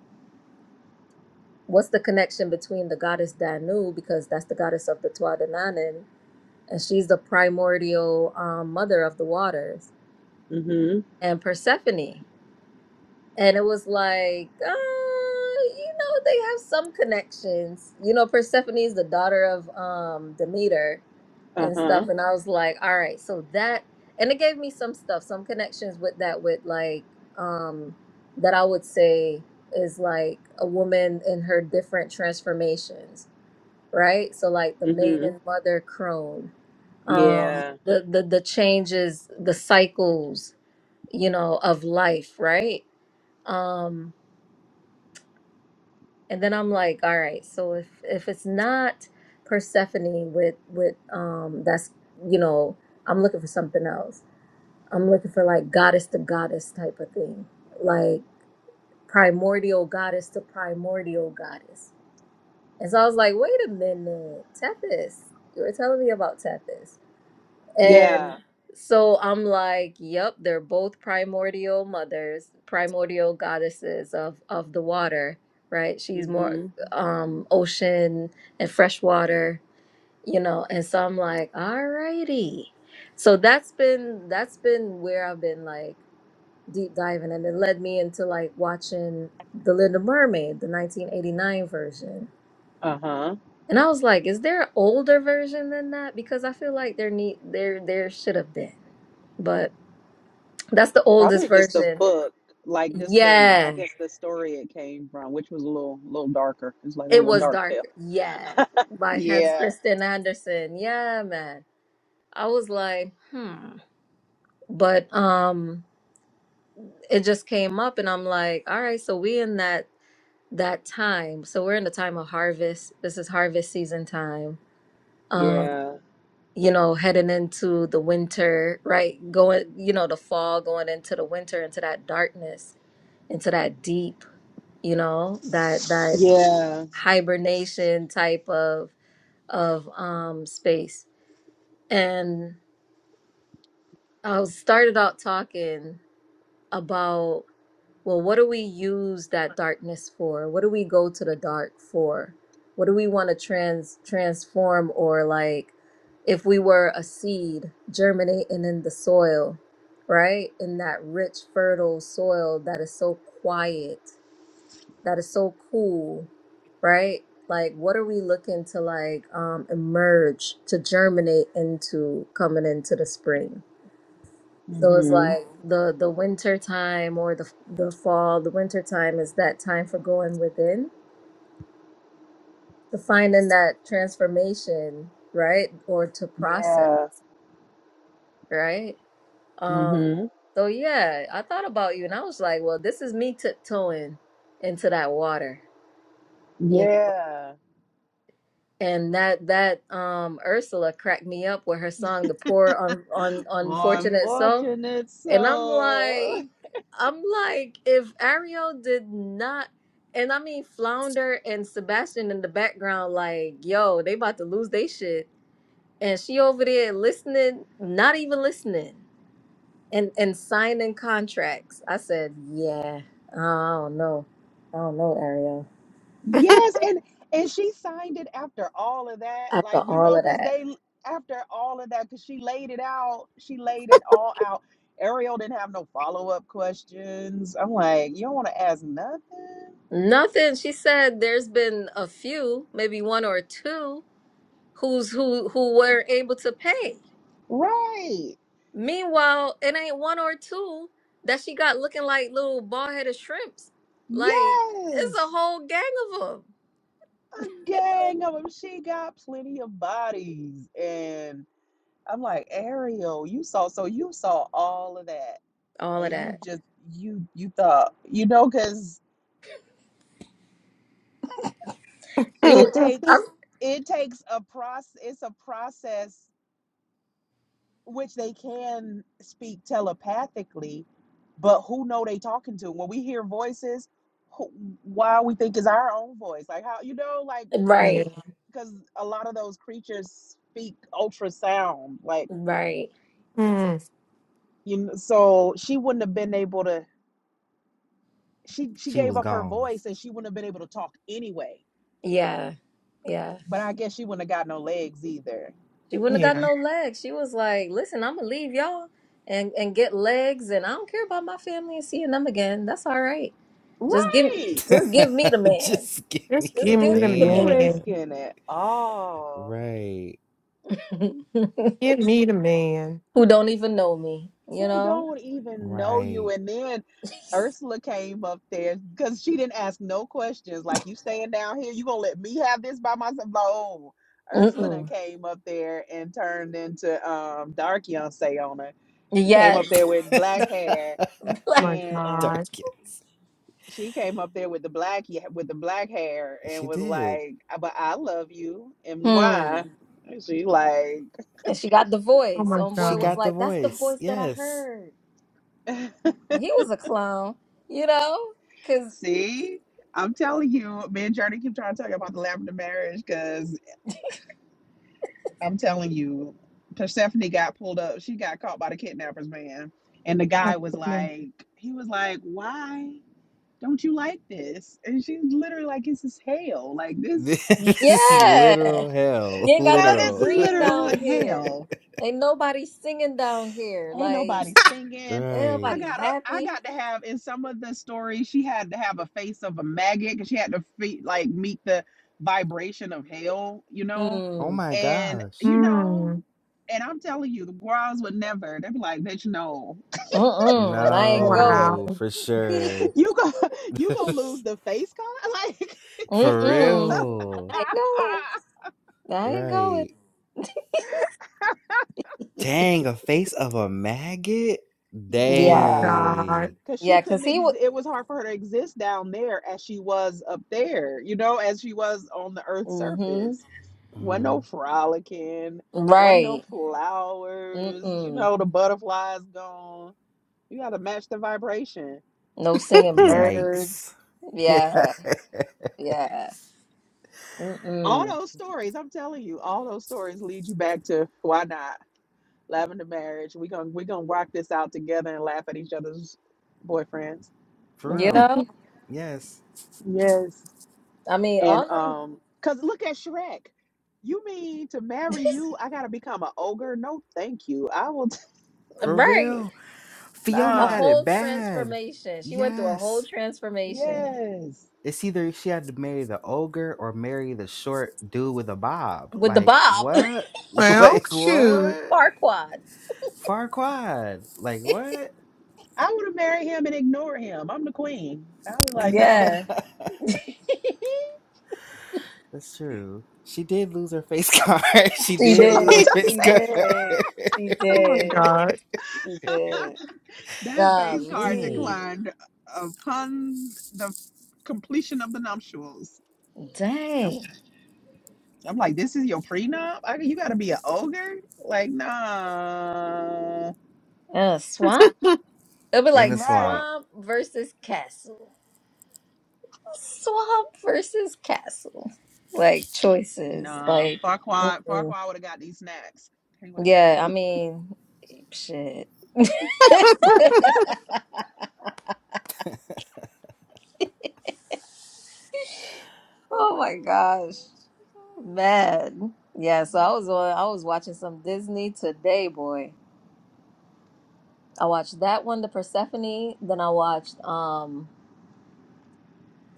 [SPEAKER 1] what's the connection between the goddess Danu, because that's the goddess of the Twa Dananin, and she's the primordial um, mother of the waters,
[SPEAKER 5] Mhm.
[SPEAKER 1] and Persephone. and it was like, uh, you know, they have some connections. You know, Persephone's the daughter of um Demeter
[SPEAKER 5] Uh
[SPEAKER 1] and stuff.
[SPEAKER 5] huh.
[SPEAKER 1] And I was like, all right, so that and it gave me some stuff, some connections with that, with like um that I would say is like a woman in her different transformations, right? So like the
[SPEAKER 5] Mm hmm.
[SPEAKER 1] maiden mother crone, um
[SPEAKER 5] Yeah.
[SPEAKER 1] the the the changes, the cycles, you know, of life, right? Um And then I'm like, all right, so if if it's not Persephone with with um that's you know, I'm looking for something else. I'm looking for like goddess to goddess type of thing. Like primordial goddess to primordial goddess. And so I was like, wait a minute, Tethys. You were telling me about Tethys.
[SPEAKER 5] Yeah.
[SPEAKER 1] And so I'm like, yep, they're both primordial mothers, primordial goddesses of of the water, right? She's more
[SPEAKER 5] Mm-hmm.
[SPEAKER 1] Mhm. um ocean and fresh water, you know. And so I'm like, all righty. So that's been that's been where I've been like deep diving and it led me into like watching The Little Mermaid, the 1989 version.
[SPEAKER 5] Uh-huh.
[SPEAKER 1] And I was like, is there an older version than that? Because I feel like there need there there should have been. That's the oldest
[SPEAKER 5] Probably just the
[SPEAKER 1] version.
[SPEAKER 5] book, like just the I
[SPEAKER 1] Yeah.
[SPEAKER 5] guess the story it came from, which was a little little darker. It's like a
[SPEAKER 1] It
[SPEAKER 5] little
[SPEAKER 1] was
[SPEAKER 5] dark
[SPEAKER 1] dark.
[SPEAKER 5] tale.
[SPEAKER 1] Yeah. By Hans
[SPEAKER 5] Yeah.
[SPEAKER 1] Christian Andersen. Yeah, man. I was like, hmm. But um it just came up and I'm like, all right, so we in that that time. So we're in the time of harvest. This is harvest season time. Um,
[SPEAKER 5] Yeah.
[SPEAKER 1] you know, heading into the winter, right? Going, you know, the fall, going into the winter, into that darkness, into that deep, you know, that that
[SPEAKER 5] Yeah.
[SPEAKER 1] hibernation type of of um space and i was- started out talking about well what do we use that darkness for what do we go to the dark for what do we want to trans transform or like if we were a seed germinating in the soil right in that rich fertile soil that is so quiet that is so cool, right? Like, what are we looking to like um, emerge to germinate into coming into the spring? So it's
[SPEAKER 5] Mm-hmm.
[SPEAKER 1] like the the winter time or the the fall. The winter time is that time for going within to finding that transformation, right? Or to process,
[SPEAKER 5] Yeah.
[SPEAKER 1] right? Um,
[SPEAKER 5] Mm-hmm.
[SPEAKER 1] so yeah, I thought about you and I was like, well, this is me tiptoeing into that water, you
[SPEAKER 5] Yeah.
[SPEAKER 1] and that that um Ursula cracked me up with her song "The Poor Un- Un-
[SPEAKER 5] For
[SPEAKER 1] Unfortunate Soul,"
[SPEAKER 5] unfortunate
[SPEAKER 1] and I'm
[SPEAKER 5] soul.
[SPEAKER 1] like, I'm like, if Ariel did not, and I mean Flounder and Sebastian in the background, like, yo, they about to lose they shit, and she over there listening, not even listening, and and signing contracts. I said, yeah, I don't know, I don't know, Ariel.
[SPEAKER 5] Yes, and and she signed it after all of that,
[SPEAKER 1] After
[SPEAKER 5] like you
[SPEAKER 1] all
[SPEAKER 5] know,
[SPEAKER 1] of
[SPEAKER 5] because
[SPEAKER 1] that.
[SPEAKER 5] they after all of that, because she laid it out, she laid it all out. Ariel didn't have no follow up questions. I'm like, you don't want to ask nothing,
[SPEAKER 1] Nothing. She said there's been a few, maybe one or two, who's who who were able to pay.
[SPEAKER 5] right?
[SPEAKER 1] Meanwhile, it ain't one or two that she got looking like little bald headed shrimps. Like it's a
[SPEAKER 5] Yes,
[SPEAKER 1] whole gang of them.
[SPEAKER 5] a gang of them. She got plenty of bodies, and I'm like, Ariel, you saw, so you saw all of that,
[SPEAKER 1] All of
[SPEAKER 5] and you
[SPEAKER 1] that.
[SPEAKER 5] just you you thought, you know, because
[SPEAKER 1] She, w-
[SPEAKER 5] it
[SPEAKER 1] I,
[SPEAKER 5] takes it takes a process it's a process which they can speak telepathically but who know they talking to when we hear voices who, why we think is our own voice like how you know like
[SPEAKER 2] yeah.
[SPEAKER 1] right,
[SPEAKER 5] because because a lot of those creatures speak ultrasound like
[SPEAKER 1] right.
[SPEAKER 2] Mm,
[SPEAKER 5] you know, so she wouldn't have been able to she she
[SPEAKER 3] She
[SPEAKER 5] gave
[SPEAKER 3] was
[SPEAKER 5] up her
[SPEAKER 3] gone.
[SPEAKER 5] voice and she wouldn't have been able to talk anyway
[SPEAKER 1] Yeah, yeah.
[SPEAKER 5] but i guess she wouldn't have got no legs either
[SPEAKER 1] She wouldn't have got
[SPEAKER 2] yeah.
[SPEAKER 1] no legs. She was like, "Listen, I'm gonna leave y'all and and get legs, and I don't care about my family and seeing them again. That's all right." Just give
[SPEAKER 5] Right.
[SPEAKER 1] just give me the man.
[SPEAKER 3] Just give
[SPEAKER 2] Just
[SPEAKER 3] me
[SPEAKER 1] Just
[SPEAKER 2] give
[SPEAKER 3] the
[SPEAKER 2] me
[SPEAKER 1] give
[SPEAKER 2] the
[SPEAKER 1] me
[SPEAKER 5] You
[SPEAKER 1] the
[SPEAKER 2] man.
[SPEAKER 3] man.
[SPEAKER 5] risking it all.
[SPEAKER 3] Right.
[SPEAKER 1] man
[SPEAKER 2] Give me the man.
[SPEAKER 1] who don't even know me, you
[SPEAKER 5] Who
[SPEAKER 1] know?
[SPEAKER 5] don't even know you?
[SPEAKER 3] Right.
[SPEAKER 5] And then Ursula came up there because she didn't ask no questions. Like you staying down here, you gonna let me have this by myself? Like, oh, Ursula then
[SPEAKER 1] Mm-mm.
[SPEAKER 5] came up there and turned into um Dark Yonsei on her. Came
[SPEAKER 1] Yes.
[SPEAKER 5] up there with black hair
[SPEAKER 2] Oh
[SPEAKER 1] Like,
[SPEAKER 2] my
[SPEAKER 5] and
[SPEAKER 2] God.
[SPEAKER 3] Darkest.
[SPEAKER 5] she came up there with the black with the black hair and
[SPEAKER 3] She
[SPEAKER 5] was
[SPEAKER 3] did.
[SPEAKER 5] like, "But I love you and
[SPEAKER 1] hmm.
[SPEAKER 5] why?" And she like.
[SPEAKER 1] And she got the
[SPEAKER 2] Oh
[SPEAKER 1] voice.
[SPEAKER 2] my
[SPEAKER 3] She
[SPEAKER 1] Homeboy was
[SPEAKER 2] God.
[SPEAKER 3] got the
[SPEAKER 1] like, that's the
[SPEAKER 3] voice.
[SPEAKER 1] voice that I
[SPEAKER 3] Yes.
[SPEAKER 1] heard. And he was a clown, you know? Cause
[SPEAKER 5] See, I'm telling you, me and Journey keep trying to talk about the lavender marriage because I'm telling you, Persephone got pulled up. She got caught by the kidnappers, man. And the guy was
[SPEAKER 2] Yeah.
[SPEAKER 5] like, he was like, why don't you like this? And she's literally like, this is hell. Like
[SPEAKER 3] This
[SPEAKER 5] this,
[SPEAKER 3] is
[SPEAKER 1] yeah.
[SPEAKER 3] literal
[SPEAKER 1] You
[SPEAKER 3] hell.
[SPEAKER 1] ain't got
[SPEAKER 5] oh,
[SPEAKER 1] nothing
[SPEAKER 5] this
[SPEAKER 3] Literal.
[SPEAKER 5] is
[SPEAKER 1] green
[SPEAKER 5] literal
[SPEAKER 1] down here.
[SPEAKER 5] hell.
[SPEAKER 1] Ain't nobody singing down here.
[SPEAKER 5] Ain't
[SPEAKER 1] Like,
[SPEAKER 5] nobody singing.
[SPEAKER 1] ain't
[SPEAKER 5] I
[SPEAKER 3] right.
[SPEAKER 1] nobody
[SPEAKER 5] got a, I
[SPEAKER 1] happy.
[SPEAKER 5] got to have in some of the stories she had to have a face of a maggot because she had to fe like meet the vibration of hell, you know,
[SPEAKER 3] Oh
[SPEAKER 1] Hmm.
[SPEAKER 3] my
[SPEAKER 5] and
[SPEAKER 3] gosh.
[SPEAKER 5] you know,
[SPEAKER 2] Mm.
[SPEAKER 5] and I'm telling you, the girls would never. They'd be like, "Bitch, no,
[SPEAKER 1] Mm-mm. I ain't
[SPEAKER 2] Wow.
[SPEAKER 1] going.
[SPEAKER 3] No, for sure.
[SPEAKER 5] you go, you gonna lose the face, con? Like,
[SPEAKER 3] for
[SPEAKER 5] you got."
[SPEAKER 1] Mm-mm.
[SPEAKER 3] real.
[SPEAKER 1] I ain't going. I ain't going.
[SPEAKER 3] Right. Dang, a face of a maggot?
[SPEAKER 2] Oh my
[SPEAKER 1] Yeah.
[SPEAKER 5] Yes,
[SPEAKER 3] Dang.
[SPEAKER 2] God.
[SPEAKER 5] because she
[SPEAKER 1] Yeah, because
[SPEAKER 5] couldn't.
[SPEAKER 1] he
[SPEAKER 5] Ex-
[SPEAKER 1] would.
[SPEAKER 5] it was hard for her to exist down there as she was up there. You know, as she was on the Earth's
[SPEAKER 1] Mm-hmm.
[SPEAKER 5] surface. Wasn't no
[SPEAKER 3] Mhm.
[SPEAKER 5] frolicking. Wasn't no
[SPEAKER 1] Right.
[SPEAKER 5] flowers. You
[SPEAKER 1] Mm-mm.
[SPEAKER 5] know, the butterflies gone. You got to match the vibration.
[SPEAKER 1] No singing
[SPEAKER 3] Yikes.
[SPEAKER 1] birds.
[SPEAKER 3] Yeah.
[SPEAKER 1] Yeah. Yeah.
[SPEAKER 5] All
[SPEAKER 1] Mm-mm.
[SPEAKER 5] those stories, I'm telling you, all those stories lead you back to why not lavender marriage. We gonna we gonna rock this out together and laugh at each other's boyfriends. You
[SPEAKER 3] For
[SPEAKER 1] You
[SPEAKER 5] know.
[SPEAKER 3] real.
[SPEAKER 1] know?
[SPEAKER 3] Yes.
[SPEAKER 5] Yes.
[SPEAKER 1] I mean, all
[SPEAKER 5] And
[SPEAKER 1] of
[SPEAKER 5] um, cause look at Shrek. You mean to marry
[SPEAKER 1] them.
[SPEAKER 5] you? I gotta become an ogre? No, thank you. I will. T-
[SPEAKER 3] For
[SPEAKER 1] right.
[SPEAKER 3] real. Fiona
[SPEAKER 1] A
[SPEAKER 5] nah.
[SPEAKER 3] had it
[SPEAKER 1] whole
[SPEAKER 3] bad.
[SPEAKER 1] transformation. She went through a whole
[SPEAKER 3] Yes.
[SPEAKER 1] transformation
[SPEAKER 5] Yes.
[SPEAKER 3] It's either she had to marry the ogre or marry the short dude with a bob.
[SPEAKER 1] with the
[SPEAKER 3] Like
[SPEAKER 1] Bob
[SPEAKER 3] what?
[SPEAKER 2] Well,
[SPEAKER 3] Like
[SPEAKER 2] shoot.
[SPEAKER 3] what?
[SPEAKER 1] Farquad.
[SPEAKER 3] Farquad. Like what?
[SPEAKER 5] I would have married him and ignore him. I'm the queen. I was like, no.
[SPEAKER 1] Yeah.
[SPEAKER 3] That's true. She did lose her face card. she
[SPEAKER 1] She
[SPEAKER 5] She
[SPEAKER 3] did lose her
[SPEAKER 2] oh
[SPEAKER 5] lost
[SPEAKER 1] did.
[SPEAKER 5] her
[SPEAKER 3] face
[SPEAKER 1] She
[SPEAKER 3] card.
[SPEAKER 5] face.
[SPEAKER 1] did. She
[SPEAKER 2] my
[SPEAKER 1] did.
[SPEAKER 2] God.
[SPEAKER 1] She did.
[SPEAKER 5] That face
[SPEAKER 3] she
[SPEAKER 5] card
[SPEAKER 3] did.
[SPEAKER 1] Golly.
[SPEAKER 5] declined upon the completion of the nuptials. No.
[SPEAKER 1] Dang.
[SPEAKER 5] I'm like, this is your prenup? I, you gotta be an ogre? Like, nah.
[SPEAKER 1] Uh, swamp? It'll be
[SPEAKER 3] In
[SPEAKER 1] like
[SPEAKER 3] the
[SPEAKER 5] Right.
[SPEAKER 3] swamp.
[SPEAKER 1] swamp versus castle. Swamp versus castle. Like choices.
[SPEAKER 5] Nah,
[SPEAKER 1] Like,
[SPEAKER 5] Farquaad,
[SPEAKER 1] Mm.
[SPEAKER 5] Farquaad would have got these snacks. He would have got.
[SPEAKER 1] yeah, I mean, shit. Oh
[SPEAKER 4] my
[SPEAKER 1] my gosh.
[SPEAKER 4] gosh, you guys.
[SPEAKER 1] Man. Yeah, so I was on I was watching some Disney today, boy. I watched that one, the Persephone, then I watched um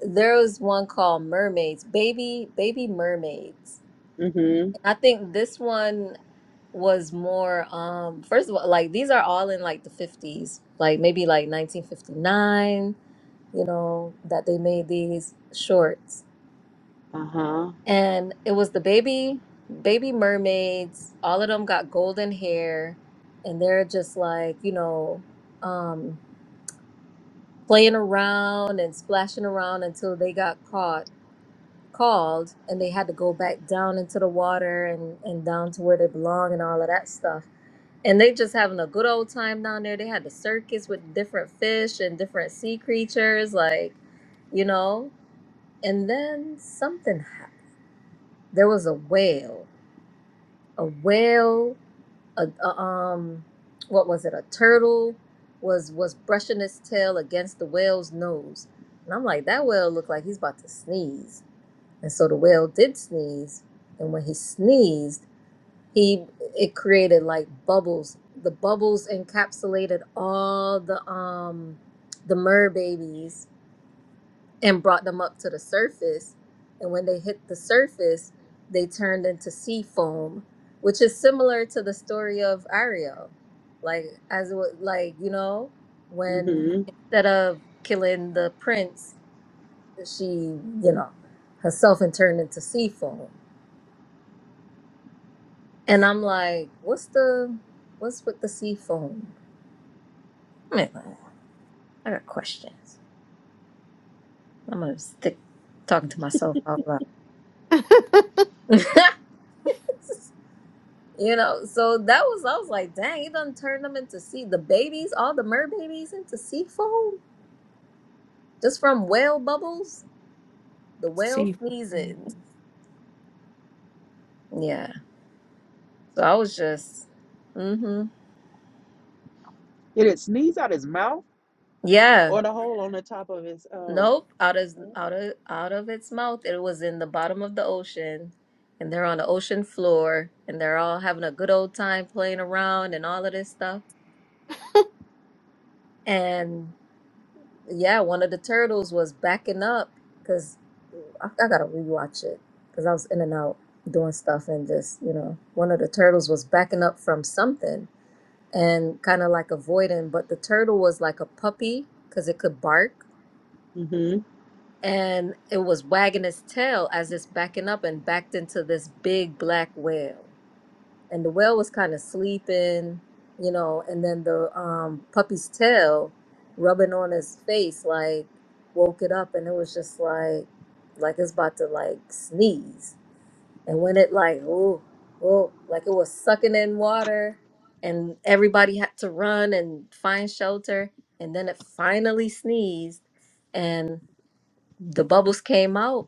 [SPEAKER 1] there was one called Mermaids, Baby Baby Mermaids.
[SPEAKER 5] Mm-hmm.
[SPEAKER 1] I think this one was more um first of all like these are all in like the 50s like maybe like 1959 you know that they made these shorts
[SPEAKER 5] Uh-huh.
[SPEAKER 1] and it was the baby baby mermaids all of them got golden hair and they're just like you know um playing around and splashing around until they got caught called and they had to go back down into the water and, and down to where they belong and all of that stuff. And they just having a good old time down there. They had the circus with different fish and different sea creatures, like, you know. And then something happened. There was a whale, a whale, a, a um, what was it? A turtle was was brushing its tail against the whale's nose, and I'm like, that whale looked like he's about to sneeze and so the whale did sneeze, and when he sneezed, he it created like bubbles. The bubbles encapsulated all the um the mer babies and brought them up to the surface. And when they hit the surface, they turned into sea foam, which is similar to the story of Ariel. Like as it was, like you know when
[SPEAKER 5] Mm-hmm.
[SPEAKER 1] instead of killing the prince, she you know herself and turned into sea foam. And I'm like, what's the what's with the sea foam? I'm like, I got questions. I'm gonna stick talking to myself out loud. you know, so that was I was like, dang, it done turned them into sea the babies, all the mer babies into sea foam just from whale bubbles, the whale
[SPEAKER 2] See.
[SPEAKER 1] sneezing. Yeah. So I was just mm-hmm.
[SPEAKER 5] Did it sneeze out his mouth
[SPEAKER 1] Yeah.
[SPEAKER 5] or the hole on the top of his oh.
[SPEAKER 1] Nope, out of out of out of its mouth. It was in the bottom of the ocean, and they're on the ocean floor, and they're all having a good old time playing around and all of this stuff. And yeah, one of the turtles was backing up because I, I gotta rewatch it because I was in and out doing stuff and just you know, one of the turtles was backing up from something and kind of like avoiding, but the turtle was like a puppy because it could bark
[SPEAKER 5] Mm-hmm.
[SPEAKER 1] and it was wagging its tail as it's backing up and backed into this big black whale. And the whale was kind of sleeping, you know, and then the um, puppy's tail rubbing on his face like woke it up and it was just like like it's about to like sneeze. And when it like oh oh like it was sucking in water and everybody had to run and find shelter and then it finally sneezed and the bubbles came out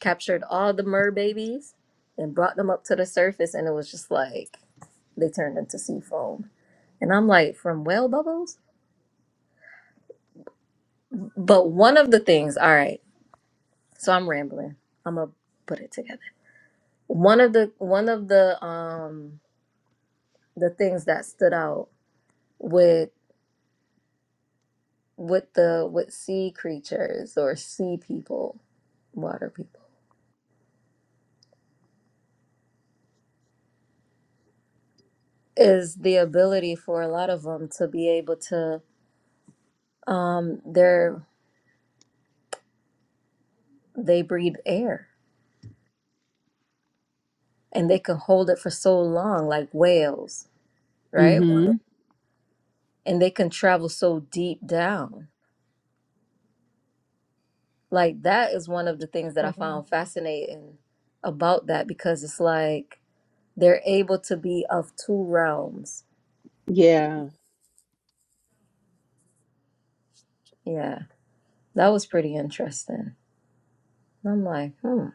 [SPEAKER 1] captured all the mer babies and brought them up to the surface and it was just like they turned into sea foam and i'm like from whale bubbles but one of the things all right so i'm rambling i'm gonna put it together one of the one of the um the things that stood out with with the with sea creatures or sea people water people is the ability for a lot of them to be able to um they're they breathe air and they can hold it for so long like whales right
[SPEAKER 5] Mm-hmm.
[SPEAKER 1] and they can travel so deep down like that is one of the things that i found fascinating about that because it's like they're able to be of two realms
[SPEAKER 5] Yeah,
[SPEAKER 1] yeah that was pretty interesting i'm like hmm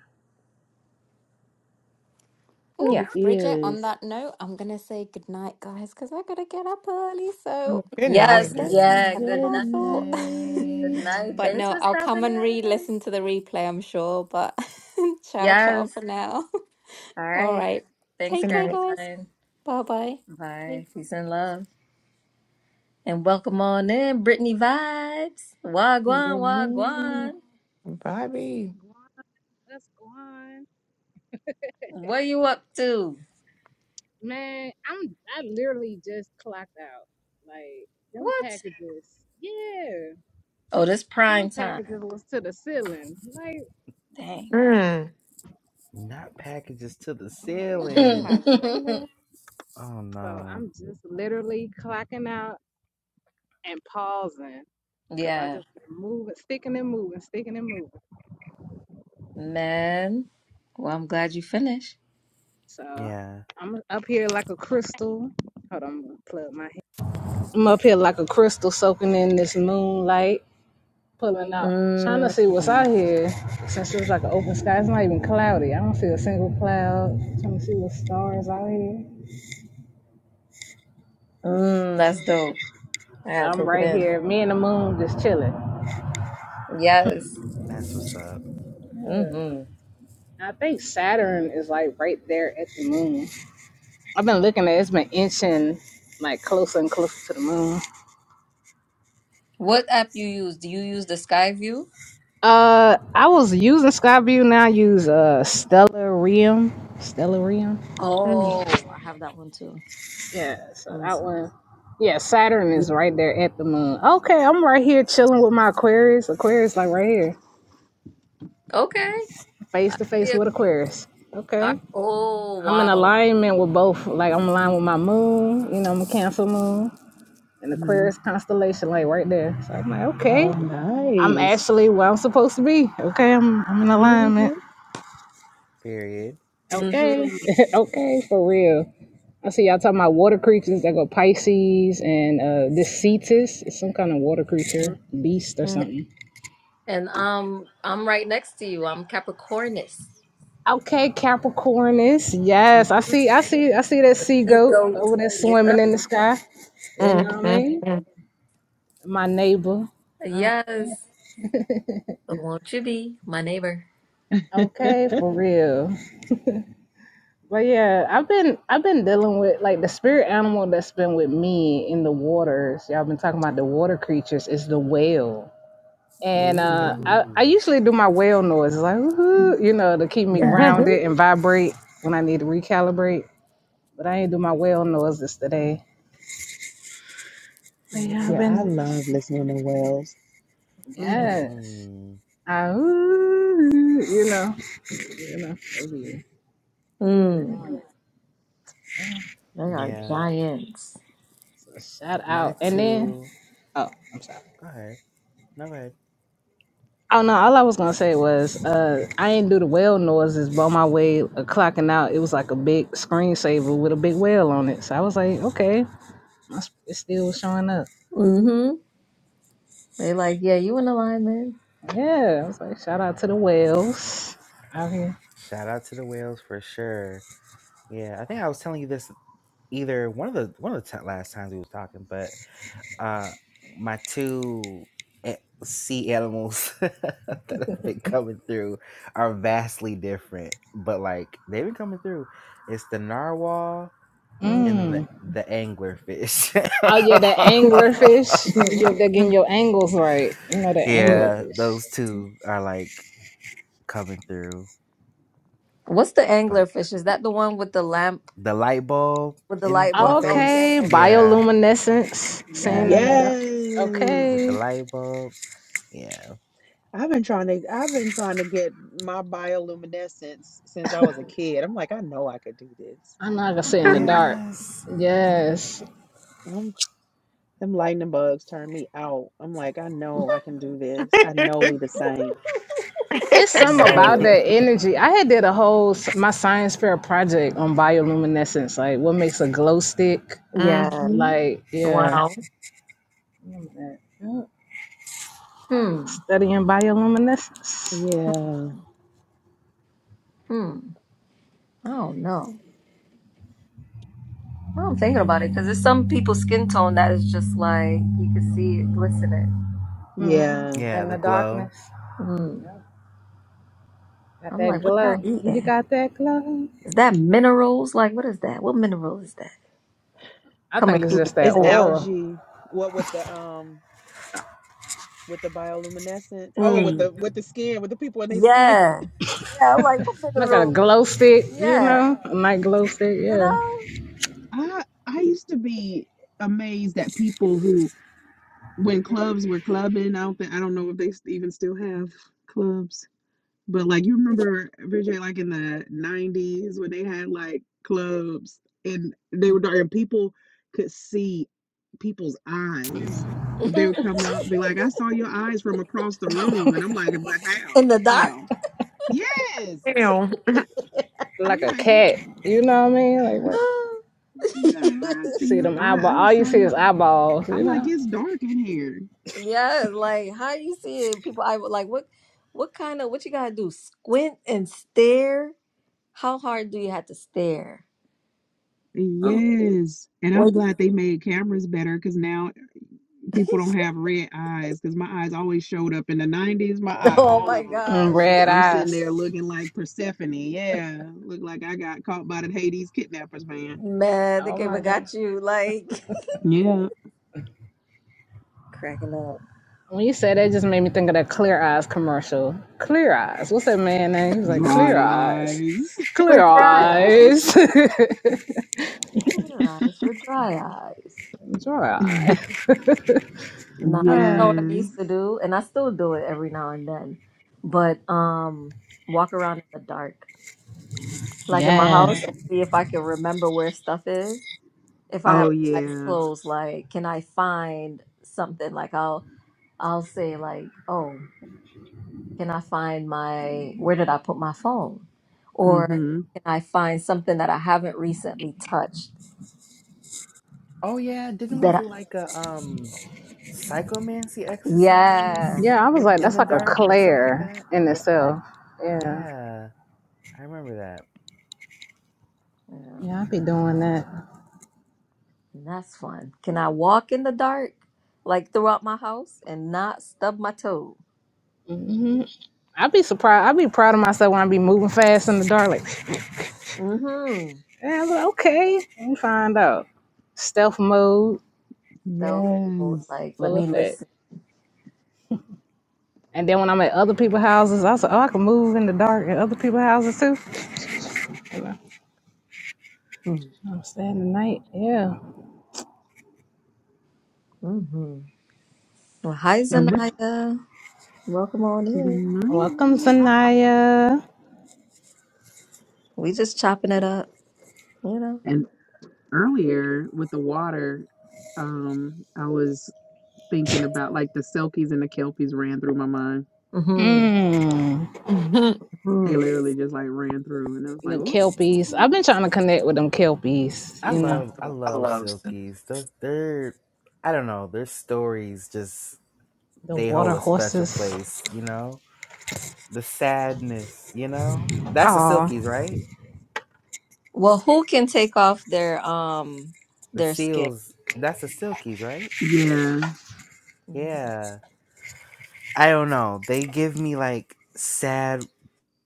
[SPEAKER 4] Oh,
[SPEAKER 1] yeah
[SPEAKER 5] it
[SPEAKER 4] Bridget, on
[SPEAKER 5] is.
[SPEAKER 4] that note, I'm gonna say goodnight, guys, because I gotta get up early. So
[SPEAKER 2] Good
[SPEAKER 4] I've
[SPEAKER 2] night.
[SPEAKER 1] yes
[SPEAKER 3] Good
[SPEAKER 4] stayed
[SPEAKER 5] Oh,
[SPEAKER 1] yeah
[SPEAKER 4] longer than
[SPEAKER 1] good
[SPEAKER 5] good
[SPEAKER 4] I
[SPEAKER 1] night
[SPEAKER 4] thought.
[SPEAKER 1] good
[SPEAKER 5] night.
[SPEAKER 1] night
[SPEAKER 4] But
[SPEAKER 3] night.
[SPEAKER 1] thanks
[SPEAKER 4] no,
[SPEAKER 1] for
[SPEAKER 4] I'll come
[SPEAKER 1] stopping
[SPEAKER 4] and
[SPEAKER 1] in
[SPEAKER 4] re-listen to the replay, I'm sure. But ciao, ciao
[SPEAKER 1] yes
[SPEAKER 4] for now.
[SPEAKER 1] all
[SPEAKER 4] All
[SPEAKER 1] right
[SPEAKER 4] right.
[SPEAKER 1] thanks
[SPEAKER 4] Take
[SPEAKER 2] Good
[SPEAKER 4] care,
[SPEAKER 2] night,
[SPEAKER 4] guys.
[SPEAKER 1] caroline
[SPEAKER 4] Bye-bye. Bye.
[SPEAKER 1] bye peace and love And welcome on in, Brittany Vibes. Wagwan,
[SPEAKER 5] Good
[SPEAKER 1] wagwan.
[SPEAKER 5] night.
[SPEAKER 2] Bobby.
[SPEAKER 6] Guan, that's Guan.
[SPEAKER 1] What you up to?
[SPEAKER 6] Man, I'm I literally just clocked out. Like them
[SPEAKER 1] What?
[SPEAKER 6] packages. Yeah.
[SPEAKER 1] Oh, this
[SPEAKER 6] Them
[SPEAKER 1] prime time.
[SPEAKER 6] packages was to the ceiling. Like,
[SPEAKER 1] Dang.
[SPEAKER 2] Mm,
[SPEAKER 3] Not packages to the
[SPEAKER 6] I'm like, oh
[SPEAKER 3] ceiling.
[SPEAKER 6] my goodness.
[SPEAKER 3] Oh
[SPEAKER 6] So
[SPEAKER 3] no.
[SPEAKER 6] I'm just literally clocking out and pausing. Cause I
[SPEAKER 1] yeah,
[SPEAKER 6] just been moving, sticking and moving, sticking and moving.
[SPEAKER 1] man. Well, I'm glad you finished.
[SPEAKER 6] So
[SPEAKER 3] Yeah,
[SPEAKER 6] I'm up here like a crystal. Hold on, I'm gonna plug my. head. I'm up here like a crystal soaking in this moonlight. pulling out, trying to
[SPEAKER 1] Mm,
[SPEAKER 6] see what's out here since it's like an open sky. It's not even cloudy. I don't see a single cloud. Trying to see what stars out here.
[SPEAKER 1] mm, that's dope. I gotta
[SPEAKER 6] I'm
[SPEAKER 1] take it
[SPEAKER 6] right
[SPEAKER 1] in.
[SPEAKER 6] here, me and the moon just chilling.
[SPEAKER 1] Yes.
[SPEAKER 3] that's what's up.
[SPEAKER 1] Mm-hmm.
[SPEAKER 6] I think Saturn is like right there at the moon. I've been looking at it, it's been inching like closer and closer to the moon.
[SPEAKER 1] What app you use? Do you use the Skyview?
[SPEAKER 6] Uh, I was using Skyview. Now I use uh Stellarium. Stellarium.
[SPEAKER 2] mm,
[SPEAKER 1] Oh, I have that one too.
[SPEAKER 6] Yeah, so
[SPEAKER 1] Let me
[SPEAKER 6] that
[SPEAKER 1] see.
[SPEAKER 6] one. Yeah, Saturn
[SPEAKER 1] Yeah.
[SPEAKER 6] is right there at the moon. Okay, I'm right here chilling with my Aquarius. Aquarius, like right here,
[SPEAKER 1] Okay.
[SPEAKER 6] face
[SPEAKER 1] I
[SPEAKER 6] to
[SPEAKER 1] see
[SPEAKER 6] face
[SPEAKER 1] a-
[SPEAKER 6] with Aquarius.
[SPEAKER 1] I-
[SPEAKER 6] Okay,
[SPEAKER 1] oh,
[SPEAKER 6] I'm in
[SPEAKER 1] wow.
[SPEAKER 6] alignment with both. Like I'm aligned with my moon. You know, I'm a Cancer moon and
[SPEAKER 5] Mm.
[SPEAKER 6] Aquarius constellation, like right there. So I'm like,
[SPEAKER 5] Oh,
[SPEAKER 6] okay, I'm
[SPEAKER 5] nice.
[SPEAKER 6] actually where I'm supposed to be. Okay, I'm I'm in
[SPEAKER 2] mm,
[SPEAKER 6] alignment.
[SPEAKER 2] mm,
[SPEAKER 3] Period.
[SPEAKER 1] Mm-hmm.
[SPEAKER 6] Okay, okay, for real. I see y'all talking about water creatures that go Pisces and uh this Cetus. It's some kind of water creature,
[SPEAKER 1] Mhm.
[SPEAKER 6] beast or
[SPEAKER 2] mm,
[SPEAKER 1] Yeah.
[SPEAKER 6] something.
[SPEAKER 1] And um, I'm right next to you. I'm Capricornus.
[SPEAKER 6] Okay, Capricornus. Yes, I
[SPEAKER 1] Mhm.
[SPEAKER 6] see I see I see that sea
[SPEAKER 1] Sea
[SPEAKER 6] goat
[SPEAKER 1] goat.
[SPEAKER 6] over there swimming
[SPEAKER 1] Yeah.
[SPEAKER 6] in the sky. You
[SPEAKER 2] mm,
[SPEAKER 6] know what I mean?
[SPEAKER 2] mm,
[SPEAKER 6] My neighbor. Oh,
[SPEAKER 1] Yes. So won't you be my neighbor?
[SPEAKER 6] okay, for real. But yeah, I've been I've been dealing with like the spirit animal that's been with me in the waters. Y'all been talking about the water creatures is the whale. And uh, I,
[SPEAKER 5] Ooh.
[SPEAKER 3] Ooh.
[SPEAKER 6] I usually do my whale noise, like, woohoo, you know, to keep me
[SPEAKER 1] Yeah.
[SPEAKER 5] hmm
[SPEAKER 2] mm,
[SPEAKER 6] grounded and vibrate when I need to recalibrate. But I ain't do my whale noises today. But yeah,
[SPEAKER 1] Amen.
[SPEAKER 6] I've
[SPEAKER 5] Yeah, I
[SPEAKER 6] been,
[SPEAKER 5] love listening to whales.
[SPEAKER 1] hmm
[SPEAKER 2] mm,
[SPEAKER 6] yes.
[SPEAKER 3] Mm-hmm.
[SPEAKER 6] I, ooh, you know, you know, they be, they be
[SPEAKER 1] Mm,
[SPEAKER 6] doing it.
[SPEAKER 1] they are
[SPEAKER 3] Yeah.
[SPEAKER 1] giants.
[SPEAKER 6] So shout
[SPEAKER 3] My
[SPEAKER 6] out. And then,
[SPEAKER 3] two.
[SPEAKER 6] oh, I'm sorry.
[SPEAKER 3] Go ahead. No, go ahead.
[SPEAKER 6] Oh no, all I was gonna say was uh I ain't do the whale noises, but on my way uh, clocking out, it was like a big screensaver with a big whale on it. So I was like, okay, my sp- it still was showing up.
[SPEAKER 1] hmm They like, yeah, you in alignment.
[SPEAKER 6] Yeah, I was like, shout out to the whales out here.
[SPEAKER 3] Shout out to the whales for sure. Yeah, I think I was telling you this either one of the one of the t- last times we was talking, but uh, my two a- sea animals that have been coming through are vastly different, but like they've been coming through. It's the narwhal
[SPEAKER 1] Mhm.
[SPEAKER 3] and then the,
[SPEAKER 6] Mm.
[SPEAKER 3] the anglerfish.
[SPEAKER 6] Oh yeah, the anglerfish. You're getting your angles right. You know the
[SPEAKER 3] yeah,
[SPEAKER 6] anglerfish.
[SPEAKER 3] those two are like coming through.
[SPEAKER 1] What's the
[SPEAKER 3] But
[SPEAKER 1] anglerfish? Is that the one with the lamp
[SPEAKER 3] the light bulb
[SPEAKER 1] with the
[SPEAKER 3] in
[SPEAKER 1] light
[SPEAKER 3] in the
[SPEAKER 1] bulb? Okay.
[SPEAKER 6] Okay,
[SPEAKER 3] face, yeah,
[SPEAKER 6] bioluminescence, seeing
[SPEAKER 1] Yes.
[SPEAKER 6] in
[SPEAKER 3] yeah,
[SPEAKER 6] the dark.
[SPEAKER 3] with
[SPEAKER 5] Yes.
[SPEAKER 3] the
[SPEAKER 6] Okay,
[SPEAKER 3] light bulb, yeah,
[SPEAKER 5] I've been trying to I've been trying to get my bioluminescence since I was a kid. I'm like, I know I could do this.
[SPEAKER 6] I'm not gonna see in the
[SPEAKER 1] Mm.
[SPEAKER 6] dark.
[SPEAKER 3] yes,
[SPEAKER 6] Yes,
[SPEAKER 5] I'm, them lightning bugs turn me out. I'm like, I know I can do this. I know we the same.
[SPEAKER 6] it's
[SPEAKER 5] I
[SPEAKER 6] some
[SPEAKER 2] mm.
[SPEAKER 5] know
[SPEAKER 6] about
[SPEAKER 5] it.
[SPEAKER 6] that energy. I had did a whole s- my science fair project on bioluminescence, like what makes a glow stick.
[SPEAKER 1] Yeah.
[SPEAKER 2] Mhm.
[SPEAKER 6] Like yeah,
[SPEAKER 2] Wow.
[SPEAKER 6] Yep.
[SPEAKER 1] Hmm.
[SPEAKER 6] studying bioluminescence.
[SPEAKER 1] Hmm.
[SPEAKER 5] Yeah.
[SPEAKER 1] Hmm. I don't know. Now I'm thinking about it because there's some people's skin tone that is just like you can see it glistening.
[SPEAKER 6] hmm
[SPEAKER 5] Yeah.
[SPEAKER 3] yeah,
[SPEAKER 6] And
[SPEAKER 3] the
[SPEAKER 6] the
[SPEAKER 3] glow.
[SPEAKER 6] darkness,
[SPEAKER 1] Mm.
[SPEAKER 6] got
[SPEAKER 1] I'm
[SPEAKER 6] that
[SPEAKER 1] like, what y'all
[SPEAKER 6] glow. You
[SPEAKER 1] eating?
[SPEAKER 6] got that glow.
[SPEAKER 1] Is that minerals? Like, what is that? What mineral is that
[SPEAKER 6] I
[SPEAKER 1] coming
[SPEAKER 6] think it's
[SPEAKER 1] through the
[SPEAKER 6] just that
[SPEAKER 5] It's
[SPEAKER 1] pore?
[SPEAKER 6] aura.
[SPEAKER 5] algae. What with the um with the bioluminescence? Oh, with
[SPEAKER 1] Mm.
[SPEAKER 5] the with the skin, with the people in their skin.
[SPEAKER 1] Yeah, yeah. I'm like, what
[SPEAKER 6] Like a
[SPEAKER 1] mineral?
[SPEAKER 6] glow stick, you
[SPEAKER 1] Yeah,
[SPEAKER 6] know? A night glow stick,
[SPEAKER 1] you
[SPEAKER 6] yeah.
[SPEAKER 1] know.
[SPEAKER 5] I I used to be amazed at people who, when clubs were clubbing, I don't think I don't know if they s- even still have clubs. But like you remember Vijay, like in the nineties when they had like clubs and they were dark and people could see people's eyes. They would come up, be like, I saw your eyes from across the room. And I'm like, but how?
[SPEAKER 1] In the dark.
[SPEAKER 5] How? Yes.
[SPEAKER 2] Ew.
[SPEAKER 5] I'm
[SPEAKER 6] Like a
[SPEAKER 5] like,
[SPEAKER 6] cat, you know what I mean? Like what?
[SPEAKER 5] girl, I see
[SPEAKER 6] See
[SPEAKER 5] your
[SPEAKER 6] them
[SPEAKER 5] eye.
[SPEAKER 6] eyeball.
[SPEAKER 5] I
[SPEAKER 6] All you
[SPEAKER 5] saw
[SPEAKER 6] see
[SPEAKER 5] your
[SPEAKER 6] is
[SPEAKER 5] eye."
[SPEAKER 6] eyeballs, you
[SPEAKER 5] I'm like,
[SPEAKER 6] know?
[SPEAKER 5] it's dark in here.
[SPEAKER 1] Yeah, like how you see it, people. I would like what, what kind of what you gotta do? Squint and stare. How hard do you have to stare? Oh,
[SPEAKER 5] Yes. And I'm
[SPEAKER 1] wait!
[SPEAKER 5] glad they made cameras better because now people don't have red eyes because my eyes always showed up in the 90s. My eye,
[SPEAKER 1] oh
[SPEAKER 5] all
[SPEAKER 1] my
[SPEAKER 5] of them
[SPEAKER 6] And
[SPEAKER 1] gosh,
[SPEAKER 6] red
[SPEAKER 5] I'm sitting there
[SPEAKER 6] eyes.
[SPEAKER 5] looking like Persephone. Yeah, look like I got caught by the Hades kidnappers, man.
[SPEAKER 1] man, they
[SPEAKER 6] Oh
[SPEAKER 1] came
[SPEAKER 6] my
[SPEAKER 1] and
[SPEAKER 6] God.
[SPEAKER 1] got you like
[SPEAKER 5] Yeah,
[SPEAKER 1] cracking up.
[SPEAKER 6] When you said that, it just made me think of that Clear Eyes commercial. Clear Eyes. What's that man name? He was like, Clear
[SPEAKER 5] dry
[SPEAKER 6] Eyes.
[SPEAKER 5] eyes.
[SPEAKER 1] for
[SPEAKER 6] Clear
[SPEAKER 1] dry eyes.
[SPEAKER 6] Eyes.
[SPEAKER 1] Clear eyes for dry eyes.
[SPEAKER 6] Enjoy eyes.
[SPEAKER 1] Nah, you
[SPEAKER 6] Uh,
[SPEAKER 1] know what I used
[SPEAKER 5] yes.
[SPEAKER 1] to do, and I still do it every now and then, but um, walk around in the dark, like in my house,
[SPEAKER 6] yes.
[SPEAKER 1] and see if I can remember where stuff is. if I have
[SPEAKER 5] Oh
[SPEAKER 1] my eyes
[SPEAKER 5] yeah.
[SPEAKER 1] closed, like can I find something? Like I'll I'll say like, oh, can I find my where did I put my phone?
[SPEAKER 5] mm
[SPEAKER 1] Or
[SPEAKER 5] Mhm.
[SPEAKER 1] can I find something that I haven't recently touched?
[SPEAKER 3] Oh yeah, didn't we
[SPEAKER 1] That I,
[SPEAKER 3] do like a um psychomancy
[SPEAKER 1] yeah,
[SPEAKER 3] exercise
[SPEAKER 6] Yeah, I was
[SPEAKER 3] with
[SPEAKER 6] like,
[SPEAKER 3] in
[SPEAKER 6] that's
[SPEAKER 3] the
[SPEAKER 6] like a
[SPEAKER 3] dark or something like
[SPEAKER 6] Claire
[SPEAKER 3] that?
[SPEAKER 6] in
[SPEAKER 1] yeah,
[SPEAKER 6] itself. Yeah.
[SPEAKER 3] Yeah, I remember that.
[SPEAKER 1] yeah.
[SPEAKER 6] Yeah, I be doing that.
[SPEAKER 1] And that's fun. Can I walk in the dark, like throughout my house, and not stub my toe?
[SPEAKER 6] hmm I be surprised. I be proud of myself when I be moving fast in the dark. Like,
[SPEAKER 1] Mm-hmm.
[SPEAKER 6] and I was like, okay, let me find out. Stealth mode,
[SPEAKER 1] Stealth mode.
[SPEAKER 5] Yes.
[SPEAKER 1] Like, let
[SPEAKER 6] full
[SPEAKER 1] me
[SPEAKER 6] effect.
[SPEAKER 1] listen.
[SPEAKER 6] And then when I'm at other people's houses, I was like, oh, I can move in the dark at other people's houses too. You know,
[SPEAKER 1] Mm-hmm.
[SPEAKER 6] I'm staying the night. Yeah.
[SPEAKER 1] Mm-hmm. Well, hi,
[SPEAKER 5] And with
[SPEAKER 1] Zanaya. Welcome on
[SPEAKER 5] the
[SPEAKER 1] in.
[SPEAKER 6] Welcome,
[SPEAKER 5] night
[SPEAKER 6] Sanaya.
[SPEAKER 1] We just chopping it up, you know.
[SPEAKER 5] and earlier with the water, um, I was thinking about like the selkies and the kelpies ran through my mind.
[SPEAKER 1] hmm
[SPEAKER 6] Mmm.
[SPEAKER 2] Mhm. Mhm.
[SPEAKER 5] They
[SPEAKER 1] hmm
[SPEAKER 5] literally just like ran through, and I was
[SPEAKER 6] The
[SPEAKER 5] like, oh.
[SPEAKER 6] kelpies. I've been trying to connect with them kelpies,
[SPEAKER 3] I
[SPEAKER 6] you know,
[SPEAKER 3] love I love Silkies. They're, they're I don't know, their stories just
[SPEAKER 6] the
[SPEAKER 3] they
[SPEAKER 6] water
[SPEAKER 3] hold a special
[SPEAKER 6] horses.
[SPEAKER 3] place, you know? The sadness, you know? That's the
[SPEAKER 6] Oh,
[SPEAKER 3] Silkies, right?
[SPEAKER 1] Well, who can take off their um
[SPEAKER 3] The
[SPEAKER 1] their skin?
[SPEAKER 3] Seals, that's the Silkies, right?
[SPEAKER 5] Yeah.
[SPEAKER 3] Yeah. I don't know. They give me like sad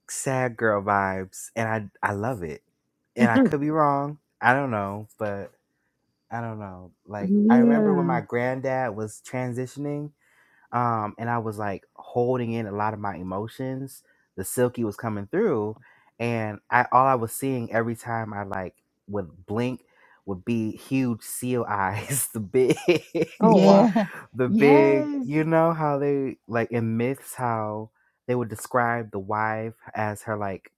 [SPEAKER 3] sad girl vibes and I I love it. And I could be wrong. I don't know, but I don't know. Like I remember when
[SPEAKER 5] Yeah.
[SPEAKER 3] my granddad was transitioning um, and I was like holding in a lot of my emotions. The silky was coming through, and I all I was seeing every time I like would blink would be huge seal eyes, the
[SPEAKER 2] oh
[SPEAKER 3] big,
[SPEAKER 2] wow.
[SPEAKER 5] Yeah.
[SPEAKER 3] the big.
[SPEAKER 5] Yes.
[SPEAKER 3] You know how they like in myths how they would describe the wife as her like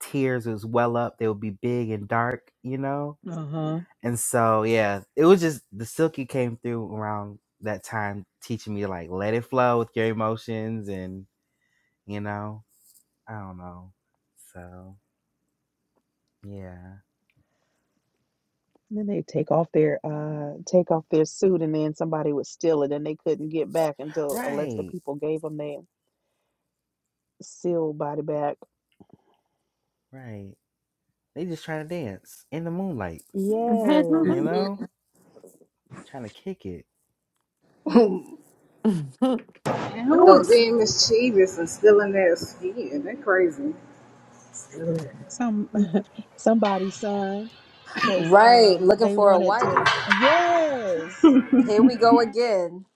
[SPEAKER 3] tears was well up. They would be big and dark. You know
[SPEAKER 5] Uh-huh.
[SPEAKER 3] and so yeah, it was just the silky came through around that time, teaching me to like let it flow with your emotions, and you know, I don't know. So yeah,
[SPEAKER 5] Then they take off their uh take off their suit and then somebody would steal it and they couldn't get back until unless the
[SPEAKER 3] right,
[SPEAKER 5] people gave them their sealed body back.
[SPEAKER 3] right. They just trying to dance in the moonlight,
[SPEAKER 5] Yes.
[SPEAKER 3] you
[SPEAKER 2] Mhm.
[SPEAKER 1] Mhm.
[SPEAKER 3] know, trying to kick it.
[SPEAKER 2] Mhm. Who
[SPEAKER 6] And who was
[SPEAKER 2] was-
[SPEAKER 6] being mischievous and stealing their skin? That crazy.
[SPEAKER 5] Some Somebody's son. Cause
[SPEAKER 1] Right,
[SPEAKER 5] um
[SPEAKER 1] looking
[SPEAKER 5] they
[SPEAKER 1] for a
[SPEAKER 5] wanted to
[SPEAKER 1] wife.
[SPEAKER 5] yes.
[SPEAKER 1] Here we go again.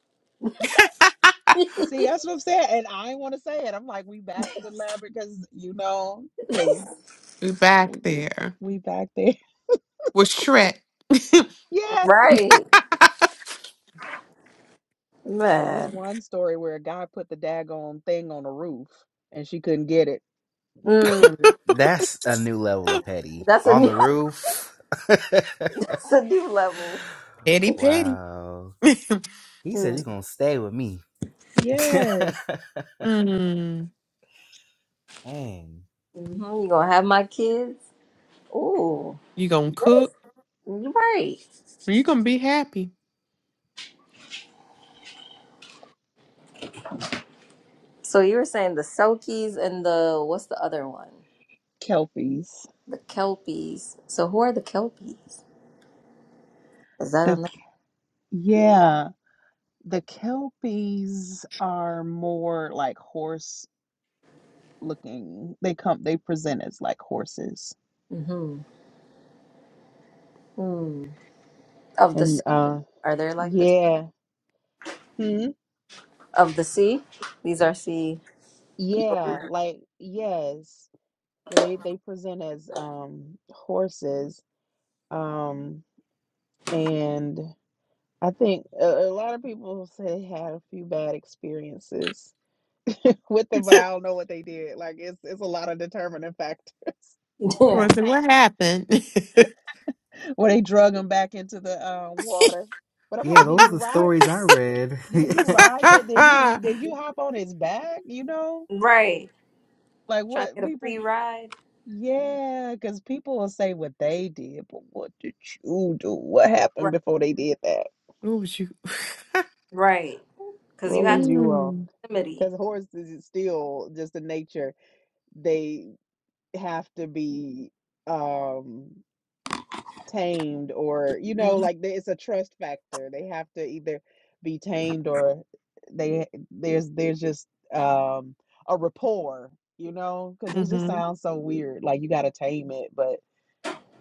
[SPEAKER 5] See, that's what I'm saying. And I want to say it. I'm like, we back to the lab because you know, because
[SPEAKER 2] We
[SPEAKER 5] we
[SPEAKER 2] back there
[SPEAKER 5] we back there.
[SPEAKER 2] with Shrek.
[SPEAKER 5] Yes.
[SPEAKER 1] Right,
[SPEAKER 5] Because it's
[SPEAKER 1] man.
[SPEAKER 5] one story where a guy put the daggone thing on a roof and she couldn't get it.
[SPEAKER 1] Mm,
[SPEAKER 3] That's a new level of petty
[SPEAKER 1] that's a
[SPEAKER 3] on the
[SPEAKER 1] new,
[SPEAKER 3] roof.
[SPEAKER 1] that's a new level.
[SPEAKER 2] Petty, petty.
[SPEAKER 3] wow, he said
[SPEAKER 1] Mm,
[SPEAKER 3] you're gonna stay with me.
[SPEAKER 5] Yes,
[SPEAKER 2] Mm.
[SPEAKER 3] Dang.
[SPEAKER 1] hmm You gonna have my kids? Ooh,
[SPEAKER 2] You gonna cook?
[SPEAKER 1] yes, you're right.
[SPEAKER 2] You're gonna be happy.
[SPEAKER 1] So you were saying the Selkies and the what's the other one?
[SPEAKER 5] kelpies.
[SPEAKER 1] The Kelpies. So who are the Kelpies? Is that
[SPEAKER 5] The k-
[SPEAKER 1] a?
[SPEAKER 5] yeah, the kelpies are more like horse looking. They come they present as like horses.
[SPEAKER 1] hmm Hmm. Of the
[SPEAKER 5] And
[SPEAKER 1] sea?
[SPEAKER 5] uh
[SPEAKER 1] Are there like this?
[SPEAKER 5] yeah. Hmm?
[SPEAKER 1] Of the sea? These are sea people.
[SPEAKER 5] Yeah, like yes. But they they present as um horses. Um and I think a, a lot of people say they had a few bad experiences with them, but I don't know what they did. Like it's it's a lot of determining factors
[SPEAKER 1] Yeah.
[SPEAKER 2] I said, what happened?
[SPEAKER 5] where they drug them back into the uh, water. But I'm
[SPEAKER 3] Yeah,
[SPEAKER 5] like, did
[SPEAKER 3] those
[SPEAKER 5] you
[SPEAKER 3] are the
[SPEAKER 5] ride?
[SPEAKER 3] stories I read.
[SPEAKER 5] Did you ride that? Did you did you hop on his back? You know,
[SPEAKER 1] Right.
[SPEAKER 5] like
[SPEAKER 1] Trying to
[SPEAKER 5] what
[SPEAKER 1] get a
[SPEAKER 5] people?
[SPEAKER 1] free ride.
[SPEAKER 5] Yeah, because people will say what they did, but what did you do? What happened
[SPEAKER 1] Right.
[SPEAKER 5] before they did that?
[SPEAKER 2] what was you?
[SPEAKER 1] Right. Because you
[SPEAKER 5] What
[SPEAKER 1] have
[SPEAKER 5] was
[SPEAKER 1] to be
[SPEAKER 5] you on?
[SPEAKER 2] mm.
[SPEAKER 1] somebody.
[SPEAKER 5] Because horses is still just the nature. They have to be um tamed or you know
[SPEAKER 1] Hmm.
[SPEAKER 5] like there- it's a trust factor they have to either be tamed or they there's there's just um a rapport you know because it just
[SPEAKER 2] hmm
[SPEAKER 5] sounds so weird like you got to tame it but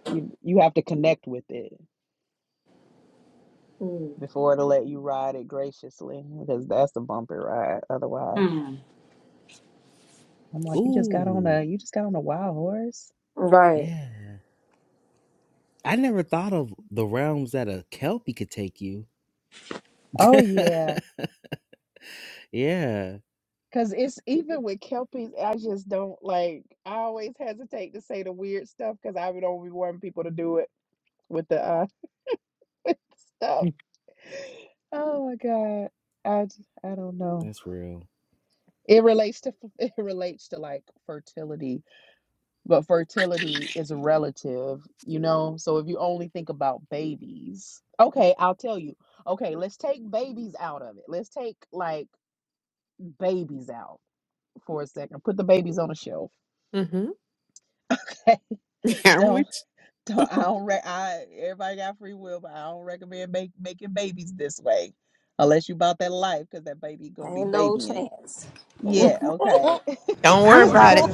[SPEAKER 5] you you have to connect with it before it'll let you ride it graciously because that's a bumper ride otherwise
[SPEAKER 1] Hmm.
[SPEAKER 5] i'm like you just got on
[SPEAKER 3] Ooh,
[SPEAKER 5] a you just got on a wild horse
[SPEAKER 1] Right.
[SPEAKER 3] yeah. I never thought of the realms that a Kelpie could take you.
[SPEAKER 5] oh yeah.
[SPEAKER 3] yeah,
[SPEAKER 5] Cause it's even with Kelpies, I just don't like. I always hesitate to say the weird stuff because I would only want people to do it with the uh with the stuff. Oh my God, I j- I don't know.
[SPEAKER 3] that's real.
[SPEAKER 5] It relates to f- it relates to like fertility, but fertility is relative, you know. So if you only think about babies, okay, I'll tell you. Okay, let's take babies out of it. Let's take like babies out for a second. Put the babies on a shelf.
[SPEAKER 2] Mm-hmm. I'm
[SPEAKER 5] Don't.
[SPEAKER 2] with you.
[SPEAKER 5] So I don't re- I everybody got free will, but I don't recommend make, making babies this way unless you bought that life because that baby gonna be
[SPEAKER 1] Ain't no
[SPEAKER 5] babying.
[SPEAKER 1] chance.
[SPEAKER 5] Yeah, okay.
[SPEAKER 2] Don't worry
[SPEAKER 5] Put,
[SPEAKER 2] about
[SPEAKER 6] I'm
[SPEAKER 2] it.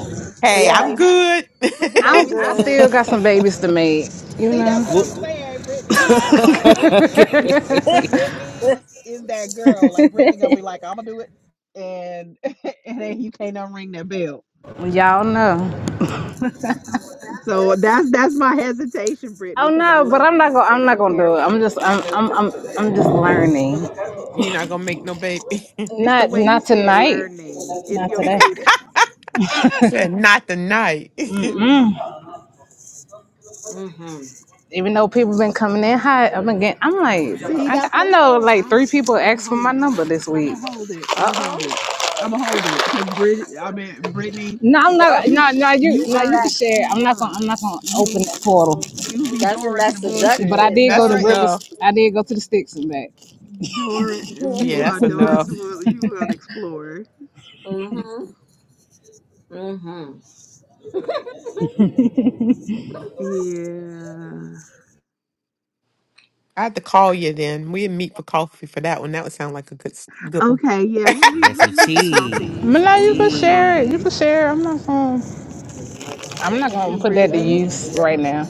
[SPEAKER 5] put
[SPEAKER 2] Hey,
[SPEAKER 5] the
[SPEAKER 2] I'm
[SPEAKER 1] yeah,
[SPEAKER 5] baby,
[SPEAKER 2] good.
[SPEAKER 5] put the
[SPEAKER 1] I'm
[SPEAKER 6] I'm
[SPEAKER 5] babies
[SPEAKER 6] I
[SPEAKER 5] on the.
[SPEAKER 1] good.
[SPEAKER 5] Sh-
[SPEAKER 6] still got some babies to make, you
[SPEAKER 5] See, that's
[SPEAKER 6] know.
[SPEAKER 5] what
[SPEAKER 3] well,
[SPEAKER 5] I'm saying, Brittany. Because I'm like Brittany.
[SPEAKER 3] okay.
[SPEAKER 5] Brittany is that girl. Like Brittany gonna be like, I'm gonna do it, and and then you can't unring that bell.
[SPEAKER 6] Well, Y'all know.
[SPEAKER 5] So that's that's my hesitation, Brittany,
[SPEAKER 6] Oh
[SPEAKER 5] because I
[SPEAKER 6] no, but
[SPEAKER 5] love
[SPEAKER 6] I'm not
[SPEAKER 5] you
[SPEAKER 6] gonna I'm
[SPEAKER 5] and
[SPEAKER 6] not
[SPEAKER 5] I
[SPEAKER 6] gonna
[SPEAKER 5] care
[SPEAKER 6] do it.
[SPEAKER 5] about
[SPEAKER 6] I'm
[SPEAKER 5] you.
[SPEAKER 6] just I'm I'm I'm I'm just learning.
[SPEAKER 2] You're not gonna make no baby.
[SPEAKER 5] It's the
[SPEAKER 6] Not
[SPEAKER 5] way you
[SPEAKER 6] not
[SPEAKER 5] said
[SPEAKER 6] tonight.
[SPEAKER 5] learning. It's
[SPEAKER 6] Not
[SPEAKER 5] your
[SPEAKER 6] today.
[SPEAKER 5] cadence.
[SPEAKER 2] Said not tonight.
[SPEAKER 1] Mm. Mm-hmm.
[SPEAKER 6] Even though people been coming in hot, I'm again. I'm like,
[SPEAKER 5] See,
[SPEAKER 6] I,
[SPEAKER 5] that's what
[SPEAKER 6] I
[SPEAKER 5] I'm
[SPEAKER 6] know
[SPEAKER 5] saying.
[SPEAKER 6] like three
[SPEAKER 5] I'm
[SPEAKER 6] people
[SPEAKER 5] I'm
[SPEAKER 6] asked
[SPEAKER 5] gonna
[SPEAKER 6] for my
[SPEAKER 5] hold it.
[SPEAKER 6] number this
[SPEAKER 5] I'm
[SPEAKER 6] week.
[SPEAKER 5] gonna hold it. I'm
[SPEAKER 1] uh
[SPEAKER 5] gonna hold
[SPEAKER 1] oh.
[SPEAKER 5] it. I'm gonna hold it because Brit. I mean, Brittany,
[SPEAKER 6] No, I'm not.
[SPEAKER 1] Yep.
[SPEAKER 5] you
[SPEAKER 6] No, no, you,
[SPEAKER 5] you
[SPEAKER 6] no,
[SPEAKER 1] Isn't
[SPEAKER 5] are
[SPEAKER 6] you
[SPEAKER 5] an
[SPEAKER 6] can
[SPEAKER 1] that?
[SPEAKER 6] share. I'm not gonna. I'm
[SPEAKER 5] explorer.
[SPEAKER 6] not gonna open the
[SPEAKER 5] You
[SPEAKER 6] portal.
[SPEAKER 5] you be
[SPEAKER 1] That's in
[SPEAKER 5] Dora to
[SPEAKER 1] that
[SPEAKER 5] the
[SPEAKER 6] But I
[SPEAKER 1] seduction.
[SPEAKER 5] bullshit.
[SPEAKER 6] did go
[SPEAKER 2] that's
[SPEAKER 6] to
[SPEAKER 5] Dora is
[SPEAKER 2] enough.
[SPEAKER 6] Rivers. I did go to the sticks and back.
[SPEAKER 5] Dora.
[SPEAKER 2] Yeah,
[SPEAKER 5] You are
[SPEAKER 2] that's
[SPEAKER 5] Dora to the
[SPEAKER 2] enough.
[SPEAKER 5] bullshit. You are an explorer.
[SPEAKER 1] mm-hmm. Mm-hmm.
[SPEAKER 5] Yeah.
[SPEAKER 2] I had to call you then. We'd meet for coffee for that one. That would sound like a good s- good one.
[SPEAKER 5] Okay. Yeah. We'll meet.
[SPEAKER 3] Yeah,
[SPEAKER 5] We'll
[SPEAKER 3] some
[SPEAKER 5] meet for
[SPEAKER 3] tea.
[SPEAKER 6] But
[SPEAKER 5] coffee.
[SPEAKER 6] no,
[SPEAKER 3] Some
[SPEAKER 5] We'll
[SPEAKER 6] you can
[SPEAKER 5] meet for
[SPEAKER 6] share it. You
[SPEAKER 5] coffee.
[SPEAKER 6] can
[SPEAKER 3] tea.
[SPEAKER 6] share. I'm not going. I'm not going
[SPEAKER 5] Uh,
[SPEAKER 6] to put that to
[SPEAKER 5] Brittany.
[SPEAKER 6] use right now.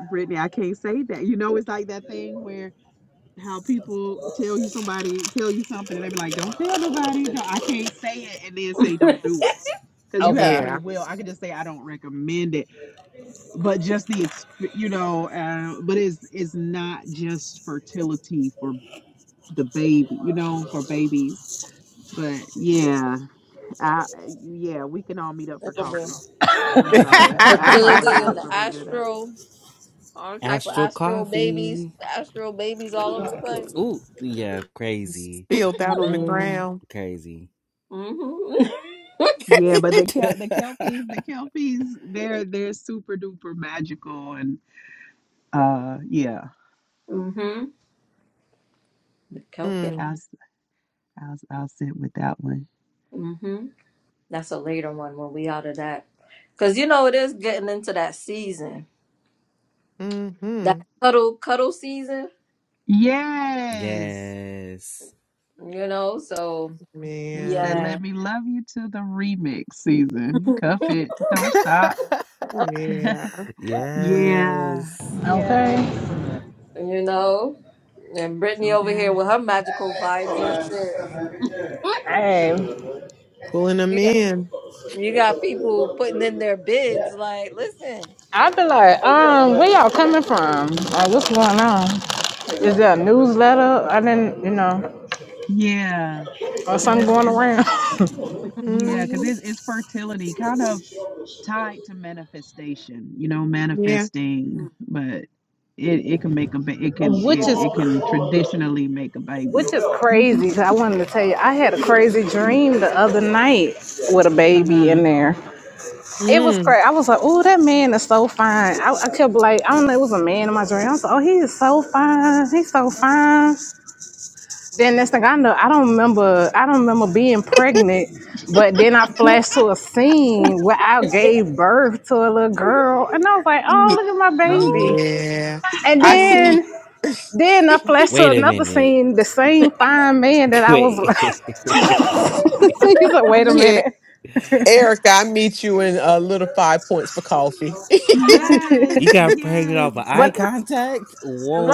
[SPEAKER 5] Brittany, I can't say that. You know, it's like that thing where how people tell you somebody tell you something and they be like, "Don't tell nobody." No, I can't say it and then say don't do it because you have
[SPEAKER 6] Okay.
[SPEAKER 2] yeah.
[SPEAKER 5] free will. I could just say I don't recommend it, but just the you know, uh, but it's it's not just fertility for the baby, you know, for babies. But yeah, I yeah, we can all meet up for
[SPEAKER 1] Look at me.
[SPEAKER 5] coffee. I'm sorry, I
[SPEAKER 1] Fertility in
[SPEAKER 5] apologize
[SPEAKER 1] the
[SPEAKER 5] for bringing it up.
[SPEAKER 1] astral. all type of
[SPEAKER 3] Astral
[SPEAKER 1] astral babies,
[SPEAKER 3] coffee.
[SPEAKER 1] astral babies all over the place.
[SPEAKER 3] Ooh, yeah, crazy.
[SPEAKER 2] Spilled out on the
[SPEAKER 5] Yeah,
[SPEAKER 2] ground.
[SPEAKER 3] Crazy.
[SPEAKER 1] Mm-hmm.
[SPEAKER 5] Yeah, but the Kel the Kelpies, the Kelpies, they're they're super duper magical and uh yeah,
[SPEAKER 1] mm-hmm. The Celtic.
[SPEAKER 2] Mm,
[SPEAKER 5] I'll s- I'll s- I'll sit with that one.
[SPEAKER 1] Mm-hmm. That's a later one when we out of that. Cause you know it is getting into that season.
[SPEAKER 2] mm-hmm.
[SPEAKER 1] That cuddle cuddle season,
[SPEAKER 5] Yes.
[SPEAKER 3] yes.
[SPEAKER 1] you know, so
[SPEAKER 5] This that
[SPEAKER 2] Man.
[SPEAKER 1] yeah.
[SPEAKER 5] let me love you to the remix season. Cuff it, don't stop.
[SPEAKER 2] Yeah.
[SPEAKER 5] Yeah,
[SPEAKER 3] yes.
[SPEAKER 5] yeah.
[SPEAKER 6] Okay.
[SPEAKER 1] You know? And Brittany
[SPEAKER 5] So
[SPEAKER 1] over here
[SPEAKER 5] that
[SPEAKER 1] with her magical vibes and shit.
[SPEAKER 6] Hey,
[SPEAKER 2] Pulling them
[SPEAKER 1] You got
[SPEAKER 2] in.
[SPEAKER 1] you got people putting in their bids like, listen.
[SPEAKER 6] i be like, um, where y'all coming from? Like, what's going on? Is there a newsletter? I didn't, you know,
[SPEAKER 5] yeah,
[SPEAKER 6] or
[SPEAKER 5] because
[SPEAKER 6] something
[SPEAKER 5] it's
[SPEAKER 6] going
[SPEAKER 5] it's
[SPEAKER 6] around.
[SPEAKER 5] yeah, because
[SPEAKER 2] hmm
[SPEAKER 5] it's it's fertility kind of tied to manifestation you know
[SPEAKER 2] Yeah.
[SPEAKER 5] manifesting
[SPEAKER 1] Mm,
[SPEAKER 5] but it, it can make a ba- it can
[SPEAKER 6] which
[SPEAKER 5] it,
[SPEAKER 6] is
[SPEAKER 5] it can traditionally make a baby
[SPEAKER 6] which is
[SPEAKER 1] mm,
[SPEAKER 6] crazy.
[SPEAKER 5] Mhm.
[SPEAKER 6] 'cause I wanted to tell you, I had a crazy dream the other night with a baby
[SPEAKER 5] uh-huh
[SPEAKER 6] in there. It was
[SPEAKER 2] Mm.
[SPEAKER 6] crazy. I was like, "Oh, that man is so fine." I, I kept like, I don't know, it was a man in my dream. I was like, "Oh, he is so fine. He's so fine." Then next thing I know, I don't remember. I don't remember being pregnant, but then I flashed to a scene where I gave birth to a little girl, and I was like, "Oh,
[SPEAKER 2] Ye-
[SPEAKER 6] look at my
[SPEAKER 1] No.
[SPEAKER 6] baby."
[SPEAKER 2] Yeah.
[SPEAKER 6] And
[SPEAKER 2] I
[SPEAKER 1] Mm,
[SPEAKER 2] see.
[SPEAKER 6] then, then I flashed to
[SPEAKER 3] Wait a
[SPEAKER 6] another
[SPEAKER 3] minute.
[SPEAKER 6] scene, the same fine man that I was.
[SPEAKER 3] Wait, wait, wait.
[SPEAKER 6] He's like, "Wait a
[SPEAKER 2] yeah.
[SPEAKER 6] minute,"
[SPEAKER 2] Erica, I meet you in a little five points for coffee.
[SPEAKER 3] You
[SPEAKER 5] yes
[SPEAKER 3] got pregnant
[SPEAKER 5] yes
[SPEAKER 3] off of eye
[SPEAKER 6] but
[SPEAKER 3] contact?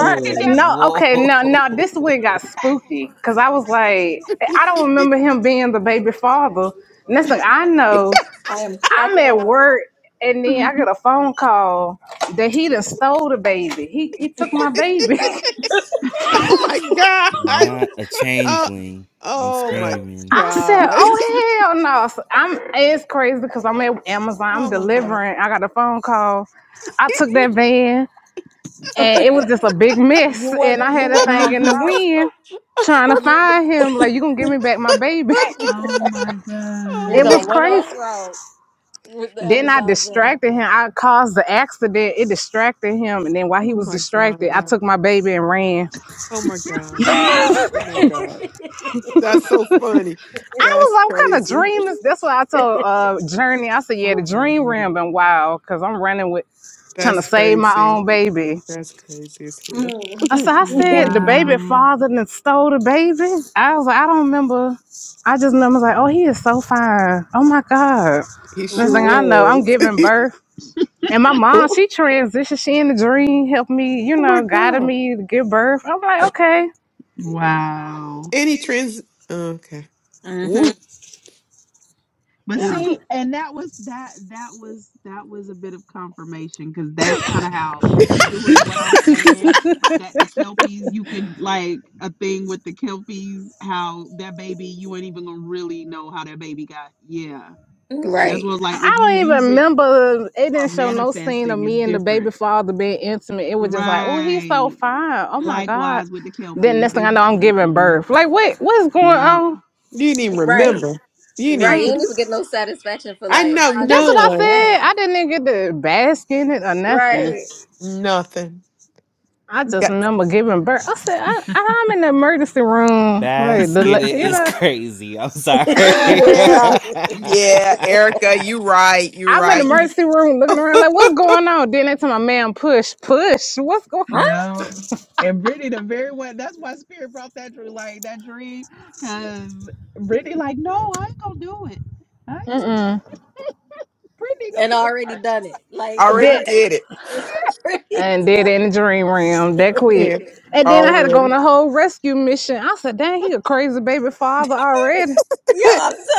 [SPEAKER 5] you can
[SPEAKER 6] No, okay, no, no. This one got
[SPEAKER 3] whoa.
[SPEAKER 6] spooky because I was like, I don't remember him being the baby father. Next thing I know,
[SPEAKER 1] I am
[SPEAKER 6] I'm
[SPEAKER 1] cracking
[SPEAKER 6] at
[SPEAKER 1] up.
[SPEAKER 6] work and then I
[SPEAKER 5] def-
[SPEAKER 6] get a phone call that he done stole the baby. He he took my baby.
[SPEAKER 2] oh my God.
[SPEAKER 3] Not a
[SPEAKER 2] Oh,
[SPEAKER 3] changeling. I'm
[SPEAKER 2] oh my
[SPEAKER 3] screaming.
[SPEAKER 6] I said,
[SPEAKER 2] God.
[SPEAKER 6] oh hell no! So I'm it's crazy because I'm at Amazon. I'm
[SPEAKER 2] Oh my God.
[SPEAKER 6] delivering. I got a phone call. I took that van and it was just a big
[SPEAKER 1] You
[SPEAKER 6] mess.
[SPEAKER 1] went
[SPEAKER 6] And I had
[SPEAKER 1] you
[SPEAKER 6] that
[SPEAKER 1] went
[SPEAKER 6] thing
[SPEAKER 1] off
[SPEAKER 6] in the
[SPEAKER 1] route.
[SPEAKER 6] wind
[SPEAKER 2] oh
[SPEAKER 6] trying to
[SPEAKER 1] You
[SPEAKER 6] find him. Like you gonna give me back my baby?
[SPEAKER 5] oh
[SPEAKER 2] my
[SPEAKER 5] my
[SPEAKER 1] you
[SPEAKER 6] It
[SPEAKER 1] know
[SPEAKER 6] was
[SPEAKER 5] god
[SPEAKER 1] went
[SPEAKER 6] crazy.
[SPEAKER 1] off
[SPEAKER 2] god.
[SPEAKER 1] route with the
[SPEAKER 6] Then I
[SPEAKER 1] Amazon van.
[SPEAKER 6] distracted him. I caused the accident. It distracted him. And then while
[SPEAKER 2] Oh
[SPEAKER 6] he was
[SPEAKER 2] my
[SPEAKER 6] distracted, I
[SPEAKER 2] god.
[SPEAKER 6] took my baby and ran.
[SPEAKER 2] Oh my god. Oh my god. That's so funny.
[SPEAKER 6] I
[SPEAKER 2] That's
[SPEAKER 6] was like, what kind of
[SPEAKER 2] crazy.
[SPEAKER 6] dream is this?" that's what I told uh Journey. I said, Yeah, the
[SPEAKER 2] Oh
[SPEAKER 6] dream ran
[SPEAKER 2] man.
[SPEAKER 6] been wild because I'm running with trying
[SPEAKER 2] That's
[SPEAKER 6] to save my
[SPEAKER 2] crazy.
[SPEAKER 6] own baby.
[SPEAKER 2] That's crazy as
[SPEAKER 1] mm.
[SPEAKER 6] I
[SPEAKER 2] hell.
[SPEAKER 6] said, I said the baby
[SPEAKER 5] wow
[SPEAKER 6] father and stole the baby. I was like, I don't remember. I just remember like, oh, he is so fine. Oh my God.
[SPEAKER 2] he
[SPEAKER 6] Next
[SPEAKER 2] sure
[SPEAKER 1] hmm
[SPEAKER 6] thing I know, I'm
[SPEAKER 2] was.
[SPEAKER 6] giving birth. And my mom,
[SPEAKER 2] oh
[SPEAKER 6] she transitioned. She in the dream, helped me, you
[SPEAKER 2] my
[SPEAKER 6] know, guided
[SPEAKER 2] god.
[SPEAKER 6] me to give birth. I'm like, okay.
[SPEAKER 5] wow
[SPEAKER 2] Any trans okay. Woo.
[SPEAKER 5] But
[SPEAKER 1] mm
[SPEAKER 5] see, and that was that that was that was a bit of confirmation because that's kind of how doing what I'm saying that the kelpies you could like a thing with the kelpies how that baby you ain't even gonna really know how that baby got yeah
[SPEAKER 6] Yeah.
[SPEAKER 5] that's
[SPEAKER 1] Right.
[SPEAKER 5] what like
[SPEAKER 6] I
[SPEAKER 5] if you
[SPEAKER 6] don't even
[SPEAKER 5] use it
[SPEAKER 6] remember. It
[SPEAKER 5] for
[SPEAKER 6] didn't show no scene of
[SPEAKER 5] manifesting it's
[SPEAKER 6] me and the baby
[SPEAKER 5] different
[SPEAKER 6] father being intimate. It was just like, oh, he's so
[SPEAKER 5] right
[SPEAKER 6] fine. Oh my God.
[SPEAKER 5] likewise with the
[SPEAKER 6] Then
[SPEAKER 5] kelpies
[SPEAKER 6] next thing
[SPEAKER 5] they
[SPEAKER 6] I know, I'm giving
[SPEAKER 5] mm-mm.
[SPEAKER 6] birth. Like, wait, what's going
[SPEAKER 5] yeah
[SPEAKER 6] on?
[SPEAKER 2] You didn't even
[SPEAKER 1] Right.
[SPEAKER 2] remember. You
[SPEAKER 1] Right.
[SPEAKER 6] I'm,
[SPEAKER 2] didn't
[SPEAKER 1] You
[SPEAKER 2] get
[SPEAKER 1] ain't even get no satisfaction for
[SPEAKER 2] I
[SPEAKER 1] like
[SPEAKER 2] know
[SPEAKER 1] how did
[SPEAKER 6] that's
[SPEAKER 1] it
[SPEAKER 6] what I
[SPEAKER 1] go
[SPEAKER 2] none.
[SPEAKER 6] said.
[SPEAKER 1] down?
[SPEAKER 6] I didn't even get to bask in it or nothing.
[SPEAKER 1] Right.
[SPEAKER 2] Nothing.
[SPEAKER 6] I just
[SPEAKER 2] Yeah.
[SPEAKER 6] remember giving birth. I said, I, I'm in the emergency room. Like, the, la-
[SPEAKER 3] Basket it
[SPEAKER 6] you
[SPEAKER 3] is
[SPEAKER 6] know.
[SPEAKER 3] crazy. I'm sorry.
[SPEAKER 2] Yeah. Yeah, Erica, you right. You
[SPEAKER 6] I'm in the
[SPEAKER 2] right. You
[SPEAKER 6] emergency room looking around like, what's going on? Then they tell my man, push, push. What's going
[SPEAKER 1] huh?
[SPEAKER 5] Yeah. And Brittany, the very one, that's why Spirit brought that dream, like that dream, because Brittany, like, no, I ain't gonna do it. I ain't gonna do
[SPEAKER 6] on?
[SPEAKER 5] Brittany gonna
[SPEAKER 1] And
[SPEAKER 5] be the
[SPEAKER 1] already
[SPEAKER 5] first
[SPEAKER 1] done it. Like you
[SPEAKER 2] Already
[SPEAKER 6] Did
[SPEAKER 1] already
[SPEAKER 2] did it.
[SPEAKER 1] it's already
[SPEAKER 6] and did in
[SPEAKER 1] done.
[SPEAKER 6] the dream realm that quick.
[SPEAKER 2] Yeah.
[SPEAKER 6] And then I had to
[SPEAKER 2] Already.
[SPEAKER 6] go on a whole rescue mission. I said, dang, he a crazy baby father already. And
[SPEAKER 1] Yo,
[SPEAKER 2] Child
[SPEAKER 1] I'm done.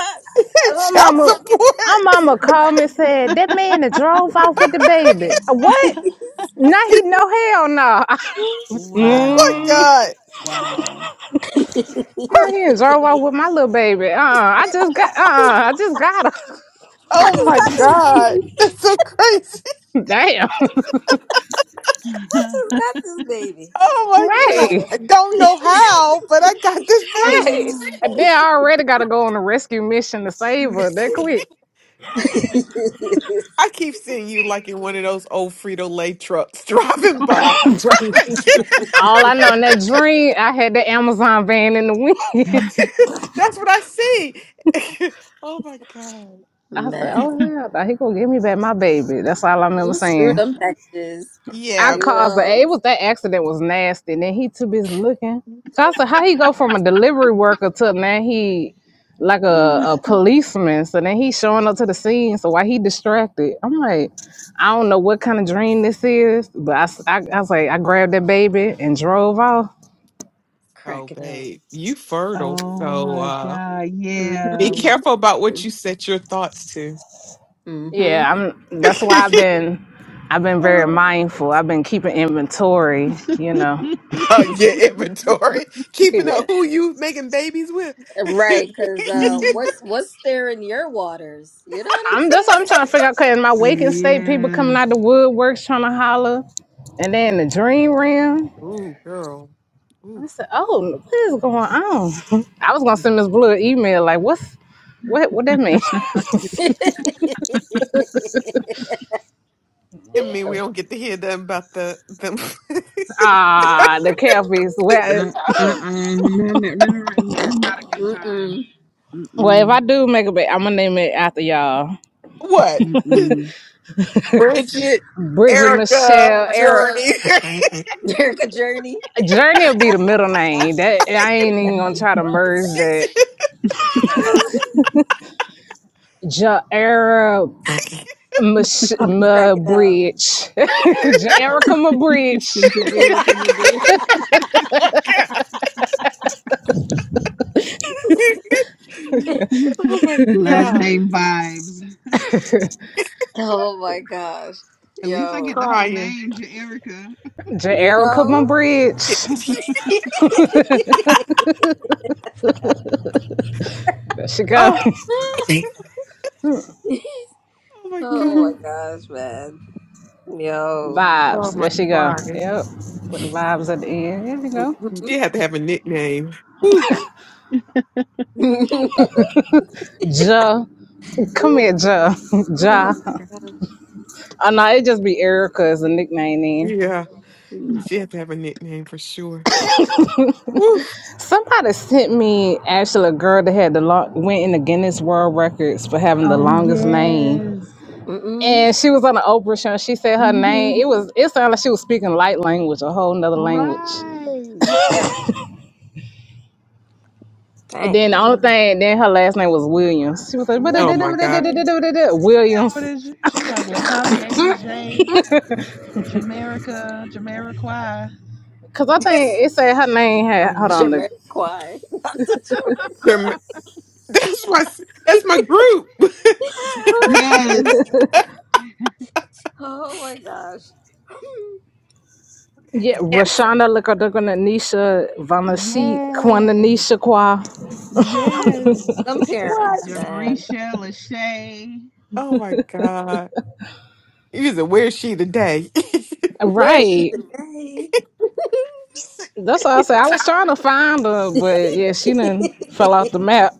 [SPEAKER 6] My
[SPEAKER 2] support.
[SPEAKER 6] mama, my mama called me and said, that man that drove off with the baby. Uh, What? Now he no hell no.
[SPEAKER 5] one.
[SPEAKER 2] oh my
[SPEAKER 6] mm,
[SPEAKER 5] Wow.
[SPEAKER 2] God.
[SPEAKER 5] Wow.
[SPEAKER 6] now he done drove off with my little baby. Uh, uh I just got. Uh, uh I just got her.
[SPEAKER 1] I
[SPEAKER 2] Oh
[SPEAKER 1] just
[SPEAKER 2] my
[SPEAKER 1] got this
[SPEAKER 2] God.
[SPEAKER 1] baby.
[SPEAKER 2] That's so crazy.
[SPEAKER 6] Damn.
[SPEAKER 1] Just got this baby.
[SPEAKER 2] Oh my
[SPEAKER 1] Yeah.
[SPEAKER 2] God.
[SPEAKER 6] Right.
[SPEAKER 2] I don't know how, but I got this
[SPEAKER 6] Right. They
[SPEAKER 2] baby.
[SPEAKER 6] already got to go on a rescue mission to save her. That quick.
[SPEAKER 2] I keep seeing you like in one of those old Frito Lay trucks driving by.
[SPEAKER 6] Right. All I know in that dream, I had the Amazon van in the wind.
[SPEAKER 2] That's what I see. oh my God.
[SPEAKER 6] I
[SPEAKER 2] Oh,
[SPEAKER 6] said,
[SPEAKER 1] Man,
[SPEAKER 6] oh, hell, he going to give me back my baby. That's all I remember
[SPEAKER 1] you screw
[SPEAKER 6] saying.
[SPEAKER 1] them packages.
[SPEAKER 2] Yeah,
[SPEAKER 6] I
[SPEAKER 1] You
[SPEAKER 6] caused the
[SPEAKER 1] know,
[SPEAKER 6] it was that accident was nasty. And then he too busy looking. Cause I said, how he go from a delivery worker to now he like a, a policeman. So then he showing up to the scene. So why he distracted? I'm like, I don't know what kind of dream this is, but I, s- I, I was like, I grabbed that baby and drove off.
[SPEAKER 2] Oh,
[SPEAKER 1] cracking up.
[SPEAKER 2] babe, you fertile.
[SPEAKER 5] oh
[SPEAKER 2] So
[SPEAKER 5] my
[SPEAKER 2] uh,
[SPEAKER 5] God.
[SPEAKER 2] be
[SPEAKER 5] Yeah.
[SPEAKER 1] Mm-hmm.
[SPEAKER 2] careful about what you set your thoughts to.
[SPEAKER 1] Mm-hmm.
[SPEAKER 6] Yeah, I'm. That's why I've been, I've been very
[SPEAKER 2] uh,
[SPEAKER 6] mindful. I've been keeping inventory. You know,
[SPEAKER 2] your inventory,
[SPEAKER 6] Keep
[SPEAKER 2] keeping up
[SPEAKER 6] it.
[SPEAKER 2] who you making babies with.
[SPEAKER 1] Right, because uh, what's what's there in your waters? You know
[SPEAKER 6] I'm that's what I'm trying to figure out. Cause in my waking state, people
[SPEAKER 5] yeah.
[SPEAKER 6] coming out the woodworks trying to holler. And then the dream realm.
[SPEAKER 2] Ooh, girl. Ooh.
[SPEAKER 6] I said, "Oh, what is going on?" I was gonna send Miss Blue an email like, "What's what? What that mean?"
[SPEAKER 1] what I'm saying?
[SPEAKER 2] I
[SPEAKER 6] What
[SPEAKER 2] mean, we
[SPEAKER 6] the-
[SPEAKER 2] don't get to hear them about the them.
[SPEAKER 6] Ah, the catfish. Well,
[SPEAKER 5] Uh uh. uh No, no, no, right. It's not a good time.
[SPEAKER 1] Mm-mm.
[SPEAKER 5] Mm
[SPEAKER 6] well, if I
[SPEAKER 5] mm.
[SPEAKER 6] do make a bet, I'm gonna name it after y'all.
[SPEAKER 2] what?
[SPEAKER 5] Mm
[SPEAKER 2] Bridget,
[SPEAKER 6] Bridget
[SPEAKER 2] Erica,
[SPEAKER 6] Michelle Eric.
[SPEAKER 2] Journey.
[SPEAKER 1] Erica Journey.
[SPEAKER 6] Journey will be the middle name. That I ain't even
[SPEAKER 2] oh
[SPEAKER 1] Huh?
[SPEAKER 6] gonna try to merge that. Ja Era Mich-
[SPEAKER 1] I'm
[SPEAKER 6] Ma
[SPEAKER 1] cracking up.
[SPEAKER 6] Bridge. Ja Erica Ma Bridge.
[SPEAKER 5] mm.
[SPEAKER 2] my
[SPEAKER 5] Erica,
[SPEAKER 2] god, Oh my
[SPEAKER 5] Last
[SPEAKER 2] god!
[SPEAKER 5] name vibes.
[SPEAKER 1] oh my gosh.
[SPEAKER 5] At least I
[SPEAKER 1] Yo,
[SPEAKER 5] get the whole
[SPEAKER 2] crying.
[SPEAKER 5] name, Jaerica.
[SPEAKER 6] Ja
[SPEAKER 1] you
[SPEAKER 6] Erica Ma
[SPEAKER 1] know?
[SPEAKER 6] Bridge. There she go.
[SPEAKER 2] oh, oh
[SPEAKER 1] oh
[SPEAKER 2] my God.
[SPEAKER 1] my gosh, man. Yo.
[SPEAKER 2] Oh
[SPEAKER 6] Vibes.
[SPEAKER 2] my
[SPEAKER 6] There she go.
[SPEAKER 2] God.
[SPEAKER 6] Yep. Put the vibes at the end. There you go.
[SPEAKER 1] Mhm.
[SPEAKER 2] She had to have a nickname. Woo.
[SPEAKER 6] Ja. Come here, Ja.
[SPEAKER 2] Oh,
[SPEAKER 6] Ja.
[SPEAKER 1] oh my gosh.
[SPEAKER 6] Oh no, it just be Erica as a nickname then.
[SPEAKER 2] yeah.
[SPEAKER 1] Mm.
[SPEAKER 2] She had to have a nickname for sure. Woo.
[SPEAKER 6] Somebody sent me actually a girl that had the long, went in the Guinness World Records for having the
[SPEAKER 5] Oh
[SPEAKER 6] longest name.
[SPEAKER 5] yes.
[SPEAKER 1] Mm-mm.
[SPEAKER 6] And she was on the Oprah show and she said her name.
[SPEAKER 5] Mm-hmm.
[SPEAKER 6] It was it sounded like she was speaking light language, a whole nother language.
[SPEAKER 5] Right.
[SPEAKER 6] And
[SPEAKER 1] Dang.
[SPEAKER 6] then the only
[SPEAKER 5] like-
[SPEAKER 6] thing, then her last name was Williams. She was like,
[SPEAKER 2] Oh my God.
[SPEAKER 5] Right. She what
[SPEAKER 6] Williams.
[SPEAKER 5] is She she like Latavia
[SPEAKER 1] Mm.
[SPEAKER 5] Brigay, Jamaica, Jamariquai.
[SPEAKER 6] Because I think it said her name had, hold
[SPEAKER 2] God.
[SPEAKER 6] on, the
[SPEAKER 1] Jamiroquai. Not the Jamiroquai.
[SPEAKER 2] Your- That's my that's my group.
[SPEAKER 5] Yes.
[SPEAKER 1] oh my gosh.
[SPEAKER 6] Yeah, Rashana Lakadakanisha Vanasi
[SPEAKER 5] Yes.
[SPEAKER 6] Kwananisha Kwa.
[SPEAKER 1] I
[SPEAKER 5] Yes.
[SPEAKER 1] mean, some
[SPEAKER 2] What?
[SPEAKER 1] parents, man.
[SPEAKER 5] Jabrisha Lachey.
[SPEAKER 2] Oh my God. Either where's she today? yeah,
[SPEAKER 1] Where is she
[SPEAKER 6] Right.
[SPEAKER 1] today?
[SPEAKER 6] That's all I said. I was trying to find her, but yeah, she done fell off the map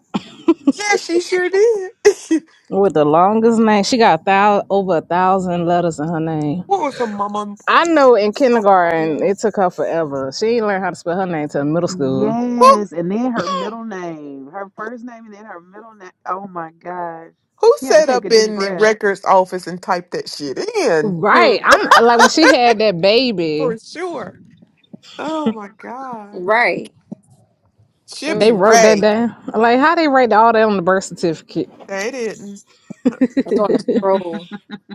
[SPEAKER 2] she sure did.
[SPEAKER 6] with the longest name. She got thou over a thousand letters in her name.
[SPEAKER 2] what was her mama?
[SPEAKER 6] I know in
[SPEAKER 2] Oh my
[SPEAKER 6] kindergarten
[SPEAKER 2] God.
[SPEAKER 6] it took her forever. She didn't learn how to spell her name till middle school.
[SPEAKER 2] Who
[SPEAKER 5] Yes, and then her middle name, her first name, and then her middle name. Oh my gosh,
[SPEAKER 2] who
[SPEAKER 5] she had to
[SPEAKER 2] sat
[SPEAKER 5] take a
[SPEAKER 2] up
[SPEAKER 5] deep
[SPEAKER 2] in the
[SPEAKER 5] breath.
[SPEAKER 2] records office and typed that shit in?
[SPEAKER 1] hmm.
[SPEAKER 6] Right. I'm like when she had that
[SPEAKER 2] For
[SPEAKER 6] baby,
[SPEAKER 2] sure. Oh my God.
[SPEAKER 1] Right.
[SPEAKER 2] She'll
[SPEAKER 6] they
[SPEAKER 2] be
[SPEAKER 1] Mm-mm.
[SPEAKER 6] wrote that
[SPEAKER 2] Ray.
[SPEAKER 6] down. Like how they write all that on the birth certificate.
[SPEAKER 2] They didn't.
[SPEAKER 1] It's on a scroll.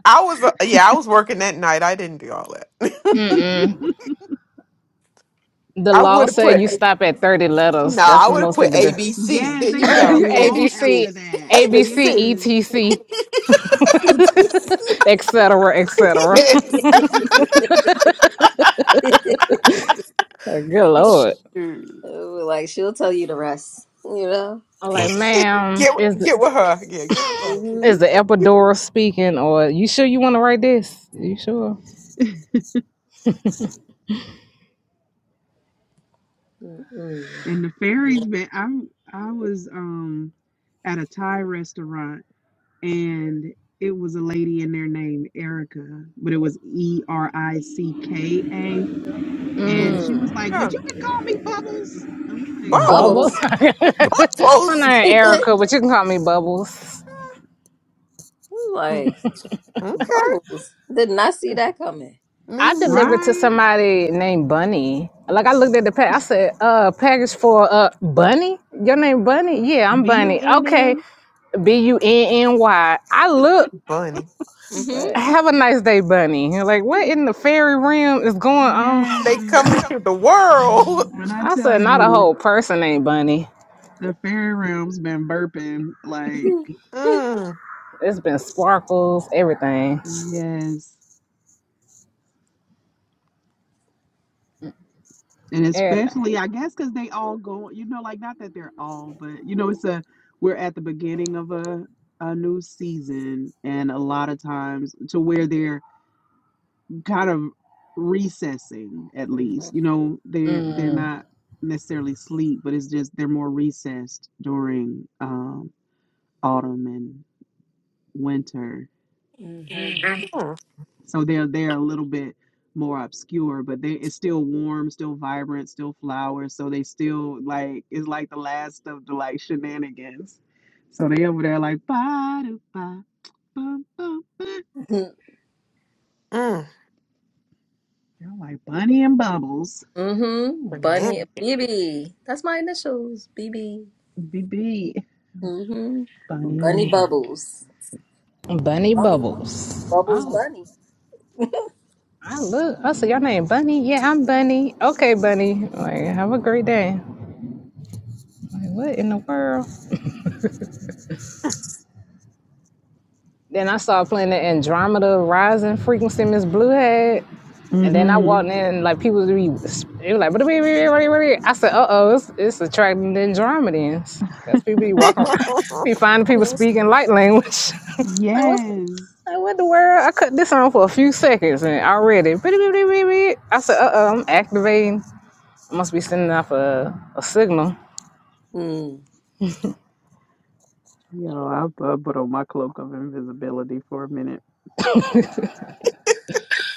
[SPEAKER 2] I was uh, yeah, I was working that night. I didn't do all that.
[SPEAKER 6] The
[SPEAKER 2] I
[SPEAKER 6] law
[SPEAKER 2] would have
[SPEAKER 6] said
[SPEAKER 2] put
[SPEAKER 6] you stop at 30 letters.
[SPEAKER 2] no,
[SPEAKER 6] That's
[SPEAKER 2] I
[SPEAKER 6] the
[SPEAKER 2] would have
[SPEAKER 6] most they
[SPEAKER 2] put
[SPEAKER 6] could do.
[SPEAKER 2] ABC.
[SPEAKER 5] Yes,
[SPEAKER 2] There
[SPEAKER 5] they
[SPEAKER 2] you
[SPEAKER 5] made a
[SPEAKER 2] go.
[SPEAKER 1] Hmm.
[SPEAKER 2] A
[SPEAKER 5] law
[SPEAKER 2] B C.
[SPEAKER 6] ABC,
[SPEAKER 5] after that.
[SPEAKER 2] A B C.
[SPEAKER 5] Yes,
[SPEAKER 6] ABC, ETC, et cetera, et cetera.
[SPEAKER 2] Yes.
[SPEAKER 6] Good Lord.
[SPEAKER 2] Shoot.
[SPEAKER 1] Ooh, like she'll tell you the rest, you know.
[SPEAKER 6] I'm like, ma'am,
[SPEAKER 2] Get with-
[SPEAKER 6] is the,
[SPEAKER 2] get with her. Yeah, get with her.
[SPEAKER 1] hmm
[SPEAKER 6] is the epidural speaking? Or you sure you want to write this? You sure?
[SPEAKER 1] Mm-mm.
[SPEAKER 5] and the fairies. Man, I I was um at a Thai restaurant, and it was a lady in there named Erica, but it was E R I C K A, and
[SPEAKER 1] Mm.
[SPEAKER 5] she was like,
[SPEAKER 2] Huh.
[SPEAKER 5] "But you can call me Bubbles." I'm like, "Oh,
[SPEAKER 1] Bubbles,
[SPEAKER 2] Bubbles.
[SPEAKER 6] My
[SPEAKER 2] Bubbles.
[SPEAKER 6] name Erica, but you can call me Bubbles.
[SPEAKER 2] Mm,
[SPEAKER 1] like
[SPEAKER 2] Okay.
[SPEAKER 1] bubbles. Did not see that coming.
[SPEAKER 2] Me
[SPEAKER 6] I
[SPEAKER 2] neither.
[SPEAKER 6] delivered to
[SPEAKER 5] right,
[SPEAKER 6] somebody named Bunny. Like I looked at the pack, I said, "Uh, package for uh Bunny? Your name Bunny? Yeah, I'm
[SPEAKER 5] B
[SPEAKER 1] Mm-hmm.
[SPEAKER 5] U
[SPEAKER 6] Bunny.
[SPEAKER 5] N
[SPEAKER 6] Okay,
[SPEAKER 5] N."
[SPEAKER 6] B U N N Y." I look.
[SPEAKER 2] Bunny.
[SPEAKER 1] Mm-hmm.
[SPEAKER 5] But
[SPEAKER 6] have a nice day, Bunny. And Like, what in the fairy realm is going on?
[SPEAKER 2] They
[SPEAKER 5] Yes.
[SPEAKER 2] come into the world.
[SPEAKER 5] When I
[SPEAKER 6] I
[SPEAKER 5] tell
[SPEAKER 6] said, not a
[SPEAKER 5] you
[SPEAKER 6] whole person ain't Bunny.
[SPEAKER 5] the fairy realm's been burping, like,
[SPEAKER 2] Mm.
[SPEAKER 6] It's been sparkles, everything,
[SPEAKER 5] yes. And
[SPEAKER 6] everything.
[SPEAKER 5] especially, I guess, because they all go, you know, like, not that they're all, but, you know, it's a, we're at the beginning of a, a new season, and a lot of times to where they're kind of recessing, at least, you know, they're, they're not necessarily sleep, but it's just they're more recessed during um, autumn and winter
[SPEAKER 2] Mm.
[SPEAKER 5] So they're they're a little bit more obscure, but they it's still warm, still vibrant, still flowers. So they still like it's like the last of the like shenanigans. So they over there like ba do ba bum bum ba.
[SPEAKER 2] Mm.
[SPEAKER 5] You're like Bunny and Bubbles,
[SPEAKER 1] Mm-hmm.
[SPEAKER 2] Banana.
[SPEAKER 1] Bunny BB. That's my initials. BB.
[SPEAKER 5] BB,
[SPEAKER 1] Mm-hmm.
[SPEAKER 5] Bunny
[SPEAKER 1] Bunny
[SPEAKER 5] and Bubbles.
[SPEAKER 1] Bubbles.
[SPEAKER 6] Bunny
[SPEAKER 1] Bubbles.
[SPEAKER 6] Bubbles.
[SPEAKER 1] Bubbles
[SPEAKER 6] Oh,
[SPEAKER 1] Bunny.
[SPEAKER 6] I look. I said, your name Bunny? Yeah, I'm Bunny. Okay, Bunny. Like, have a great day. Like, what in the world? Then I saw playing the Andromeda Rising frequency Miss Blue had. And then I
[SPEAKER 1] Mm-hmm.
[SPEAKER 5] Mm-hmm.
[SPEAKER 6] walked in, like people would be, they were like, "What what- what- what- I said, "Uh oh, it's, it's attracting the Andromedans." That's people be walking around, be finding people speaking light language. Like what's
[SPEAKER 5] Yes.
[SPEAKER 6] like what the world? I cut this on for a few seconds and already, beep, beep, beep, beep, beep. I said, "Uh oh, I'm activating. I must be sending off a, a signal."
[SPEAKER 5] Yo, I, I put on my cloak of invisibility for a minute.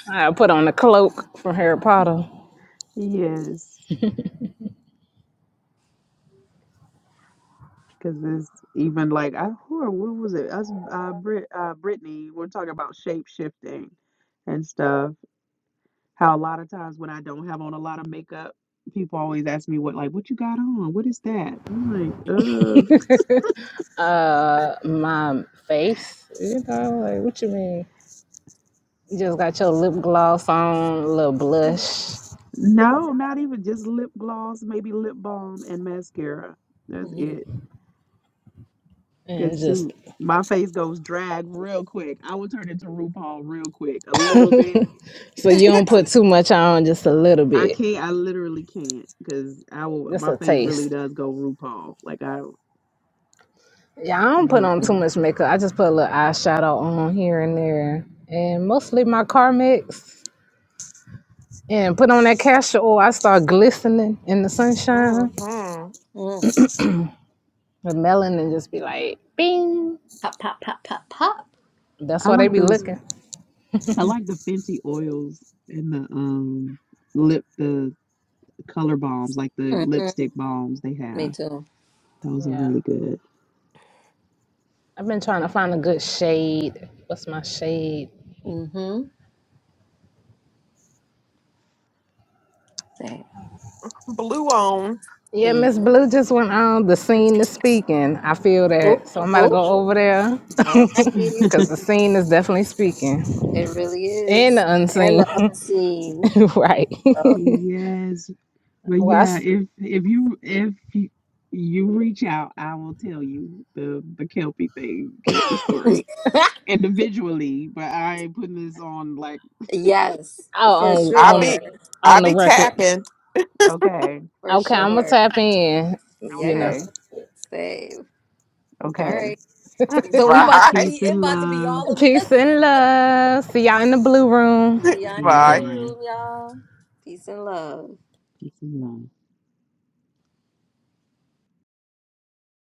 [SPEAKER 6] I put on the cloak from Harry Potter.
[SPEAKER 5] Yes. Because it's even like I who are- who was it? Us uh Brit uh Brittany, we're talking about shape shifting and stuff. How a lot of times when I don't have on a lot of makeup, people always ask me what like what you got on? What is that? I'm like, uh
[SPEAKER 6] Uh, my face, you know, like what you mean? You just got your lip gloss on, a little blush,
[SPEAKER 5] no, not even just lip gloss, maybe lip balm and mascara. That's
[SPEAKER 1] Mm-hmm.
[SPEAKER 5] it.
[SPEAKER 6] and
[SPEAKER 5] Cause
[SPEAKER 6] just
[SPEAKER 5] too my face goes drag real quick. I will turn into RuPaul real quick. A little bit.
[SPEAKER 6] So you don't put too much on, just a little
[SPEAKER 5] I
[SPEAKER 6] bit,
[SPEAKER 5] can't. I literally can't because I will.
[SPEAKER 6] just
[SPEAKER 5] My
[SPEAKER 6] a
[SPEAKER 5] face really
[SPEAKER 6] taste.
[SPEAKER 5] does go RuPaul. Like I
[SPEAKER 6] Yeah, I don't put
[SPEAKER 5] real
[SPEAKER 6] on too
[SPEAKER 5] fast.
[SPEAKER 6] much makeup. I just put a little eyeshadow on here and there, and mostly my car mix. And put on that castor oil. I start glistening in the sunshine.
[SPEAKER 2] Mhm.
[SPEAKER 1] Mm.
[SPEAKER 6] The melanin just be like, bing.
[SPEAKER 1] Pop, pop, pop, pop, pop.
[SPEAKER 6] That's
[SPEAKER 5] I
[SPEAKER 6] why they
[SPEAKER 5] like
[SPEAKER 6] be
[SPEAKER 5] those.
[SPEAKER 6] looking.
[SPEAKER 5] I like the Fenty oils and the um lip the color balms, like the
[SPEAKER 1] Mm-hmm.
[SPEAKER 5] lipstick balms they
[SPEAKER 1] Me
[SPEAKER 5] have.
[SPEAKER 1] too.
[SPEAKER 5] Those are
[SPEAKER 6] Yeah,
[SPEAKER 5] really good.
[SPEAKER 6] I've been trying to find a good shade. What's my shade?
[SPEAKER 1] Mm-hmm. Same.
[SPEAKER 2] Blue on.
[SPEAKER 6] Yeah, Miss
[SPEAKER 1] Yeah.
[SPEAKER 6] Blue just went on the scene to speaking. I feel
[SPEAKER 1] Oh,
[SPEAKER 6] that. So I'm about to
[SPEAKER 1] oh.
[SPEAKER 6] go over there
[SPEAKER 1] All righty.
[SPEAKER 6] because the scene is definitely speaking
[SPEAKER 1] It really
[SPEAKER 6] and
[SPEAKER 1] is.
[SPEAKER 6] the
[SPEAKER 1] And
[SPEAKER 6] unseen.
[SPEAKER 1] the unseen.
[SPEAKER 6] right.
[SPEAKER 1] Oh.
[SPEAKER 5] Yes, but
[SPEAKER 6] Well, I
[SPEAKER 5] yeah,
[SPEAKER 6] s-
[SPEAKER 5] if if you if you, you reach out, I will tell you the the Kelpie thing, Kelpie story individually. But I ain't putting this on like
[SPEAKER 1] yes, for
[SPEAKER 6] oh, on,
[SPEAKER 2] I
[SPEAKER 6] on, the,
[SPEAKER 2] be
[SPEAKER 1] sure.
[SPEAKER 2] I
[SPEAKER 6] on the
[SPEAKER 2] be
[SPEAKER 6] record.
[SPEAKER 2] tapping.
[SPEAKER 5] okay,
[SPEAKER 1] For
[SPEAKER 6] Okay, I'm going to
[SPEAKER 5] okay,
[SPEAKER 1] sure.
[SPEAKER 6] tap in,
[SPEAKER 1] Yeah,
[SPEAKER 6] you know.
[SPEAKER 1] yeah.
[SPEAKER 5] okay.
[SPEAKER 1] Save. All
[SPEAKER 5] Okay.
[SPEAKER 1] right. So we about to
[SPEAKER 2] Bye.
[SPEAKER 5] Peace
[SPEAKER 1] be it
[SPEAKER 5] and
[SPEAKER 1] about to be
[SPEAKER 5] love.
[SPEAKER 1] all of us.
[SPEAKER 6] Peace and love. See y'all in the blue room.
[SPEAKER 1] Yeah, in
[SPEAKER 5] See
[SPEAKER 1] the
[SPEAKER 5] you
[SPEAKER 2] Bye.
[SPEAKER 1] blue
[SPEAKER 5] there.
[SPEAKER 1] room, y'all. Peace and love.
[SPEAKER 5] Peace and love.